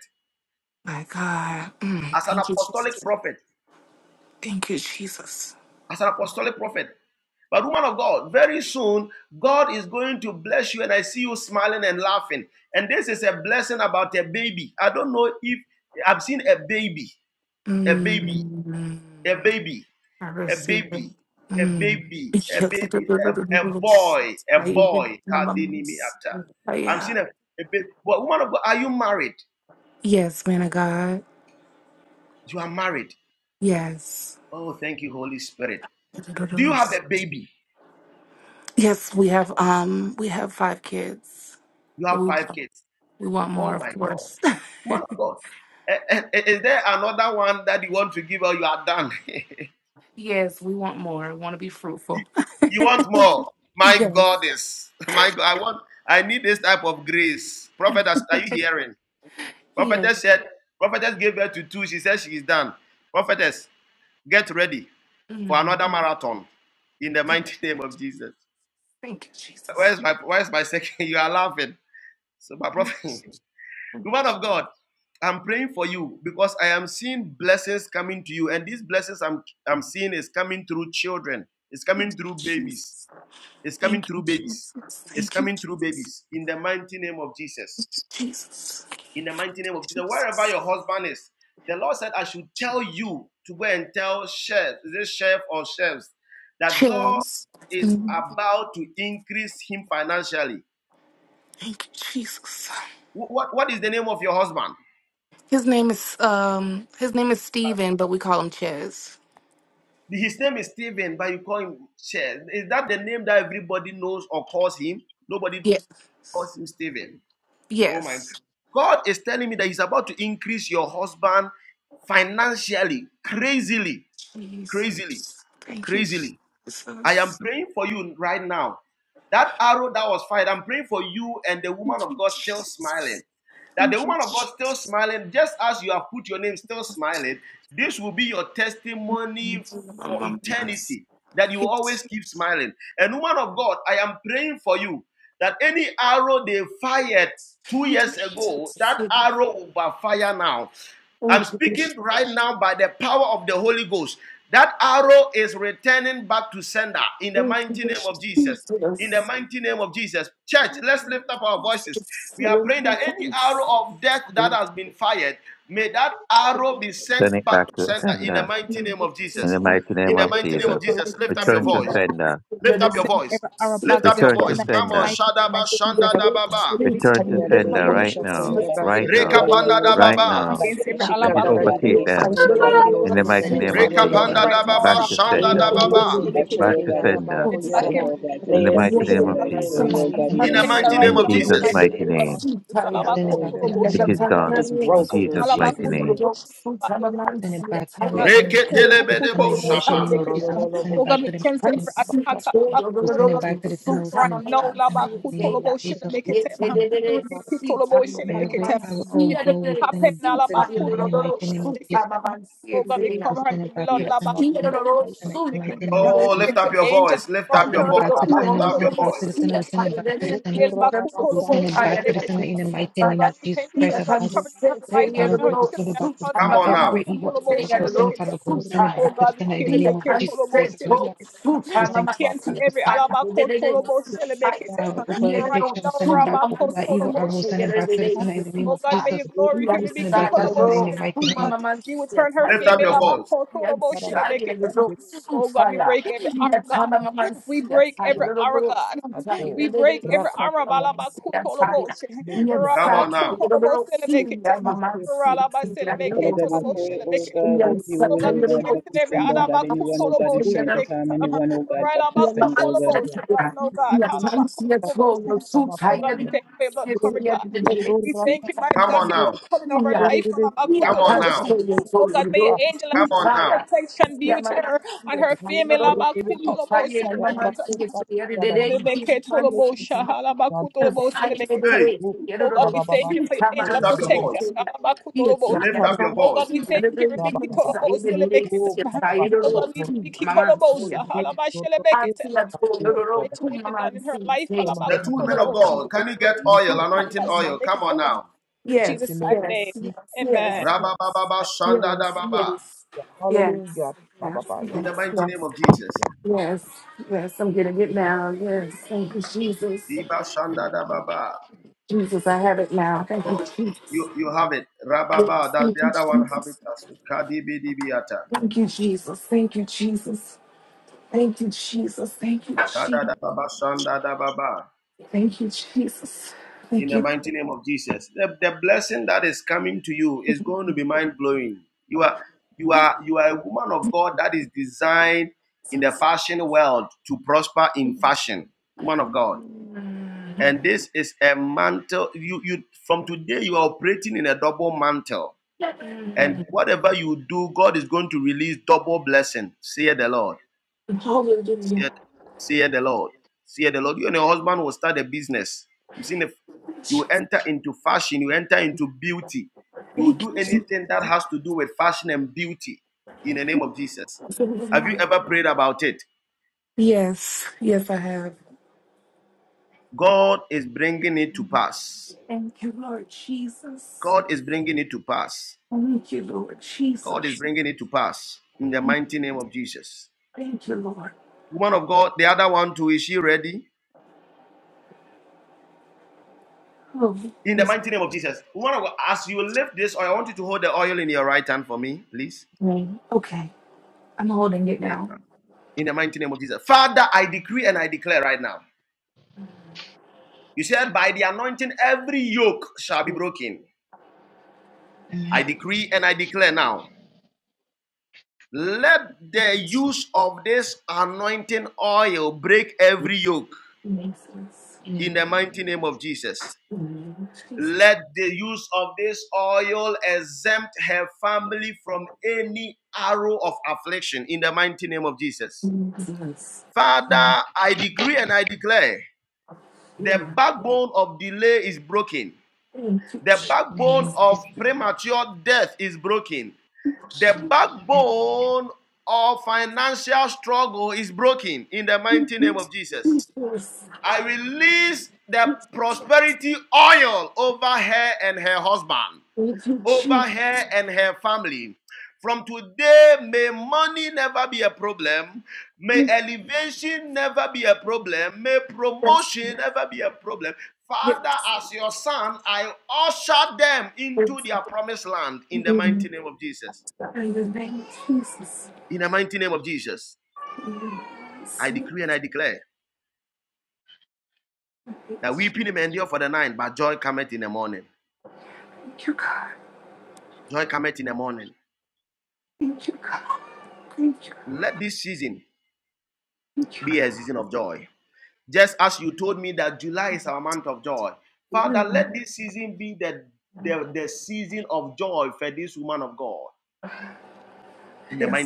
My God, mm,
as an
thank you,
apostolic
Jesus.
prophet,
Thank you, Jesus.
as an apostolic prophet. But woman of God, very soon God is going to bless you, and I see you smiling and laughing. And this is a blessing about a baby. I don't know if I've seen a baby, a baby,
Mm,
a baby.
I
a
receive it.
baby, a
Mm.
baby, a baby, a, a boy, a boy. Kadinimi ata. I'm seeing a, a baby. But woman of God, are you married?
Yes, man of God.
You are married.
Yes.
Oh, married. Do you?
Yes, we have um we have five kids,
You
but
have
we
five
want,
kids.
we want
Oh
more, of
my God,
course.
woman of God. Eh, eh, eh, Is there another one that you want to give or you are done?
*laughs* yes, we want more. We want to be fruitful.
*laughs* you want more?
*laughs*
My
yes.
goddess, *laughs* my God, I want. I need this type of grace. Prophetess, are you hearing?
Yes.
Prophetess said. Prophetess gave birth to two. She said she is done. Prophetess, get ready. for
Mm,
another marathon in the mighty *laughs* name of Jesus.
Thank you, Jesus.
Where's my where's my second? *laughs* You are laughing. So my
Thank
prophet,
you, Jesus.
*laughs*
Thank you,
woman of God, I'm praying for you because I am seeing blessings coming to you, and these blessings I'm I'm seeing is coming through children, it's coming through
Jesus.
babies, it's coming
Thank you,
through babies,
Jesus.
it's
Thank you,
coming through babies in the mighty name of Jesus. in the mighty name of
Jesus.
Jesus. Wherever
Jesus.
your husband is, the Lord said, I should tell you to go and tell chef, is it chef or chefs, that God
Cheers.
is
Mm,
about to increase him financially.
Thank you, Jesus.
What, what is the name of your husband?
His name is um his name is Steven, but we call him Chaz.
His name is Stephen, but you call him Chef. Is that the name that everybody knows or calls him? Nobody
Yeah.
calls him Stephen. Oh my God!
Yes.
God is telling me that He's about to increase your husband financially, crazily, crazily,
Jesus. Thank you,
crazily.
Jesus.
I am praying for you right now. That arrow that was fired, I'm praying for you and the
Thank
woman of
you,
God still smiling
Jesus.
that the
Thank
woman of God still smiling, just as you have put your name still smiling, this will be your testimony for eternity that you
you,
will
Jesus.
always keep smiling. And woman of God, I am praying for you that any arrow they fired
Thank
two
you,
years
Bishop.
ago, that arrow will backfire now. I'm
Thank you,
speaking
Bishop.
right now by the power of the Holy Ghost. That arrow is returning back to sender in the
Thank you,
mighty name
Jesus.
of Jesus. In the mighty name of Jesus. Church,
Thank
let's lift
you,
up our voices.
Jesus.
We
Thank
are praying that any arrow of
you,
death
Jesus. Thank you, Jesus. Thank
that
you,
has been fired, may that arrow be
Send it
sent back
back
to
to the
Jesus.
center in
Thank
the
sender
you,
mighty name of
Jesus.
in
Jesus.
the mighty
Thank you, Jesus.
In
name
Thank
the
of
you,
mighty
Jesus.
name
Thank
of
Jesus.
you,
Jesus, lift up your
Return to
voice.
sender.
Lift up your voice. Lift up your
Return to
voice. Come on,
sender.
Shadaba Shanda da Baba.
Jesus.
Return to
but you
sender right
Yaradidiosha
Father
now.
God, I pray,
Right
koyarabasete
oh
Reka
now.
God, that
Panda da
Right
yaradidiosaya.
any
Baba.
Thank you,
now.
plan the enemy
Let
have,
it
Jesus.
oh God,
overtake
any
Yes,
power,
I
Shikadaradidiosata
them
should
oh
have
God,
been a
that have
in
little
the
We'll
yaradidiosata
been
mighty
send it
six.
name
filled,
of
I
to the
oh
Reka
God,
sender.
Jesus.
Panda da
against
yaradadarabosata.
We'll
Back
me
Baba.
send
to
to
it to
hear,
Shanda
oh
sender.
da
God.
said
the
you
Baba.
think
Eyarabatoto
I
sender.
pray,
Back
sheke
oh
to
God, it's back
sender
yarabako
to
I'm
come
send,
up
yaraba.
oh God, send
in
May
the
it
it
back
Thank
to
mighty
cease
here
name
in
sender.
of
the
I
name
Jesus.
of
pray, oh
We'll
God,
send
Jesus.
in
it
In
your
the
back to
mighty
the
mighty name
In
name,
of
Jesus'
Jesus.
Jesus.
sender.
with
mighty
Ekayaradidiosaya.
your aunt,
name.
We'll send
right
it
on
back
Mm.
their
to the
behalf.
sender
It
in the
is
mighty name
done.
of
It's
In
Jesus.
Blah,
We'll
broken
send
in
Jesus'
it back.
mighty
Jesus'
name.
name.
Send it back. Every hour we'll
Reke
send it back to
telebe
the
de
sender
bo
in the mighty
shapa.
name of Jesus. We'll
you.
send it back to the
Hashitorororoboshaya.
mighty
And
name.
blah,
see
blah, blah, blah, blah,
to your
We'll
blah,
send it
little
back to the sender. We'll
sometime
send it
I'm
back to the
going
sender
see
in the name of
Taylor.
blah, blah, blah, blah,
Jesus.
It's a
Lord.
little
blah, blah, blah, blah, blah, blah, blah, blah, blah, blah,
your
Every
mama,
hour,
see
oh
a
God, we
little
send it
seat
back to the
on your
center in the
little
mighty name of Jesus.
sometime I'm going see
blah, blah, blah,
Taylor.
We send it back to
blah,
the
Yes,
center.
blah,
We
see a
send it
little
Rakata
back to the center in
soon.
the mighty name of
Oh,
Jesus.
lift up your voice. Lift
We
up your
send it
voice.
back to the
Lift
center. We
up your
send it
and
back to the
voice.
see
center. We send it back to the center. We send it back to the center in the mighty name of Jesus Christ
Here
of Nazareth.
comes Taylor,
Father
the
God, we
little
send it back
suit,
to the
I'm
center.
a man,
Every evil hour, oh
Taylor, the
God, send it,
little
Father God, we send it
suit,
back to the center in the
Ia
name of Jesus Christ of Nazareth.
anseto
We
suta
send
mama
it back. We send it back.
sieta lelele sieta.
Arrow, oh God,
Ia no
affliction, we send it
suma
back. Oh
mama
God, that evil arrow, we
sieta
send it back to the
lelele
center in the name of
sieta.
Jesus.
Ia
We send it back to
ansala
the center in the
ro
mighty
suma
name of Jesus
mama sieta lelele. Ia ansala ro suta ya. Ia tama mama sieta lelele ro suta lelele sieta mama sieta ya. Ia
Come on now.
ansala ro suta mama sieta lelele
Father God, we
ya
pray, oh God, that
Ukuri
you will, oh
ro
God,
suta.
back to
Yeah,
send, oh God,
mapapa
anyone, oh God, is trying
uke
to harm anyone, oh God, back to
mapapa
send, oh God.
yake mapapa baba baba yerede yando raka
Come on
yando
now.
yerede
Come
yando
on now.
raka
Come on now.
yana yerede kaya baba kusa yana ni yake mama yando
Yes, yes,
raba
yes, yes, yes. Yes, yes,
Hey,
yes, yes,
ukuri na baba baba
lift up
ukuri
your
baba
voice. Lift up
yakana
your
mama
voice.
yando raba baba baba ukuri na baba Holy Spirit, corro justo la gloria, da, da, da, da. Come on,
The
let us
two women
love,
of
da, da,
God,
da, da,
can you get
and go
oil,
around.
anointing oil? Come on now. Rabba baba shanda da
yes,
baba.
Hallelujah. Ba, ba, ba, yeah.
In the mighty
yes,
name of Jesus.
yes, yes. I'm gonna get now. Yes, thank you, Jesus.
Diba shanda da baba.
Jesus, I have it now. Thank you,
Oh,
Jesus. Thank you, Jesus. Thank you, Jesus. Thank you, Jesus. Thank you, Jesus. Thank you, Jesus. Thank you, Jesus. Thank you.
And this is a mantle. You you from today you are operating in a double mantle. And whatever you do, God is going to release double blessing. Say the Lord. Say the
Hallelujah.
Lord. Say the Lord. You and your husband will start a business. I'm seeing a You will enter into fashion. You enter into beauty. You will
Thank
do
you,
anything that has to do with fashion and beauty in the name of Jesus. Have you
Lord.
ever prayed about it?
Yes, yes, I have.
God is bringing it to pass.
Thank you, Lord Jesus.
God is bringing it to pass.
Thank you, Lord
God is
Jesus.
bringing it to pass in the mighty name of Jesus.
Thank you, Lord.
Woman of God, the other one too, is she ready?
Oh,
In the
this
mighty name of Jesus. Woman of God, as you lift this oil, I want you to hold the oil in your right hand for me, please.
name. Okay, I'm holding it now.
Amen.
Thank
I
you, Jesus.
In it,
in the,
Mm, Jesus.
lift exempt her family from any arrow of affliction in the mighty name of Jesus.
Jesus.
man,
Father, I decree and I declare the
Yeah.
backbone of delay is broken.
Thank you,
The
in the
backbone
name of
of
Jesus,
premature death is broken.
Jesus.
The
man.
backbone of financial struggle is broken in the mighty name of
Yes,
Jesus.
Jesus.
I release the prosperity oil over her and her husband.
Thank you,
over
Jesus.
her and her family. From today, may money never be a problem. May elevation never be a problem. May promotion never be a problem. Father,
Yes.
as your son, I usher them into their promised land in the mighty
In
name of Jesus.
the name of Jesus.
In the mighty name of Jesus, I
See,
decree and I declare that
Thank
weeping may endure for the night, but
you, God. Thank you, God. Thank you, thank you. God. Yes,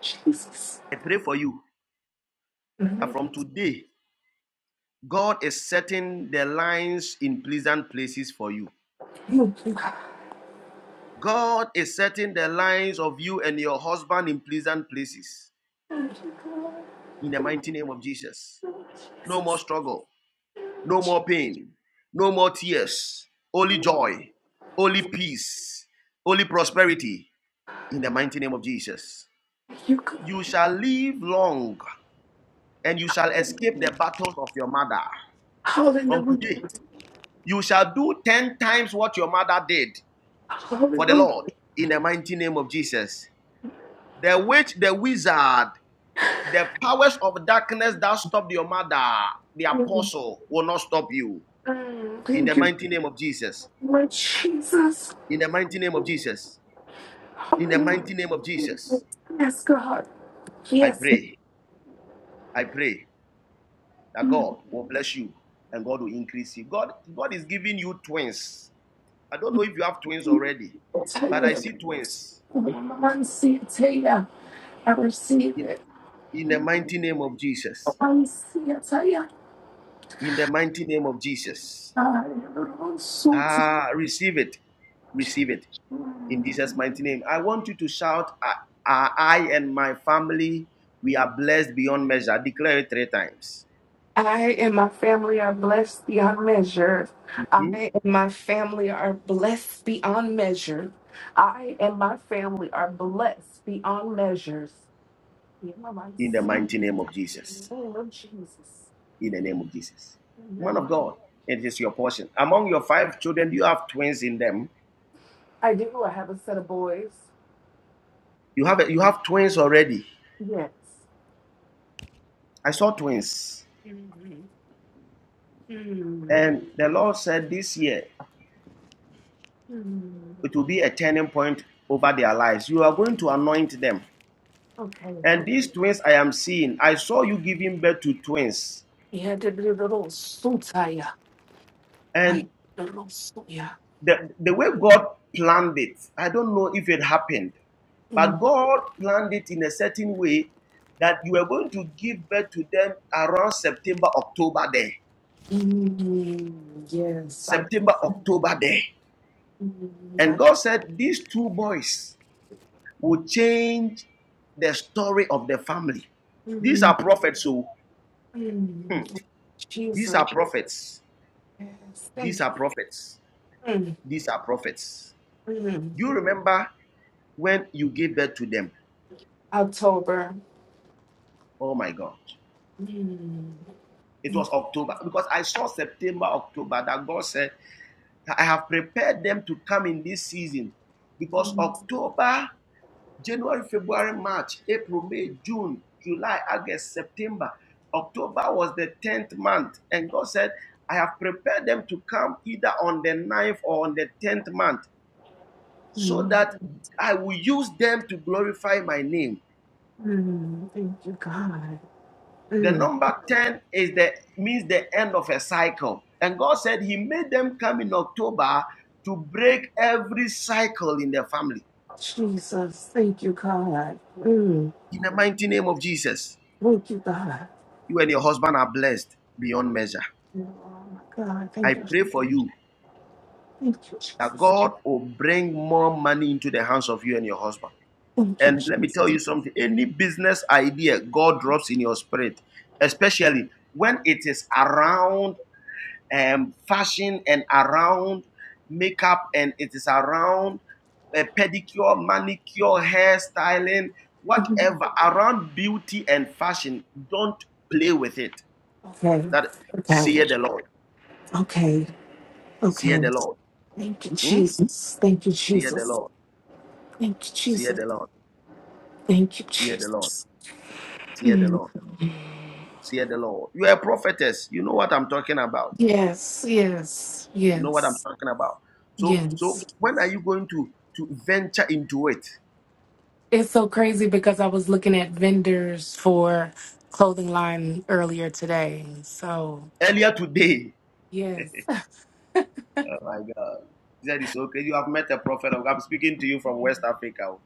Jesus.
day, God is setting the lines in pleasant places for you. God is setting the lines of you and your husband in pleasant places. In the mighty name of Jesus. No more struggle, no more pain, no more tears, only joy, only peace, only prosperity. In the mighty name of Jesus. You shall live and from
Hallelujah.
today. You said for the
Hallelujah.
Lord in the
Jesus.
the word, the powers of darkness that stopped your mother, the apostle, will not stop you.
Mm,
In the
Thank you.
mighty name of Jesus. In the mighty name of Jesus. In the
Hallelujah.
mighty name of Jesus,
Yes, God.
I
Yes.
pray. I pray that God will bless you and God will increase you. God, God is giving you twins. I don't know if you have twins already,
I
but I see twins
receive
in,
it.
in the mighty name of Jesus.
I see it.
In the mighty name of Jesus.
I am so
Ah, receive it. Receive it in Jesus' mighty name. I want you to shout, I, I I and my family, we are blessed beyond measure. Declare it three times.
I and my family are blessed beyond measure.
Hmm?
I and my family are blessed beyond measure. I and my family are blessed beyond measures. In
In the
the
mighty name of Jesus.
name of Jesus.
in the name of Jesus. Man
Amen.
of God, it is your portion. Among your five children, you have twins in them.
I do. I have a set of boys.
You have a, you have twins already.
Yes.
I saw twins,
Mhm. Mm.
and the Lord said this year
Mm.
it will be a turning point over their lives. You are going to anoint them,
Okay.
and these twins I am seeing. I saw you giving birth to twins
Yeah, the the little sutaya. I
and
the little suya. Mm.
they- that day,
Mm. Yes. I, mm,
and
I- mm.
So
Mm,
these
Jesus. Yes. Thank you. Mm,
are prophets.
mm.
You remember when you gave birth to them?
October.
Oh my God! It was October because I saw September, October that God said I have prepared them to come in this season because of
Mm, mm. Thank you, God. Mm,
their family.
Jesus. Thank you, God. Mm,
In the mighty name of Jesus,
thank you, God.
you and your husband are blessed beyond
Oh, my God. Thank you. Jesus. Thank you,
that
Jesus.
husband.
Thank you,
And let me tell
Jesus.
you something: any business I operate, especially when um found makeup and it is around uh, pedicure, manicure, hairstyling, whatever around beauty and fashion, don't play with it.
Okay.
That
Okay.
see the Lord,
Okay.
see
Okay.
the Lord,
Thank you,
hmm?
Jesus. Thank you,
see the
Jesus.
Lord,
Thank you,
see
Jesus.
the Lord,
Thank you,
see the
Jesus.
Lord. Fear the Lord. Fear the Lord. You are a prophetess. You know what I'm talking about.
Yes. Yes.
You know what I'm
Yes.
talking about. So, so
Yes.
when are you going to to venture into it?
It's so crazy because I was looking at vendors for clothing line earlier today. So,
Earlier today,
yes. *laughs*
oh my God, he said it's okay. You have met a prophet. of God." I'm speaking to you from West Africa.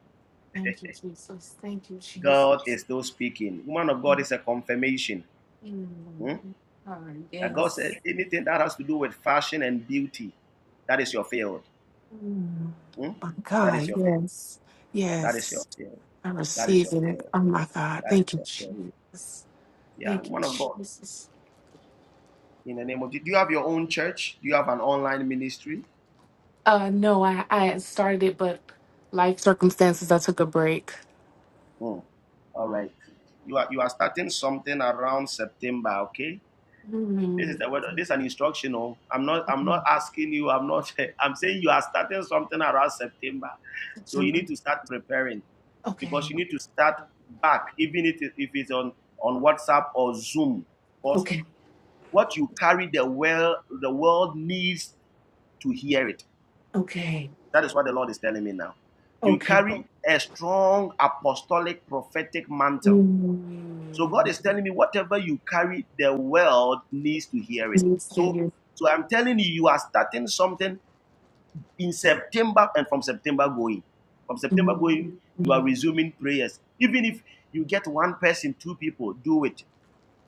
Thank you, Jesus. Thank you,
God
Jesus.
is still speaking. Woman of God is a confirmation.
Mm,
hmm,
God,
That God
yes.
said anything that has to do with fashion and beauty, that is your field.
Mm,
hmm?
my
That is
God,
your field.
yes.
That is your
Yes.
field.
I
That is
receive
your
it.
field.
Oh, my God.
That
Thank
is
you,
your field.
Jesus.
Yeah,
Thank you,
woman of God.
Jesus.
in the name of. Jesus. Do you have your own church? Do you have an online ministry?
Uh, no, I, I had started it, but life circumstances, I took a break.
Mm. You are. Okay?
Mm,
This is you know. I'm not. I'm
okay.
not asking you. I'm not. *laughs* I'm doing something around September. So you need
September.
to start preparing
Okay.
because you need to start back, even if it- if it's on on WhatsApp or Zoom. Because
Okay,
what you carry, the world is to hear it.
okay,
That is what you're telling me now. You
okay.
carry a strong apostolic prophetic mantle So God
Mm,
is telling me whatever you carry, the world needs to hear it. So,
Okay,
so I'm telling you, you are starting something in September, and from September going, from September going, you are resuming prayers. Even if you get one person, two people, do it.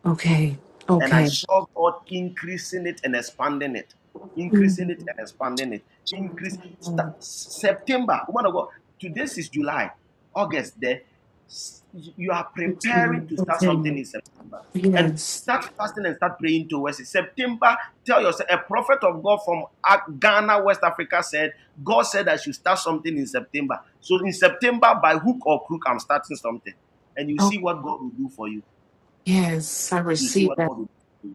okay.
And I
okay.
saw God increasing it and expanding it, increasing it
Mm,
and expanding it. Increase start, September. Woman of God, today is July, August. There, s- you are prepared.
okay.
September. And
Yes.
start fasting and start praying towards it. September, tell yourself, a prophet of God from Ghana, West Africa said, God, September. So something. And you,
Oh,
you,
yes. I
you see
receive
what
that.
God will do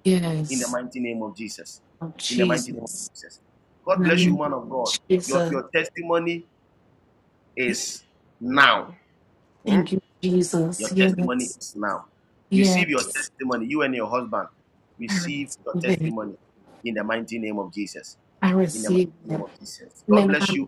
in the
Yes.
mighty name of Jesus.
Oh,
In the mighty name of
Jesus.
Jesus. God
And
bless you,
I'm
woman of God. Your,
Jesus.
your testimony is now. Hmm?
Thank you,
Your
Jesus.
testimony
Yes.
is now. Receive your
Yes.
testimony. You and your husband,
I
receive your testimony in the mighty name of Jesus. In the mighty
receive
name
it.
of Jesus.
I
God
receive it.
bless you.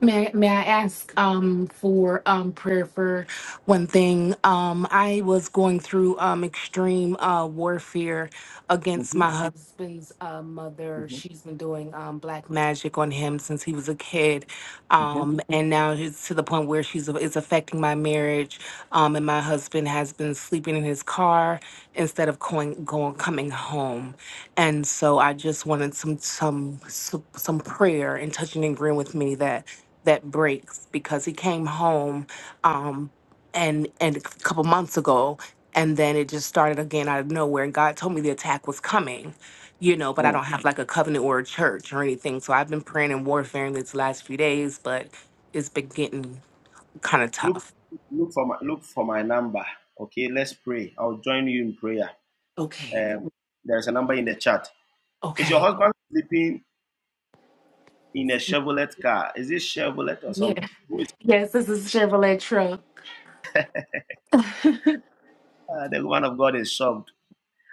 May, may I ask um, for um, prayer for one thing? Um, I was going through um, extreme uh, warfare against my husband's uh, mother. She's been doing um, black magic on him since he was a kid. Um, and now it's to the point where she's it's affecting my marriage. Um, and my husband has been sleeping in his car instead of going, going coming home. And so I just wanted some some some, some prayer and touching and agreeing with me that that breaks because he came home um and and a couple months ago and then it just started again out of nowhere and God told me the attack was coming you know but I don't have like a covenant or a church or anything so I've been praying and warfaring these last few days but it's been getting kind of
Look
tough
Look for my look for number or pray. I'll join you in prayer.
okay
Um, there's a number in the chat. Is your
okay
husband sleeping in a Chevrolet car? Is it Chevrolet or
yeah
something? Who is
yes this is Chevrolet truck
uh, the woman of God is shocked.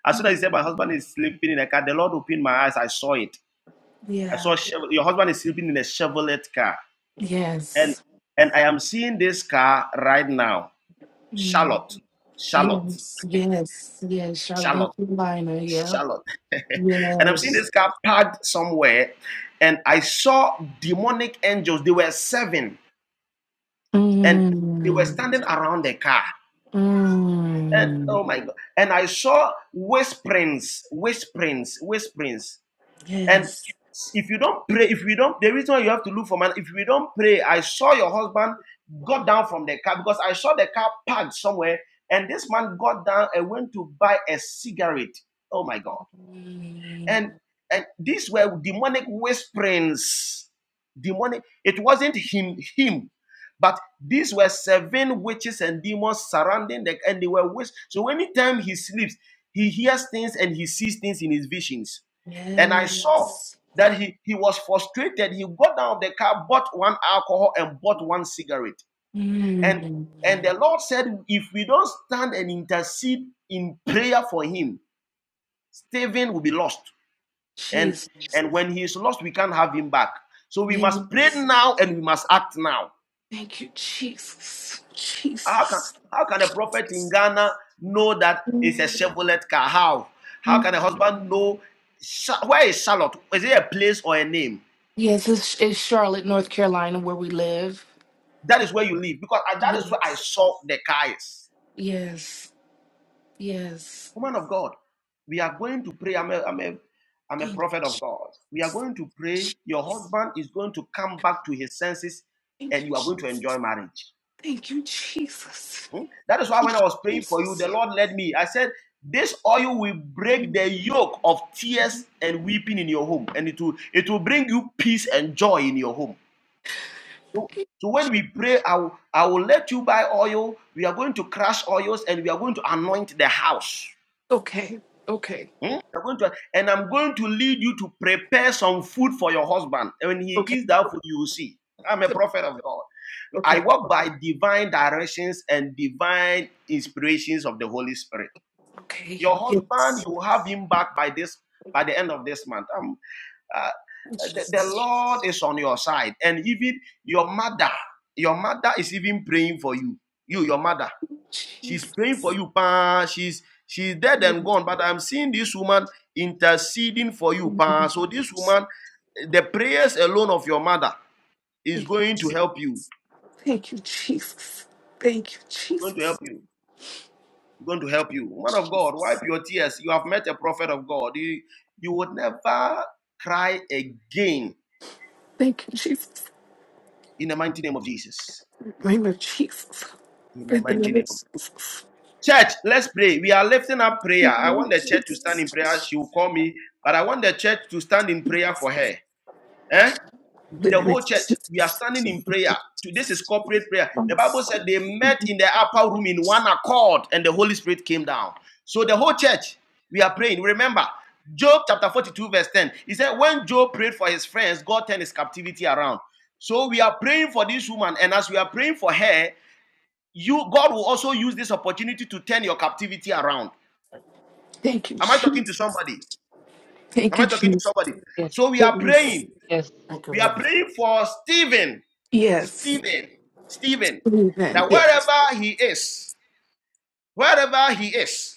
As soon as he said, My husband is sleeping in a car, the Lord opened my eyes. I saw it.
*laughs*
I
yeah
saw Chev- your husband is sleeping in a Chevrolet car. And
yes
and I am seeing this car right now.
Mm.
Charlotte. Charlotte.
yes yes yes Charlotte
Charlotte.
North Carolina yeah
Charlotte. *laughs* and I'm seeing
yes
this car parked somewhere, and I saw demonic angels. They were seven, and they were
Mm,
standing around the car. And
mm,
oh my God. And I saw whisperings, whisperings, whisperings. And
yes.
if you don't pray, if you don't, the reason why you have to look for man, if you don't pray, I saw your husband got down from the car because I saw the car parked somewhere, and this man got down and went to buy a cigarette. Oh my God.
Mm,
and and these were demonic whisperings demonic it wasn't him him but these were seven witches and demons surrounding the and they were whis- so anytime he sleeps he hears things and he sees things in his visions and i saw
yes.
that he, he was frustrated he got out of the car bought one alcohol and bought one cigarette and
Mm,
and the lord said if we don't stand and intercede in prayer for him stephen will be lost and
Jesus.
and when he is lost we can't have him back so we
Yes.
must pray now and we must act now
Thank you, Jesus.
how can
Jesus.
how can a prophet in ghana know that it's a
Mm,
chevrolet car how how can a
mm.
husband know Sha- where is charlotte is it a place or a name
Yes, it's, it's Charlotte, North Carolina, where we live.
that is where you live because I, that is where i
Yes.
saw the car is
Yes. Yes.
woman of god we are going to pray i'm a, I'm a I'm a
Thank you.
prophet of God. We are going to
Je-
pray. Your husband is going to come back to his senses
Thank you,
and you are going to enjoy
Jesus.
marriage.
Thank you, Jesus.
Hmm? That is why when
Thank
I
you,
was praying for you, the
Jesus.
Lord led me. I said, This oil will break
Mm.
the yoke of tears and weeping in your home, and it will it will bring you peace and joy in your home. So, so when we pray, I will, I will let you buy oil. We are going to crush oils and we are going to anoint the house.
Okay. Okay.
Hmm? We are going to, and I'm going to lead you to prepare some food for your husband. And when he
Okay.
eats that food, you will see. I'm a prophet of God. I
Okay.
walk by divine directions and divine inspirations of the Holy Spirit.
Okay.
Your husband,
Yes.
you will have him back by this by the end of this month. Um, uh, the, the
Jesus.
Lord is on your side, and even your mother, your mother is even praying for you. You, your mother, she's praying for
Jesus.
you. Pa, she's she's dead and gone, but I'm seeing this woman interceding for you. Pa, so this woman, the prayers alone of your mother is
Thank
going to help you.
thank you, Jesus. Thank you,
Going to help
Jesus.
you. Going to help you. Woman of God, wipe your tears. You have met a prophet of God. You you would never cry again
Thank you.
in the mighty name of Jesus. In the mighty name of Church, let's pray. We are lifting up prayer. I want the church to stand in prayer. She will call me, but I want the church to stand in prayer for her. Eh? The whole church, we are standing in prayer. This is corporate prayer. The Bible said they met in the upper room in one accord, and the Holy Spirit came down. So the whole church, we are praying. Remember, Job chapter 42, verse 10. He said, When Job prayed for his friends, God turned his captivity around. So we are praying for this woman, and as we are praying for her, you God will also use this opportunity to turn your captivity around.
Thank you,
Am I talking to
Jesus.
somebody?
Thank
Am I
you,
talking to
Jesus.
somebody?
Yes,
So we are praying.
Yes.
yes.
Thank you,
We are
Lord.
praying for Stephen,
Yes.
Stephen, Stephen,
Amen.
that
Yes.
wherever he is, wherever he is,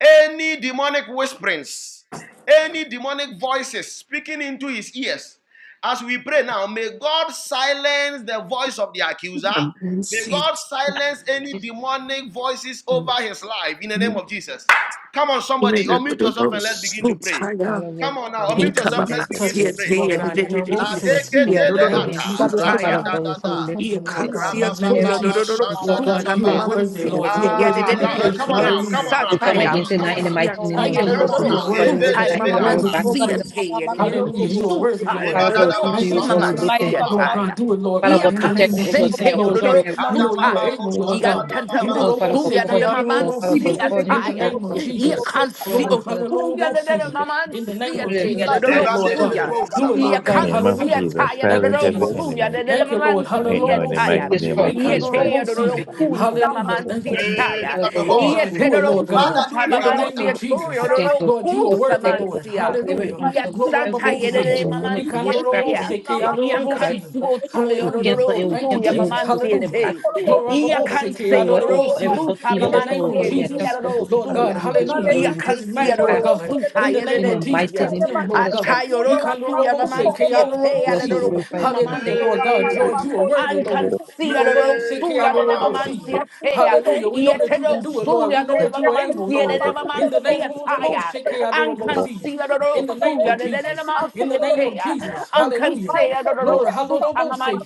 Any demonic whisperings, any demonic voices speaking into his ears. As we pray now, may God silence the voice of the accuser.
I'm gonna
May
see
God
it.
silence any
Please
demonic voices over his life in the name of Jesus. Come on, somebody, unmute yourself
i
and let's begin to pray.
Father
Come
fallible
on
In
now,
to
the name
He
your
unmute
of
come
holy
by
yourself. Let's
Jesus,
day.
begin
touch,
to
Your
seat
pray.
Jesus
Lord
here.
God,
substance
in our both
La
He
present
singing.
see
giving
it.
In
No,
the
deketele
no,
into
name
your
no.
of
hands.
ata
So
O
Jesus,
God,
ra
touch.
da
Father
tired.
da
God, we
da
uh,
say
da.
we lift
touch
He
me,
the
Lord
can't
God,
see
in
it.
the
So,
name
every
of
no, no,
Rabababa,
no,
Jesus,
no.
shanda
Lord
So
da
temptation
God,
tired.
you
that
baba.
are
I
My man
worthy,
see it
O
Lord.
God,
You
to
are
here.
worthy
destroy
to
Ah,
be
the
uh,
marriage
praised.
come
He
of
on
God.
can't
now, come
Hallelujah.
on
see
now,
We
come
come
on
Thank
now,
you,
against it
come
now
on
in the
now.
Jesus.
You're
mighty name
Thank
of
you,
tired of the
Come
Jesus.
Lord.
We
on
little
You are
now.
destroy
worthy,
you. We
suit tie,
Lord.
send out
You are
Mama
your
Man
arrow
worthy
Evedebeata.
to
back
be
to you
see a
in
Thank
the
praised.
tie, the
mighty name
little
of
Hallelujah.
Jesus.
You are
suit
worthy,
tie,
Lord.
Father
the
God, we come
little
Rebadadaba
to
Thank
you,
you,
O
Kuma
God. We
Man
Jesus.
lift your
see
sandadababa.
a
hand.
Lord
tie.
God, do it, Lord
Father
You
God.
God,
In the
can
protect
name
me,
of
O God.
sit
Send
Jesus,
your
here,
Holy
Lord
the
God.
little
Spirit. O
We
God,
suit
know you are
tie.
protect
Adabababo
able,
me, O God.
You
Lord
got
God.
Tenta
In
sandadababa.
the
Oh,
robo
Father God,
se
Usuya,
cover
que
the
him.
Mama Man
Oh,
adorobo
Father
si.
see
God,
a
cover him.
In the
tie.
Oh,
name of
Father God,
You
Jesus,
Jesus.
can
cover
see
him, oh
Lord,
Usuya,
God.
hallelujah.
the little
si.
Mama Man
In the
see
name
a
of
Pray that you
tie,
Jesus.
the
should
Do
fire
little
it, Lord
protection
God.
Suya.
from
Do it,
You
Lebandedebedebosapa.
Lord
In
God.
the
can't
name of
see
every
a
Hallelujah.
Jesus.
tire, no, no,
Thank
Silence
you,
evil
no,
every
fool,
Jesus.
you,
enemy.
no, no,
Thank
plan.
no,
you,
man,
Lord.
Right
see
now
a
in
Hallelujah.
the
si.
tire.
mighty name
Destroy
of
it,
You
destroy
Jesus.
it,
tear,
Ikandorobo
no, no,
destroy
no,
si.
in the name
cool,
of
some
Hallelujah.
Jesus,
man,
Thank
see
you,
Lord.
a
Hey,
Jesus.
tire.
lift
Father
up your
God, we
Oh
thank
You
voice.
God,
tear,
do
no,
it,
no,
Lord
you.
God.
fool,
Father, do it
some
for
In
your
the
man,
name
see
daughter.
of
a toy, no,
We
Jesus.
no,
thank
no,
you
Lord, you
cool,
are
for
some
worthy,
man,
protecting
Lord.
see
us from
a.
every
Hallelujah.
You
household, for
Glory
santa,
every
you,
evil,
no, no,
Babose.
no,
demonic
man, see a
witchcraft and
tire.
Ikandorobose,
for against
You
life.
can't
Keandorobose.
see
oh God.
a toy, no,
We
no,
Hallelujah.
cancel
no,
it, we
Thank you,
fool, you,
cancel it,
no,
oh God.
Jesus.
man,
we
see
send
a
it
Hallelujah.
back
tire.
to the
Glory
oh God.
You
Babose,
can't see, no,
Everywhere,
no,
oh
no,
God, every
Keandorobose.
au-
fool, some
evil
In the
author,
man,
name
oh
of
see
God,
a
they are
tear,
just
Jesus,
no,
going
no,
to
Lord
Father
fool,
God.
God, we
you.
destroy it,
Hallelujah.
we release
Touch
can't see, a
man,
those
Lord
fire of
no,
God.
God.
fool,
God,
In the
tire, no,
name
In the
of
no,
Jesus,
see
mighty
Send
touch
name
them
of
them,
back
Lord
Jesus
together
God.
Christ,
in union and back
Atayororosuya
to
you know,
Ikandorobose,
Columbus,
we
mamansiete,
bless you, we
Keandorobose.
glorify you,
adorokuma
and we
Hallelujah,
thank
oh
Lord
God.
God.
you.
mansietia.
Hey,
Lord, you are worthy, Lord. You
Ankansia
are Robo
hey,
Seke
come
and
dorosuya de
on now.
Robo C.
levamansiatea.
Hallelujah. We know that you can do it, Lord. We
Ieterosuya de
know
Thank
that you are able,
levamansia de
Lord. In the name of Robo
levamansiataya.
Seke and Robo C.
Ankansia
In the name
dorosuya
of
de
Jesus. In the name of
levamansiatea.
Jesus. Hallelujah.
Ankansia
Glory.
dorosuta
Hallelujah.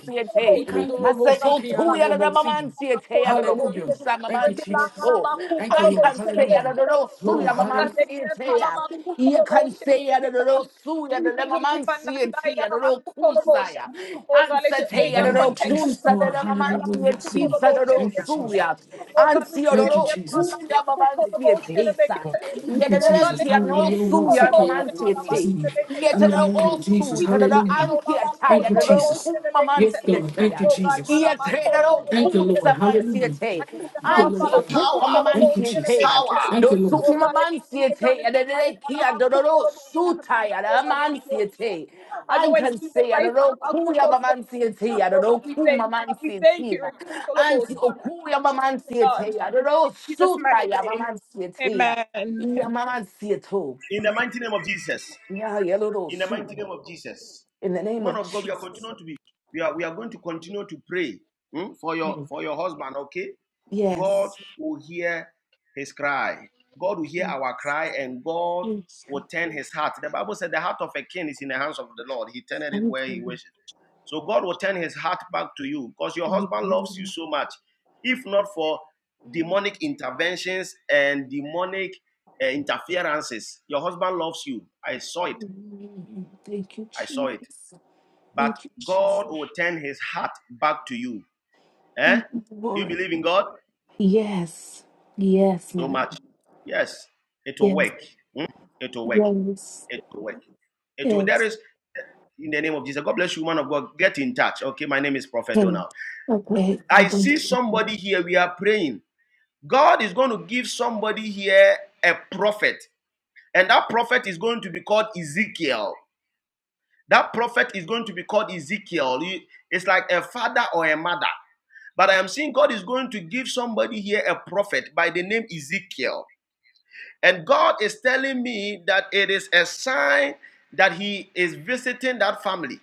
you.
Ikanda
I
Robo
say, oh,
Seke
two
and
yada
Robo
da
C.
mamansi ete yada do
Hallelujah.
insa
Thank you,
mamansi
Jesus.
to.
Thank you,
I
Lord.
can say
Hallelujah.
yada do do su
Glory.
yada
Hallelujah.
mamansi ete ya. You can say yada do do su yada da mamansi ete yada do kunsa ya. Ansa
In
te
the
yada
name
do
of Jesus.
kunsa da
Lord.
da mamansi
Hallelujah.
ete sa do do
Thank you,
su
Jesus.
ya. Ansi yada
Thank you,
do
Jesus.
kuya mamansi
you.
Dosu
Thank you, Jesus. Hallelujah. Lord, so care of the Lord, see you. In the name of Jesus. Hallelujah. Thank you, Jesus. Yes, God. Thank you, Jesus. Thank you, Lord. Hallelujah. Do it, Lord God. Thank you, Jesus.
Power
Thank you, Lord.
umamansiete, and then they kia dororo sutaya, the amansiete. I can say, I don't know who your man says here. I don't know who my man says here. Auntie Okuya Maman says here. I don't know Suta your man says here. Your man says too.
in the mighty name of Jesus.
Yeah, your little
In the mighty
suit.
name of Jesus.
In the name
Man
of
of God, we are
Jesus.
continuing to be, we are, we are going to continue to pray hmm, for your
Hey,
for your husband, okay? God
yes.
will hear his cry. God will hear our cry and God will turn his heart. The Bible said the heart of a king is in the hands of the Lord. He turned it where he wishes. So God will turn his heart back to you because your husband loves you so much. If not for demonic interventions and demonic uh, interferences, your husband loves you. I saw it.
Thank you,
I saw it.
Jesus.
But
Thank you, Jesus.
God will turn his heart back to you. Eh?
Thank you,
You
Lord.
believe in God? so much. Yes, it will work. Mm, It will work. It will work. It will, there is in the name of Jesus. God bless you, man of God. Get in touch. Okay, my name is Prophet Donald. I see somebody here. We are praying. God is going to give somebody here a prophet, and that prophet is going to be called Ezekiel. That prophet is going to be called Ezekiel. It's like a father or a mother. But I am seeing God is going to give somebody here a prophet by the name Ezekiel. And God is telling me that it is a sign that He is visiting that family.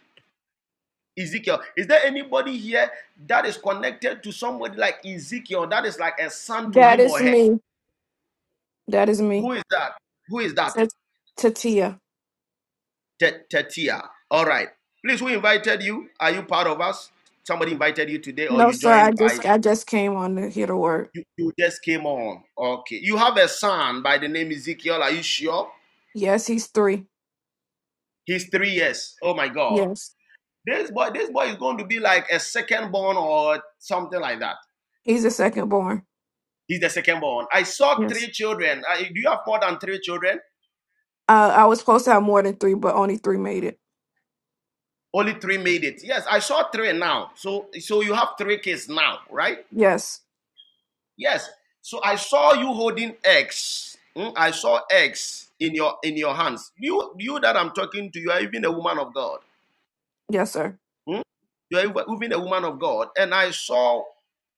Ezekiel, is there anybody here that is connected to somebody like Ezekiel that is like a son to
That
him or
is
her?
me. That is me.
Who is that? Who is that?
Says Tatia.
Tetia. All right. Please, who invited you? Are you part of us? Somebody invited you today, or
No,
you
sir. I
joined by
just I just came on to hear the word.
you, you just came on. Okay. You have a son by the name Ezekiel. Are you sure?
Yes, he's three.
He's three years. Oh my God.
Yes,
This boy, this boy is going to be like a second born or something like that.
he's a second born.
He's the second born. I saw
Yes.
three children. I, do you have more than three children?
Uh, I was supposed to have more than three, but only three made it.
Only right?
Yes.
Yes. So in mm, in your in hands. You, you God.
Yes, sir.
Mm, you are even a woman of God. And I saw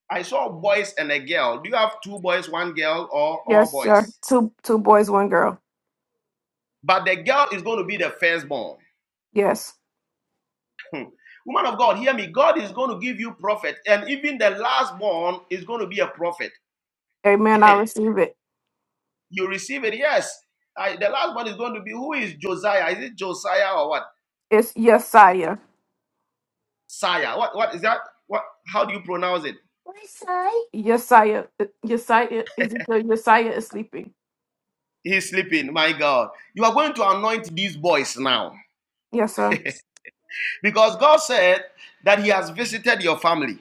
I saw boys and a girl. Do you have two boys, one girl, or all
Yes, sir.
boys?
Two two boys, one girl.
But the girl is going to be the firstborn.
Yes.
Woman of God, hear me. God is going to give you prophet, and even the last born is going to be a prophet.
Amen.
*laughs*
I
And
receive it.
You receive it. Yes. I, the last one is going to be who is Josiah? Is it Josiah or what?
It's Yesiah.
Saya. What what is that? What how do you pronounce it?
Yesiah. Yesiah. Yesiah. Ezekiel. Yesiah is sleeping.
He's sleeping. My God. You are going to anoint these boys now.
Yes, sir.
Because God said that He has visited your family.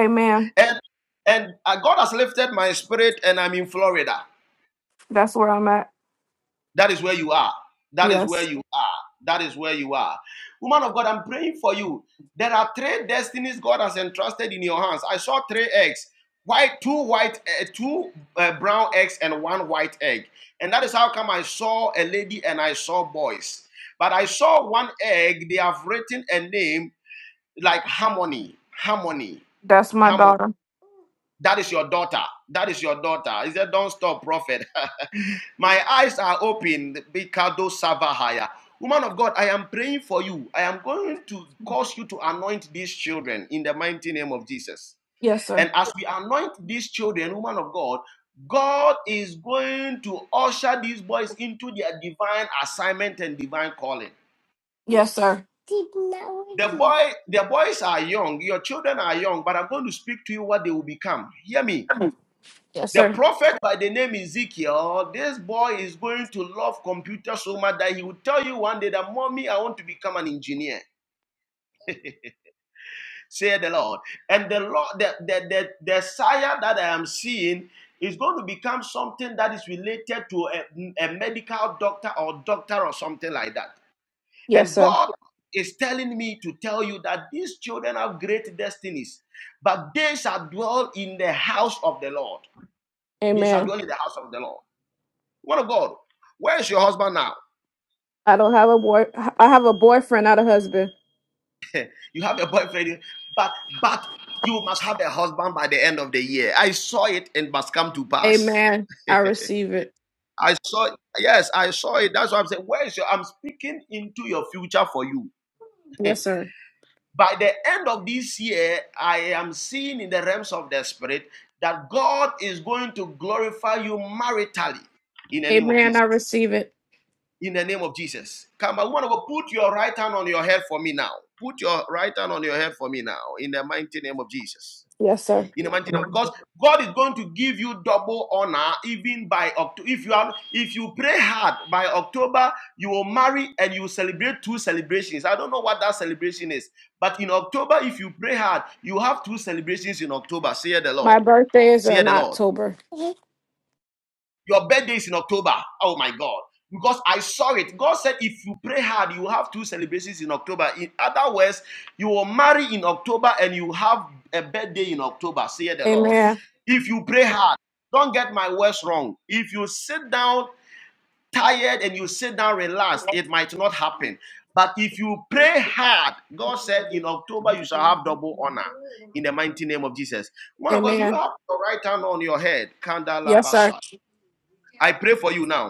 Amen.
And and uh, God has lifted my spirit, and I'm in Florida.
That's where I'm at.
That is where you are. That is
Yes.
where you are. That is where you are. Woman of God, I'm praying for you. There are three destinies God has entrusted in your hands. I saw three eggs. White, two white, uh, two uh, brown eggs, and one white egg. And that is how come I saw a lady and I saw boys. But I saw one egg. They have written a name like harmony, harmony,
That's my
harmony.
daughter.
That is your daughter. That is your daughter. He said, "Don't stop, prophet." *laughs*
Mhm.
My eyes are open. Bikado Savahaya. Woman of God, I am praying for you. I am going to cause you to anoint these children in the mighty name of Jesus.
Yes, sir.
And as we anoint these children, woman of God, God is going to usher these boys into their divine assignment and divine calling.
Yes, sir.
The boy, the boys are young, your children are young, but I'm going to speak to you what they will become. Hear me.
Yes,
The
sir.
prophet by the name Ezekiel, this boy is going to love computers so much that he will tell you one day that mommy, I want to become an engineer, said the Lord. And the Lord, the, the, the, the sire that I am seeing is going to become something that is related to a, a medical doctor or doctor or something like that.
Yes,
And
sir.
God is telling me to tell you that these children have great destinies, but they shall dwell in the house of the Lord. They shall
Amen.
dwell in the house of the Lord. What of God? Where is your husband now?
I don't have a boy. I have a boyfriend, not a husband.
You have a boyfriend, but but you must have a husband by the end of the year. I saw it and must come to pass.
Amen. I receive it.
I saw it. Yes, I saw it. That's why I'm saying, where is your? I'm speaking into your future for you.
Yes, sir.
By the I am seeing in the realms of the spirit that God is going to glorify you maritally in the name of
Amen.
Jesus.
I receive it.
In the name of Jesus. Come on, woman, of God, put your right hand on your head for me now. Put your right hand on your head for me now in the mighty name of Jesus.
Yes, sir.
in the mighty name because God is going to give you double honor even by October. If you are if you pray hard by October, you will marry and you will celebrate two celebrations. I don't know what that celebration is, but in October, if you pray hard, you have two celebrations in October. Say the
My
Lord.
birthday is
Say
in
the Lord.
October.
Your birthday is in October. Oh my God. Because I saw it. God said, if you pray hard, you will have two celebrations in October. In other words, you will marry in October and you have a birthday in October, say the Lord.
Amen.
If you pray hard, don't get my words wrong. If you sit down tired and you sit down relaxed, it might not happen. But if you pray hard, God said, in October you shall have double honor. In the mighty name of Jesus. One of God, do you
Amen.
have your right hand on your head?
Yes, sir.
Kandalabasha. I pray for you now.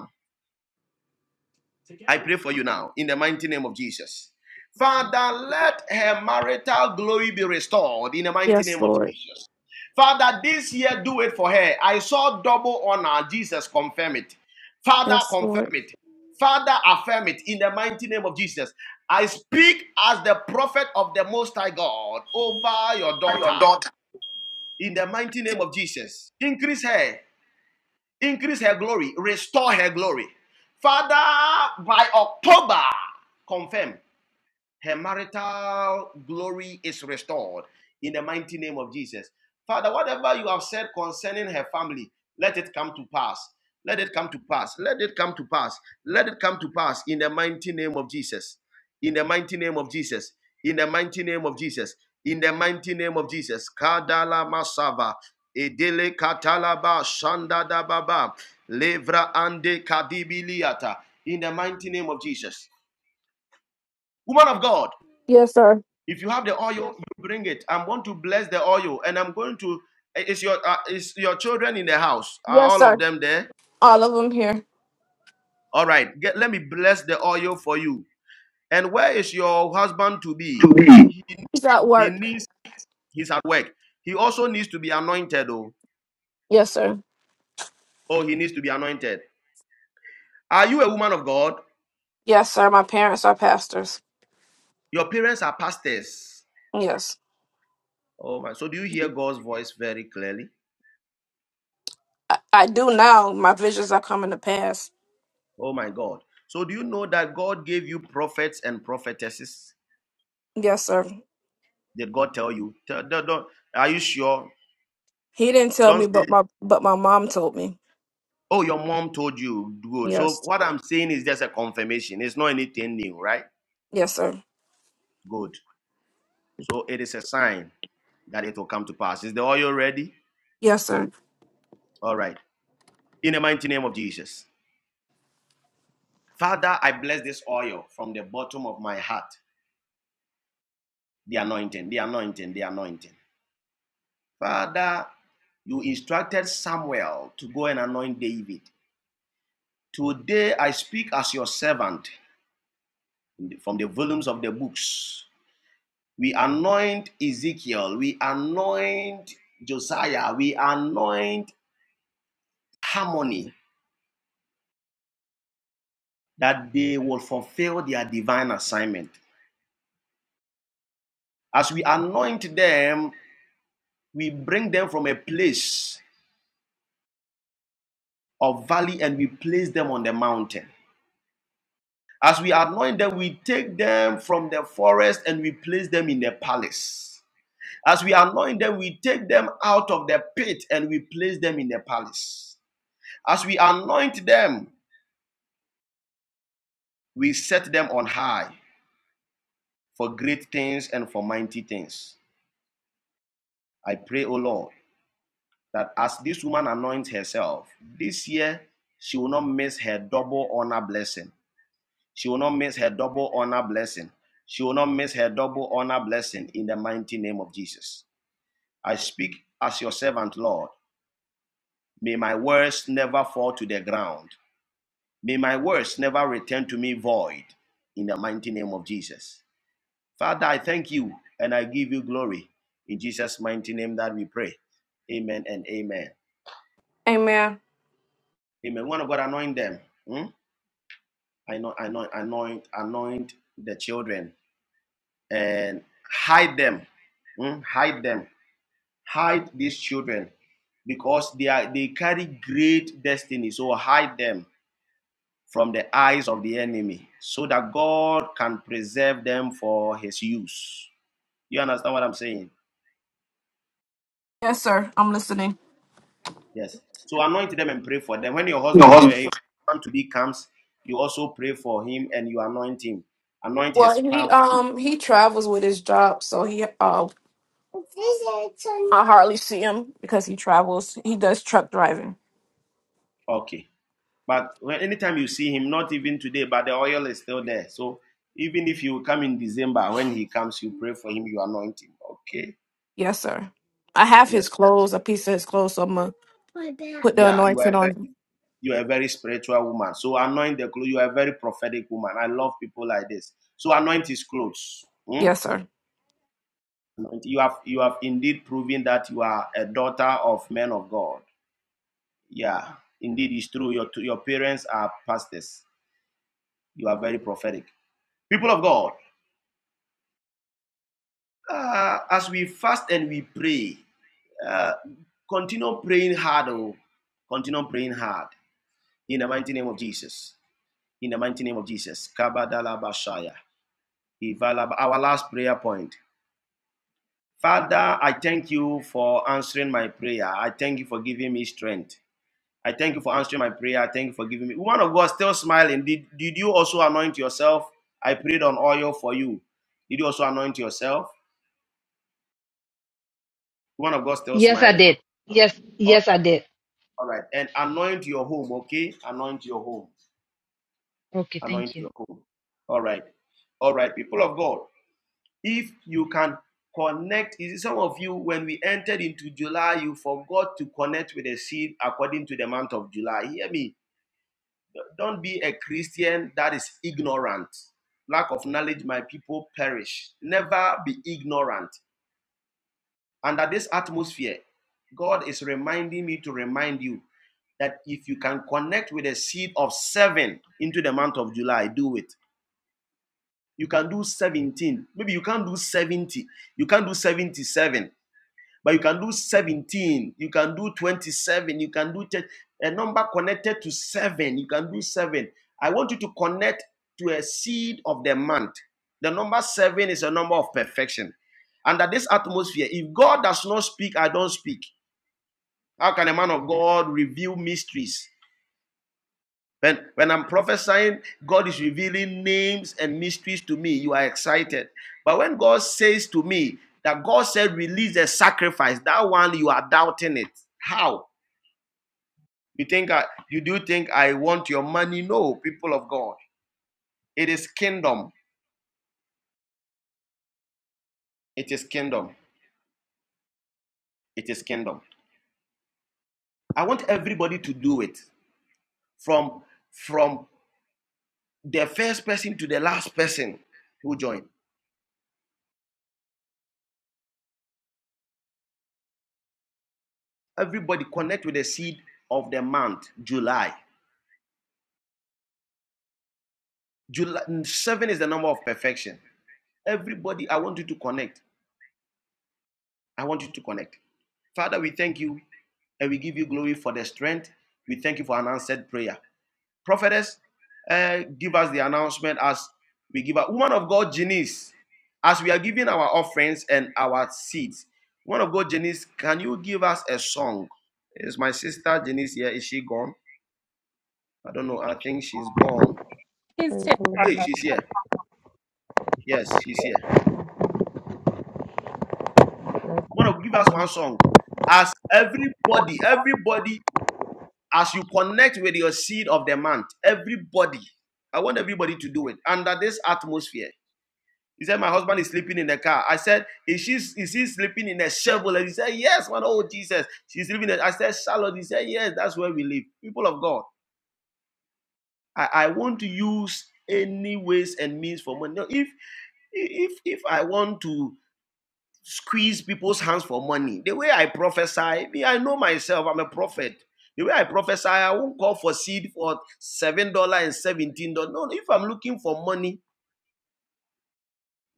I pray for you now in the mighty name of Jesus. Father, let her marital glory be restored in the mighty
Yes,
name of
Lord.
Jesus. Father, this year do it for her. I saw double honor. Jesus, confirm it. Father,
Yes,
confirm
Lord.
it. Father, affirm it in the mighty name of Jesus. I speak as the prophet of the Most High God over your daughter in the mighty name of Jesus. Increase her increase her glory, restore her glory. Father, by October, confirm. Her marital glory is restored in the mighty name of Jesus. Father, whatever you have said concerning her family, let it come to pass. Let it come to pass. Let it come to pass. Let it come to pass in the mighty name of Jesus. In the mighty name of Jesus. In the mighty name of Jesus. In the mighty name of Jesus. Kadala Masava. Edele Katalaba Shandada Baba. Levra Ande Kadibiliata. In the mighty name of Jesus. Woman of God.
Yes, sir.
If you have the oil, Yes. you bring it. I'm going to bless the oil, and I'm going to. Is your uh, is your children in the house? Are
Yes,
all of
sir.
them there?
All of them here.
All right. Get, let me bless the oil for you. And where is your husband to
to
be?
be.
He,
He's at
he
work.
needs. He's at work. He also needs to be anointed. Oh,
Yes, sir.
oh, he needs to be anointed. Are you a woman of God?
Yes, sir. My parents are pastors.
Your parents are pastors.
Yes.
Oh my. So do you hear God's voice very clearly?
I, I do now. My visions are coming to pass.
Oh my God. So do you know that God gave you prophets and prophetesses?
Yes, sir.
Did God tell you? Tell, don't, don't- are you sure?
He didn't tell
Don't
me
say,
but my but my mom told me.
oh, your mom told you. Good. So
Yes.
what I'm saying is just a confirmation. It's not anything new, right?
Yes, sir.
Good. So it is a sign that it will come to pass. Is the oil ready?
Yes, sir.
All right. In the mighty name of Jesus. Father, I bless this oil from the bottom of my heart. The anointing, the anointing, the anointing. Father, you instructed Samuel to go and anoint David. Today I speak as your servant from the volumes of the books. We anoint Ezekiel. We anoint Josiah. We anoint Harmony that they will fulfill their divine assignment. As we anoint them, we bring them from a place of valley and we place them on the mountain. As we anoint them, we take them from the forest and we place them in the palace. As we anoint them, we take them out of the pit and we place them in the palace. As we anoint them, we set them on high. for great things and for mighty things. I pray, O Lord, that as this woman anoints herself, this year she will not miss her double honor blessing. She will not miss her double honor blessing. She will not miss her double honor blessing in the mighty name of Jesus. I speak as your servant, Lord. May my words never fall to the ground. May my words never return to me void in the mighty name of Jesus. Father, I thank you and I give you glory. In Jesus' mighty name that we pray. Amen and amen.
Amen.
Amen. One of God anoint them. Hmm? Anoint, anoint, anoint, anoint the children and hide them. Hmm? Hide them. Hide these children because they are they carry great destiny. So hide them from the eyes of the enemy so that God can preserve them for his use. You understand what I'm saying?
Yes, sir. I'm listening.
Yes. So anoint them and pray for them. When your
Your
husband, your,
husband.
your husband to be comes, you also pray for him and you anoint him. Anoint his
Well, he
palm.
um he travels with his job, so he uh I hardly see him because he travels. He does truck driving.
Okay. But when, anytime you see him, not even today, but the oil is still there. So even if you come in December, when he comes, you pray for him, you anoint him. Okay.
Yes, sir. I have his
Yes.
clothes, a piece of his clothes, so I'm gonna put the
Yeah. You are a
anointing
very,
on.
you are a very spiritual woman. So anoint the clothes. You are a very prophetic woman. I love people like this. So anoint his clothes. Hmm.
Yes, sir.
You have you have indeed proven that you are a daughter of men of God. Yeah, indeed, it's true. Your your parents are pastors. You are very prophetic. People of God, uh, as we fast and we pray, uh, continue praying hard. Oh, continue praying hard in the mighty name of Jesus. In the mighty name of Jesus. Kabadalabashaya. Our last prayer point. Father, I thank you for answering my prayer. I thank you for giving me strength. I thank you for answering my prayer. I thank you for giving me. Woman of God, still smiling. Did, did you also anoint yourself? I prayed on oil for you. Did you also anoint yourself? Woman of God, still
Yes, I
smiling.
did. Yes,
All
yes, I did.
all right. And anoint your home, okay? Anoint your home.
Okay, thank
Anoint
you.
your home. All right. All right. People of God, if you can connect, is it some of you, when we entered into July, you forgot to connect with the seed according to the month of July. Hear me Don't be a Christian that is ignorant. Lack of knowledge, my people perish. Never be ignorant. Under this atmosphere, God is reminding me to remind you that if you can connect with a seed of seven into the month of July, do it. You can do 17. Maybe you can't do 70. You can't do 77. But you can do 17, you can do 27, you can do 10. A number connected to seven, you can do seven. I want you to connect to a seed of the month. The number seven is a number of perfection. Under this atmosphere, if God does not speak, I don't speak. How can a man of God reveal mysteries? When, when I'm prophesying, God is revealing names and mysteries to me. You are excited. But when God says to me that God said, release a sacrifice, that one you are doubting it. How? You think I, you do think I want your money? No, people of God. It is kingdom. It is kingdom. It is kingdom. I want everybody to do it from from the first person to the last person who joined. Everybody connect with the seed of the month, July. July mm, seven is the number of perfection. Everybody, I want you to connect. I want you to connect. Father, we thank you and we give you glory for the strength. We thank you for an answered prayer. Prophetess, uh, give us the announcement as we give a woman of God, Janice, as we are giving our offerings and our seeds. Woman of God, Janice, can you give us a song? Is my sister Janice here? Is she gone? I don't know. I think she's gone.
Praise the Lord.
Hey, she's here. Yes, she's here.
Praise
You want to give us one song. As everybody, everybody, as you connect with your seed of the month, everybody, I want everybody to do it under this atmosphere. He said, My husband is sleeping in the car. I said, Is she is he sleeping in a shovel? And he said, Yes, man. Oh, Jesus. She's sleeping. in- I said, Charlotte. He said, Yes, that's where we live. People of God, I, I want to use any ways and means for money. No, if if if I want to squeeze people's hands for money. The way I prophesy, me, I know myself, I'm a prophet. The way I prophesy, I won't call for seed for seven dollar and seventeen dollars. No, no, if I'm looking for money,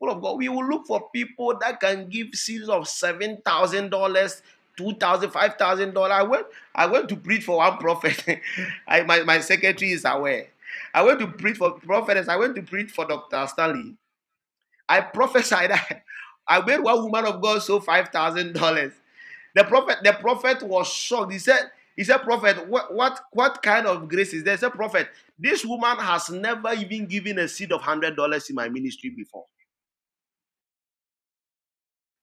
people of God, we will look for people that can give seeds of seven thousand dollars. Two thousand, dollars, five thousand dollars. I went. I went to preach for one prophet. *laughs* I, my, my secretary is aware. I went to preach for prophets. I went to preach for Doctor Stanley. I prophesied. *laughs* that I made one woman of God so five thousand dollars. The prophet, the prophet was shocked. He said, he said, Prophet, what, what, what kind of grace is there? He said, Prophet, this woman has never even given a seed of one hundred dollars in my ministry before.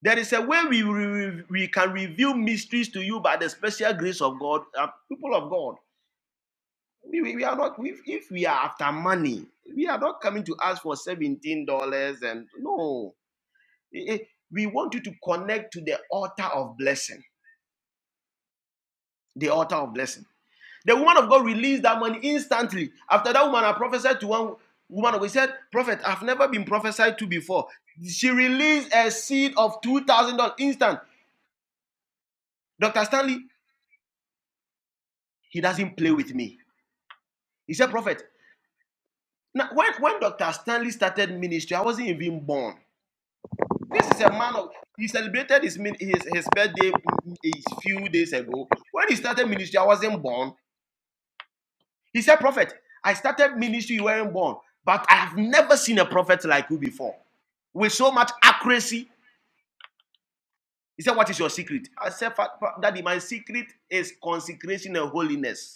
There is a way we, we, we can reveal mysteries to you by the special grace of God, uh, people of God. We, we, are not if, if we are after money, we are not coming to ask for seventeen dollars and no. Eh, eh, We want you to connect to the altar of blessing. The altar of blessing The woman of God released that money instantly. After that woman, I prophesied to one woman of God. She said, Prophet, I've never been prophesied to before. She released a seed of $2,000 instant. Dr. Stanley, he doesn't play with me. He said, Prophet, now, when, when Dr. Stanley started ministry, I wasn't even born. This is a man of, he celebrated his, his, his birthday mm, mm, a few days ago. When he started ministry, I wasn't born. He said, Prophet, I started ministry, you weren't born. But I have never seen a prophet like you before. with so much accuracy. He said, What is your secret? I said, "Fa- Daddy, my secret is consecration and holiness.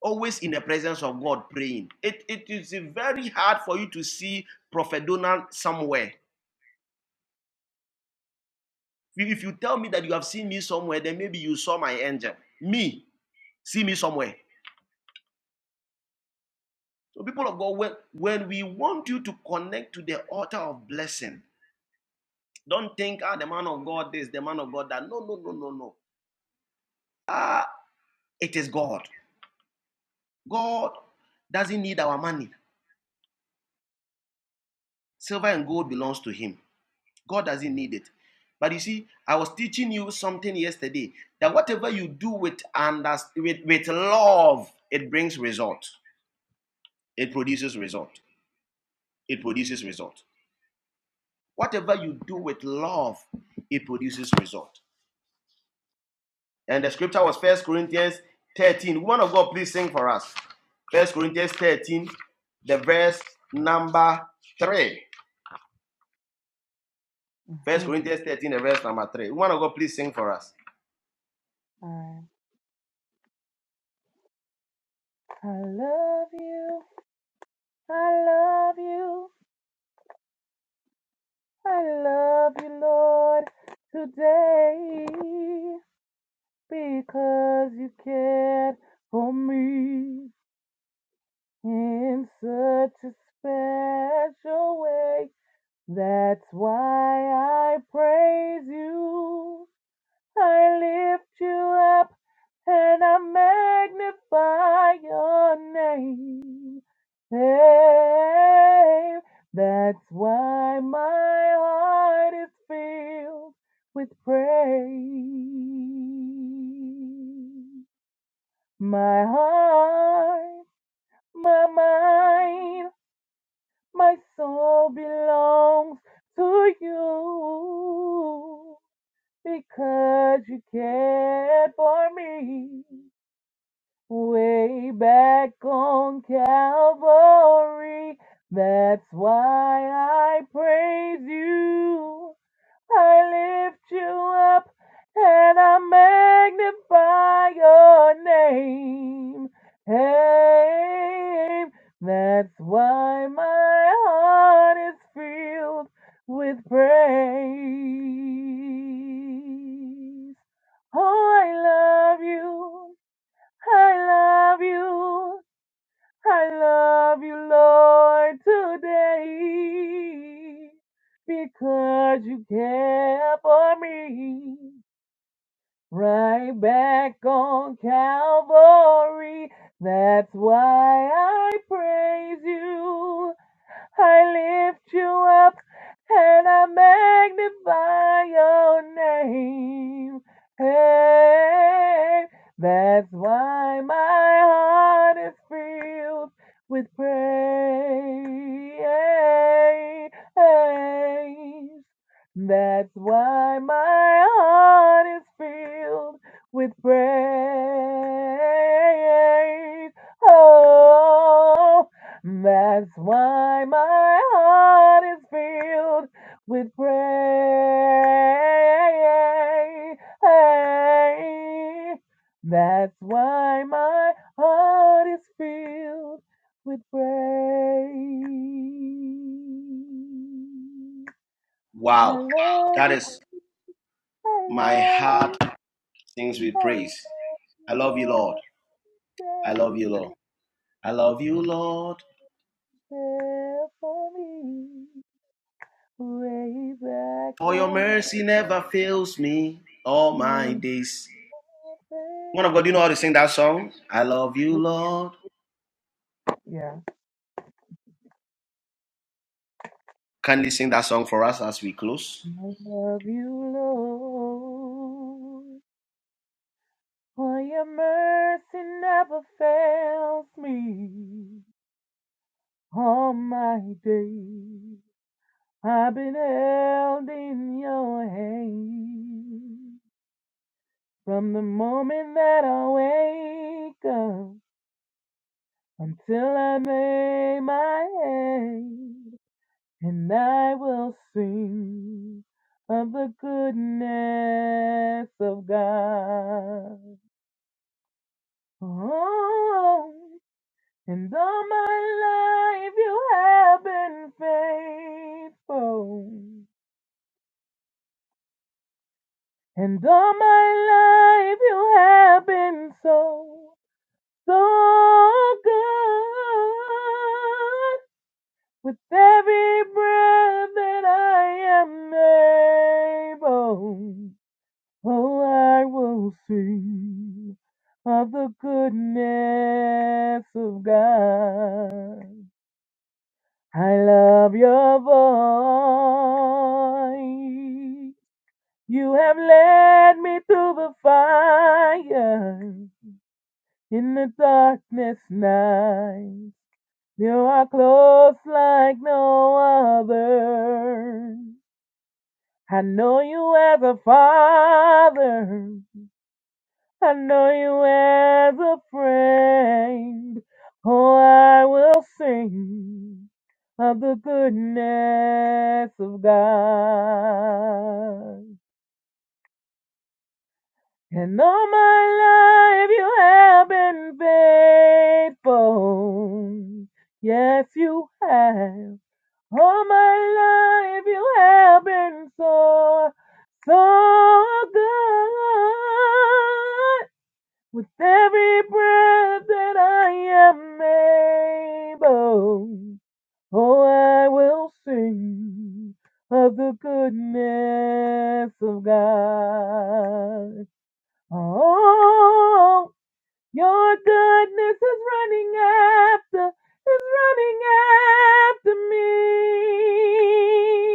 Always in the presence of God praying. It, it is very hard for you to see Prophet Donald somewhere. If if you tell me that you have seen me somewhere, then maybe you saw my angel. Me, see me somewhere. So, people of God, when, when we want you to connect to the altar of blessing, don't think, ah, the man of God this, the man of God that. No, no, no, no, no. It is God. God doesn't need our money. Silver and gold belongs to him. God doesn't need it. But you see, I was teaching you something yesterday that whatever you do with under, with, with love, it brings result. It produces result. It produces result. Whatever you do with love, it produces result. And the scripture was First Corinthians 13. One of God, please sing for us. First Corinthians 13, the verse number 3. First
Mhm.
Corinthians 13, the verse number 3. One of God, please sing for us.
All right. I love you. I love you. I love you, Lord, today because you cared for me in such a special way. That's why I praise you. I lift you up and I magnify your name. Hey, that's why my heart is filled with praise. My heart, my mind. My soul belongs to you because you cared for me way back on Calvary. That's why I praise you. I lift you up and I magnify your name. Hey, that's why my heart is filled with praise. Oh, I love you. I love you. I love you, Lord, today because you care for me. Right back on Calvary, that's why I praise you. I lift you up and I magnify your name. Hey, that's why my heart is filled with praise. That's why my heart is filled with praise. Oh, that's why my heart is filled with praise. That's why my heart is filled with praise. I
Wow.
love
That
you,
is
I
My
love
heart
you,
sings with
I love
praise. I
you,
love you, Lord.
Lord.
I love
Stay
you, Lord. I love you, Lord.
there for me way back
For your
on
mercy never fails me all my
And
days. One of God,
baby,
do you know how to sing that song? I love you,
we-
Lord.
yeah.
Can you sing that song for us as we close?
I love you, Lord, for your mercy never fails me. All my days I've been held in your hand. From the moment that I wake up until I lay my head, And I will sing of the goodness of God. Oh, and all my life you have been faithful. And all my life you have been so, so good. With every breath that I am able. Oh, I will sing of the goodness of God. I love your voice. You have led me through the fire in the darkness night. You are close like no other. I know you as a father. I know you have a friend. Oh, I will sing of the goodness of God. And all my life you have been faithful. Yes, you have. All my life you have been so, so good. With every breath that I am able, oh, I will sing of the goodness of God. Oh, your goodness is running after, is running after me.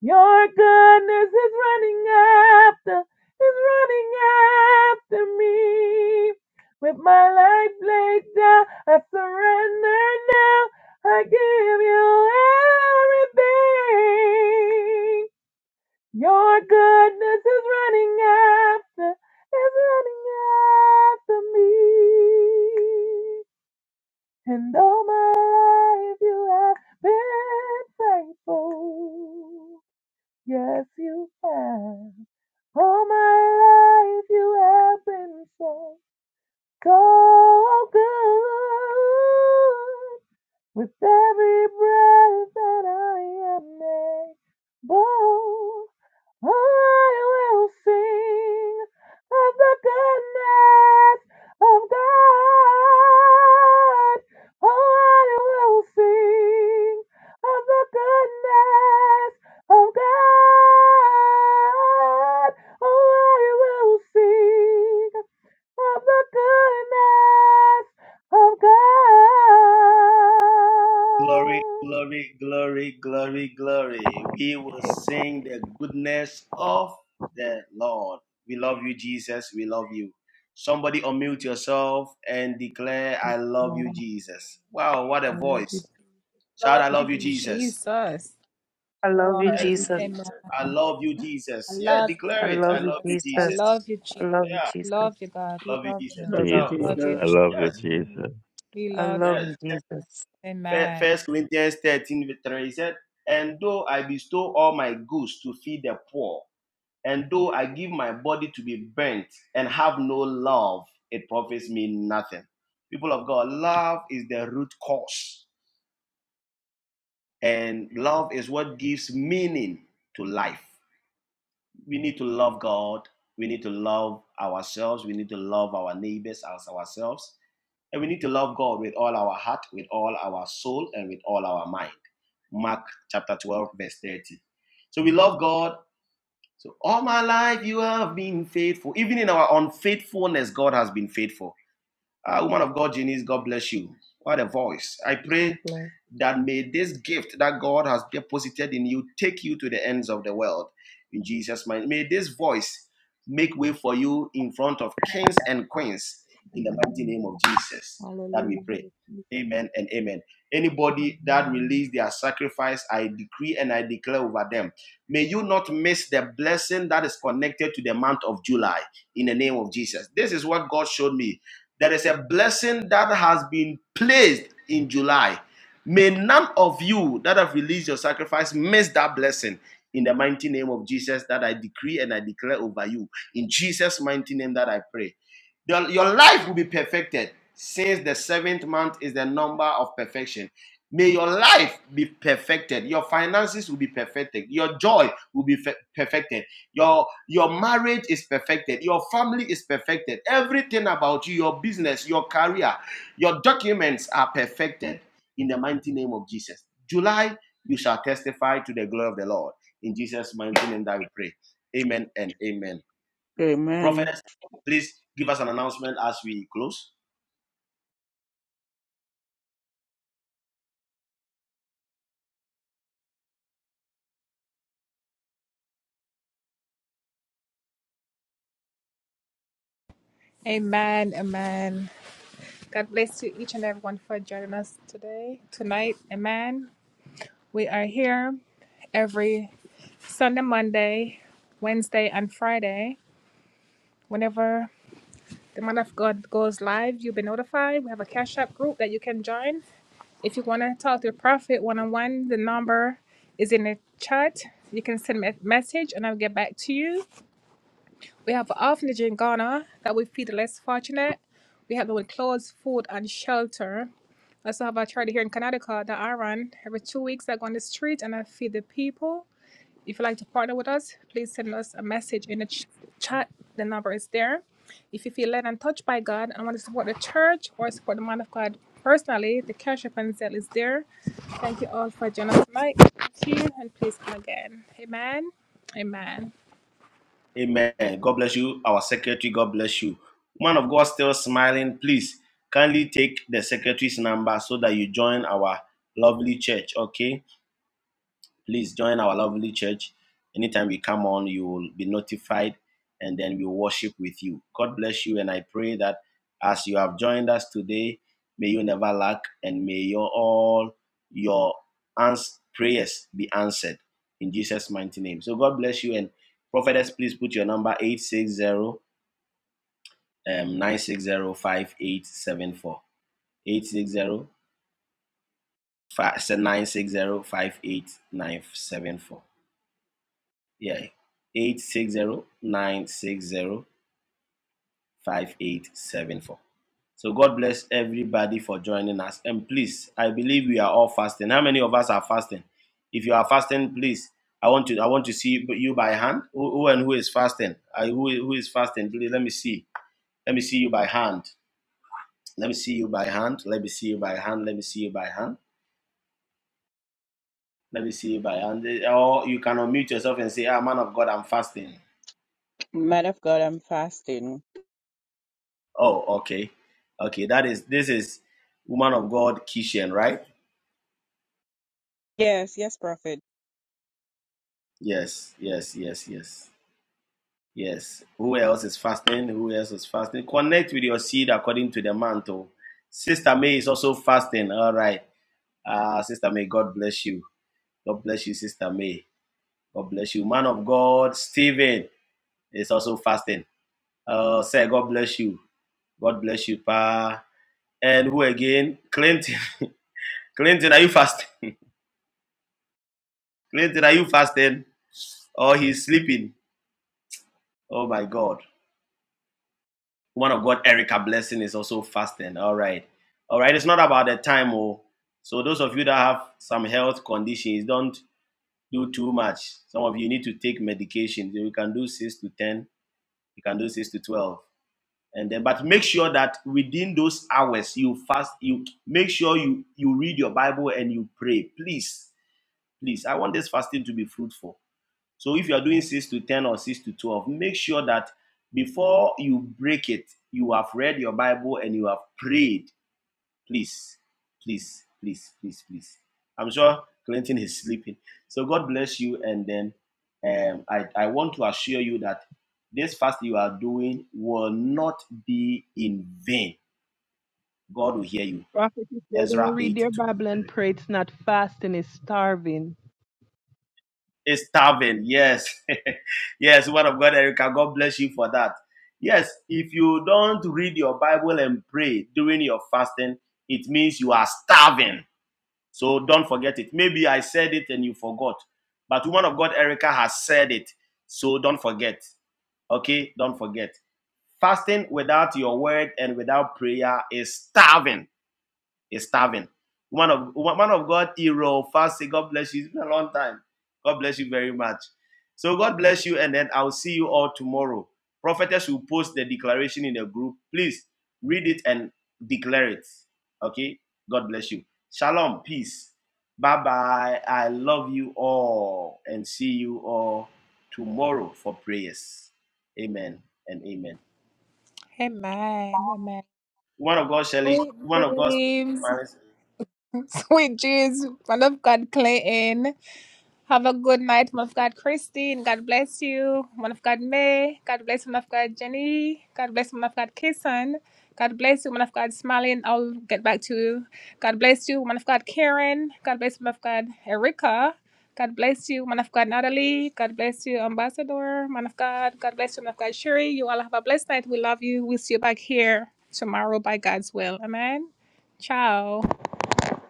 Your goodness is running after, is running after me. With my life laid down, I surrender now. I give you everything. Your goodness is running after, is running after me. And all my life you have been faithful. Yes, you have. All my life you have been so, so good. With every breath that I am able, I will sing of the goodness of God. Oh, I will sing of the goodness of God. Oh, I will sing of the goodness of
Glory,
God.
glory, glory, glory, glory. We will sing the goodness of the Lord. We love you, Jesus. We love you. Somebody unmute yourself and declare,
Yes,
I love
Lord, I
you, Jesus. Wow, what a
I love you, Jesus.
voice. Shout, I love you,
I
Jesus.
I
Love
love you,
you, Jesus.
Jesus.
Hallelujah.
I love you, Jesus. Yeah, declare
I
it. I
love you,
love you,
Jesus.
Jesus.
I love you,
Yeah,
Jesus.
love you, Jesus.
Love you,
Now,
Jesus.
Jesus.
I love you,
yes,
Jesus.
I love
yes.
you, Jesus.
Fir- First Corinthians 13, verse 3 said, And though I bestow all my goods to feed the poor, And though I give my body to be burnt and have no love, it profits me nothing. People of God, love is the root cause, and love is what gives meaning to life. We need to love God, we need to love ourselves, we need to love our neighbors as ourselves, and we need to love God with all our heart, with all our soul, and with all our mind. Mark chapter 12, verse 30. So we love God So all my life you have been faithful. Even in our unfaithfulness, God has been faithful. Ah, woman of God, Janice, God bless you. What a voice. I pray
God bless.
that may this gift that God has deposited in you take you to the ends of the world. In Jesus' name, may this voice make way for you in front of kings and queens in the mighty name of Jesus that
Hallelujah.
we pray. Amen and amen. Anybody that release their sacrifice, I decree and I declare over them. May you not miss the blessing that is connected to the month of July in the name of Jesus. This is what God showed me. There is a blessing that has been placed in July May none of you that have released your sacrifice miss that blessing. In the mighty name of Jesus, that I decree and I declare over you. In Jesus' mighty name, that I pray. Your, your life will be perfected since the seventh month is the number of perfection. May your life be perfected. Your finances will be perfected. Your joy will be fe- perfected. Your, your marriage is perfected. Your family is perfected. Everything about you, your business, your career, your documents are perfected in the mighty name of Jesus. July, you shall testify to the glory of the Lord. In Jesus' mighty name that we pray. Amen and amen.
Amen.
Prophetess, please give us an announcement as we close. Amen. God bless you. Our secretary, God bless you. Woman of God still smiling. Please kindly take the secretary's number so that you join our lovely church. Okay. Please join our lovely church. Anytime we come on, you will be notified and then we worship with you. God bless you. And I pray that as you have joined us today, may you never lack and may your all your ans- prayers be answered in Jesus' mighty name. So God bless you. And prophetess, please put your number 860 um, Yeah, 860 960 5874. So God bless everybody for joining us. And please, I believe we are all fasting. How many of us are fasting? If you are fasting, please, I want to I want to see you by hand. Who, who and who is fasting? I, who, who is fasting? Please, let me see. Let me see you by hand. Let me see you by hand. Let me see you by hand. Let me see you by hand. Let me see you by hand. Or you can unmute yourself and say, Ah, man of God, I'm fasting.
Man of God, I'm fasting.
Oh, okay. Okay, that is this is woman of God Kishan, right?
Yes, yes, prophet.
Yes, yes, yes, yes. Yes. Who else is fasting? Who else is fasting? Connect with your seed according to the mantle. Sister May is also fasting. All right. Uh, Sister May, God bless you. God bless you, Sister May. God bless you. Man of God, Stephen is also fasting. Uh, sir, God bless you. God bless you, Pa. And who again? Clinton. *laughs* Clinton, are you fasting? *laughs* Clinton, are you fasting? Oh, he's sleeping. Oh my God. One of God, Erica Blessing is also fasting. All right. All right. It's not about the time, oh. So those of you that have some health conditions, don't do too much. Some of you need to take medication. You can do six to ten. You can do six to twelve. And then, but make sure that within those hours you fast. You make sure you you read your Bible and you pray. Please, please. I want this fasting to be fruitful. So if you are doing 6 to 10 or 6 to 12, make sure that before you break it, you have read your Bible and you have prayed. Please, please, please, please, please. I'm sure Clinton is sleeping. So God bless you. And then um, I, I want to assure you that this fast you are doing will not be in vain. God will hear you.
Prophet, if they
Ezra
don't read
8
their
twenty
Bible
three.
and pray, it's not fasting, it's starving.
It's starving. Yes. *laughs* yes, word of God, Erica. God bless you for that. Yes, if you don't read your Bible and pray during your fasting, it means you are starving. So don't forget it. Maybe I said it and you forgot. But woman of God, Erica, has said it. So don't forget. Okay? Don't forget. Fasting without your word and without prayer is starving is starving. Woman of woman of God, hero, fasting. God bless you. It's been a long time. God bless you very much. So God bless you, and then I'll see you all tomorrow. Prophetess will post the declaration in the group. Please read it and declare it. Okay. God bless you. Shalom. Peace. Bye bye. I love you all, and see you all tomorrow for prayers. Amen and amen. One of God, Shelley. One of God,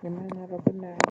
Amen. Have a good night.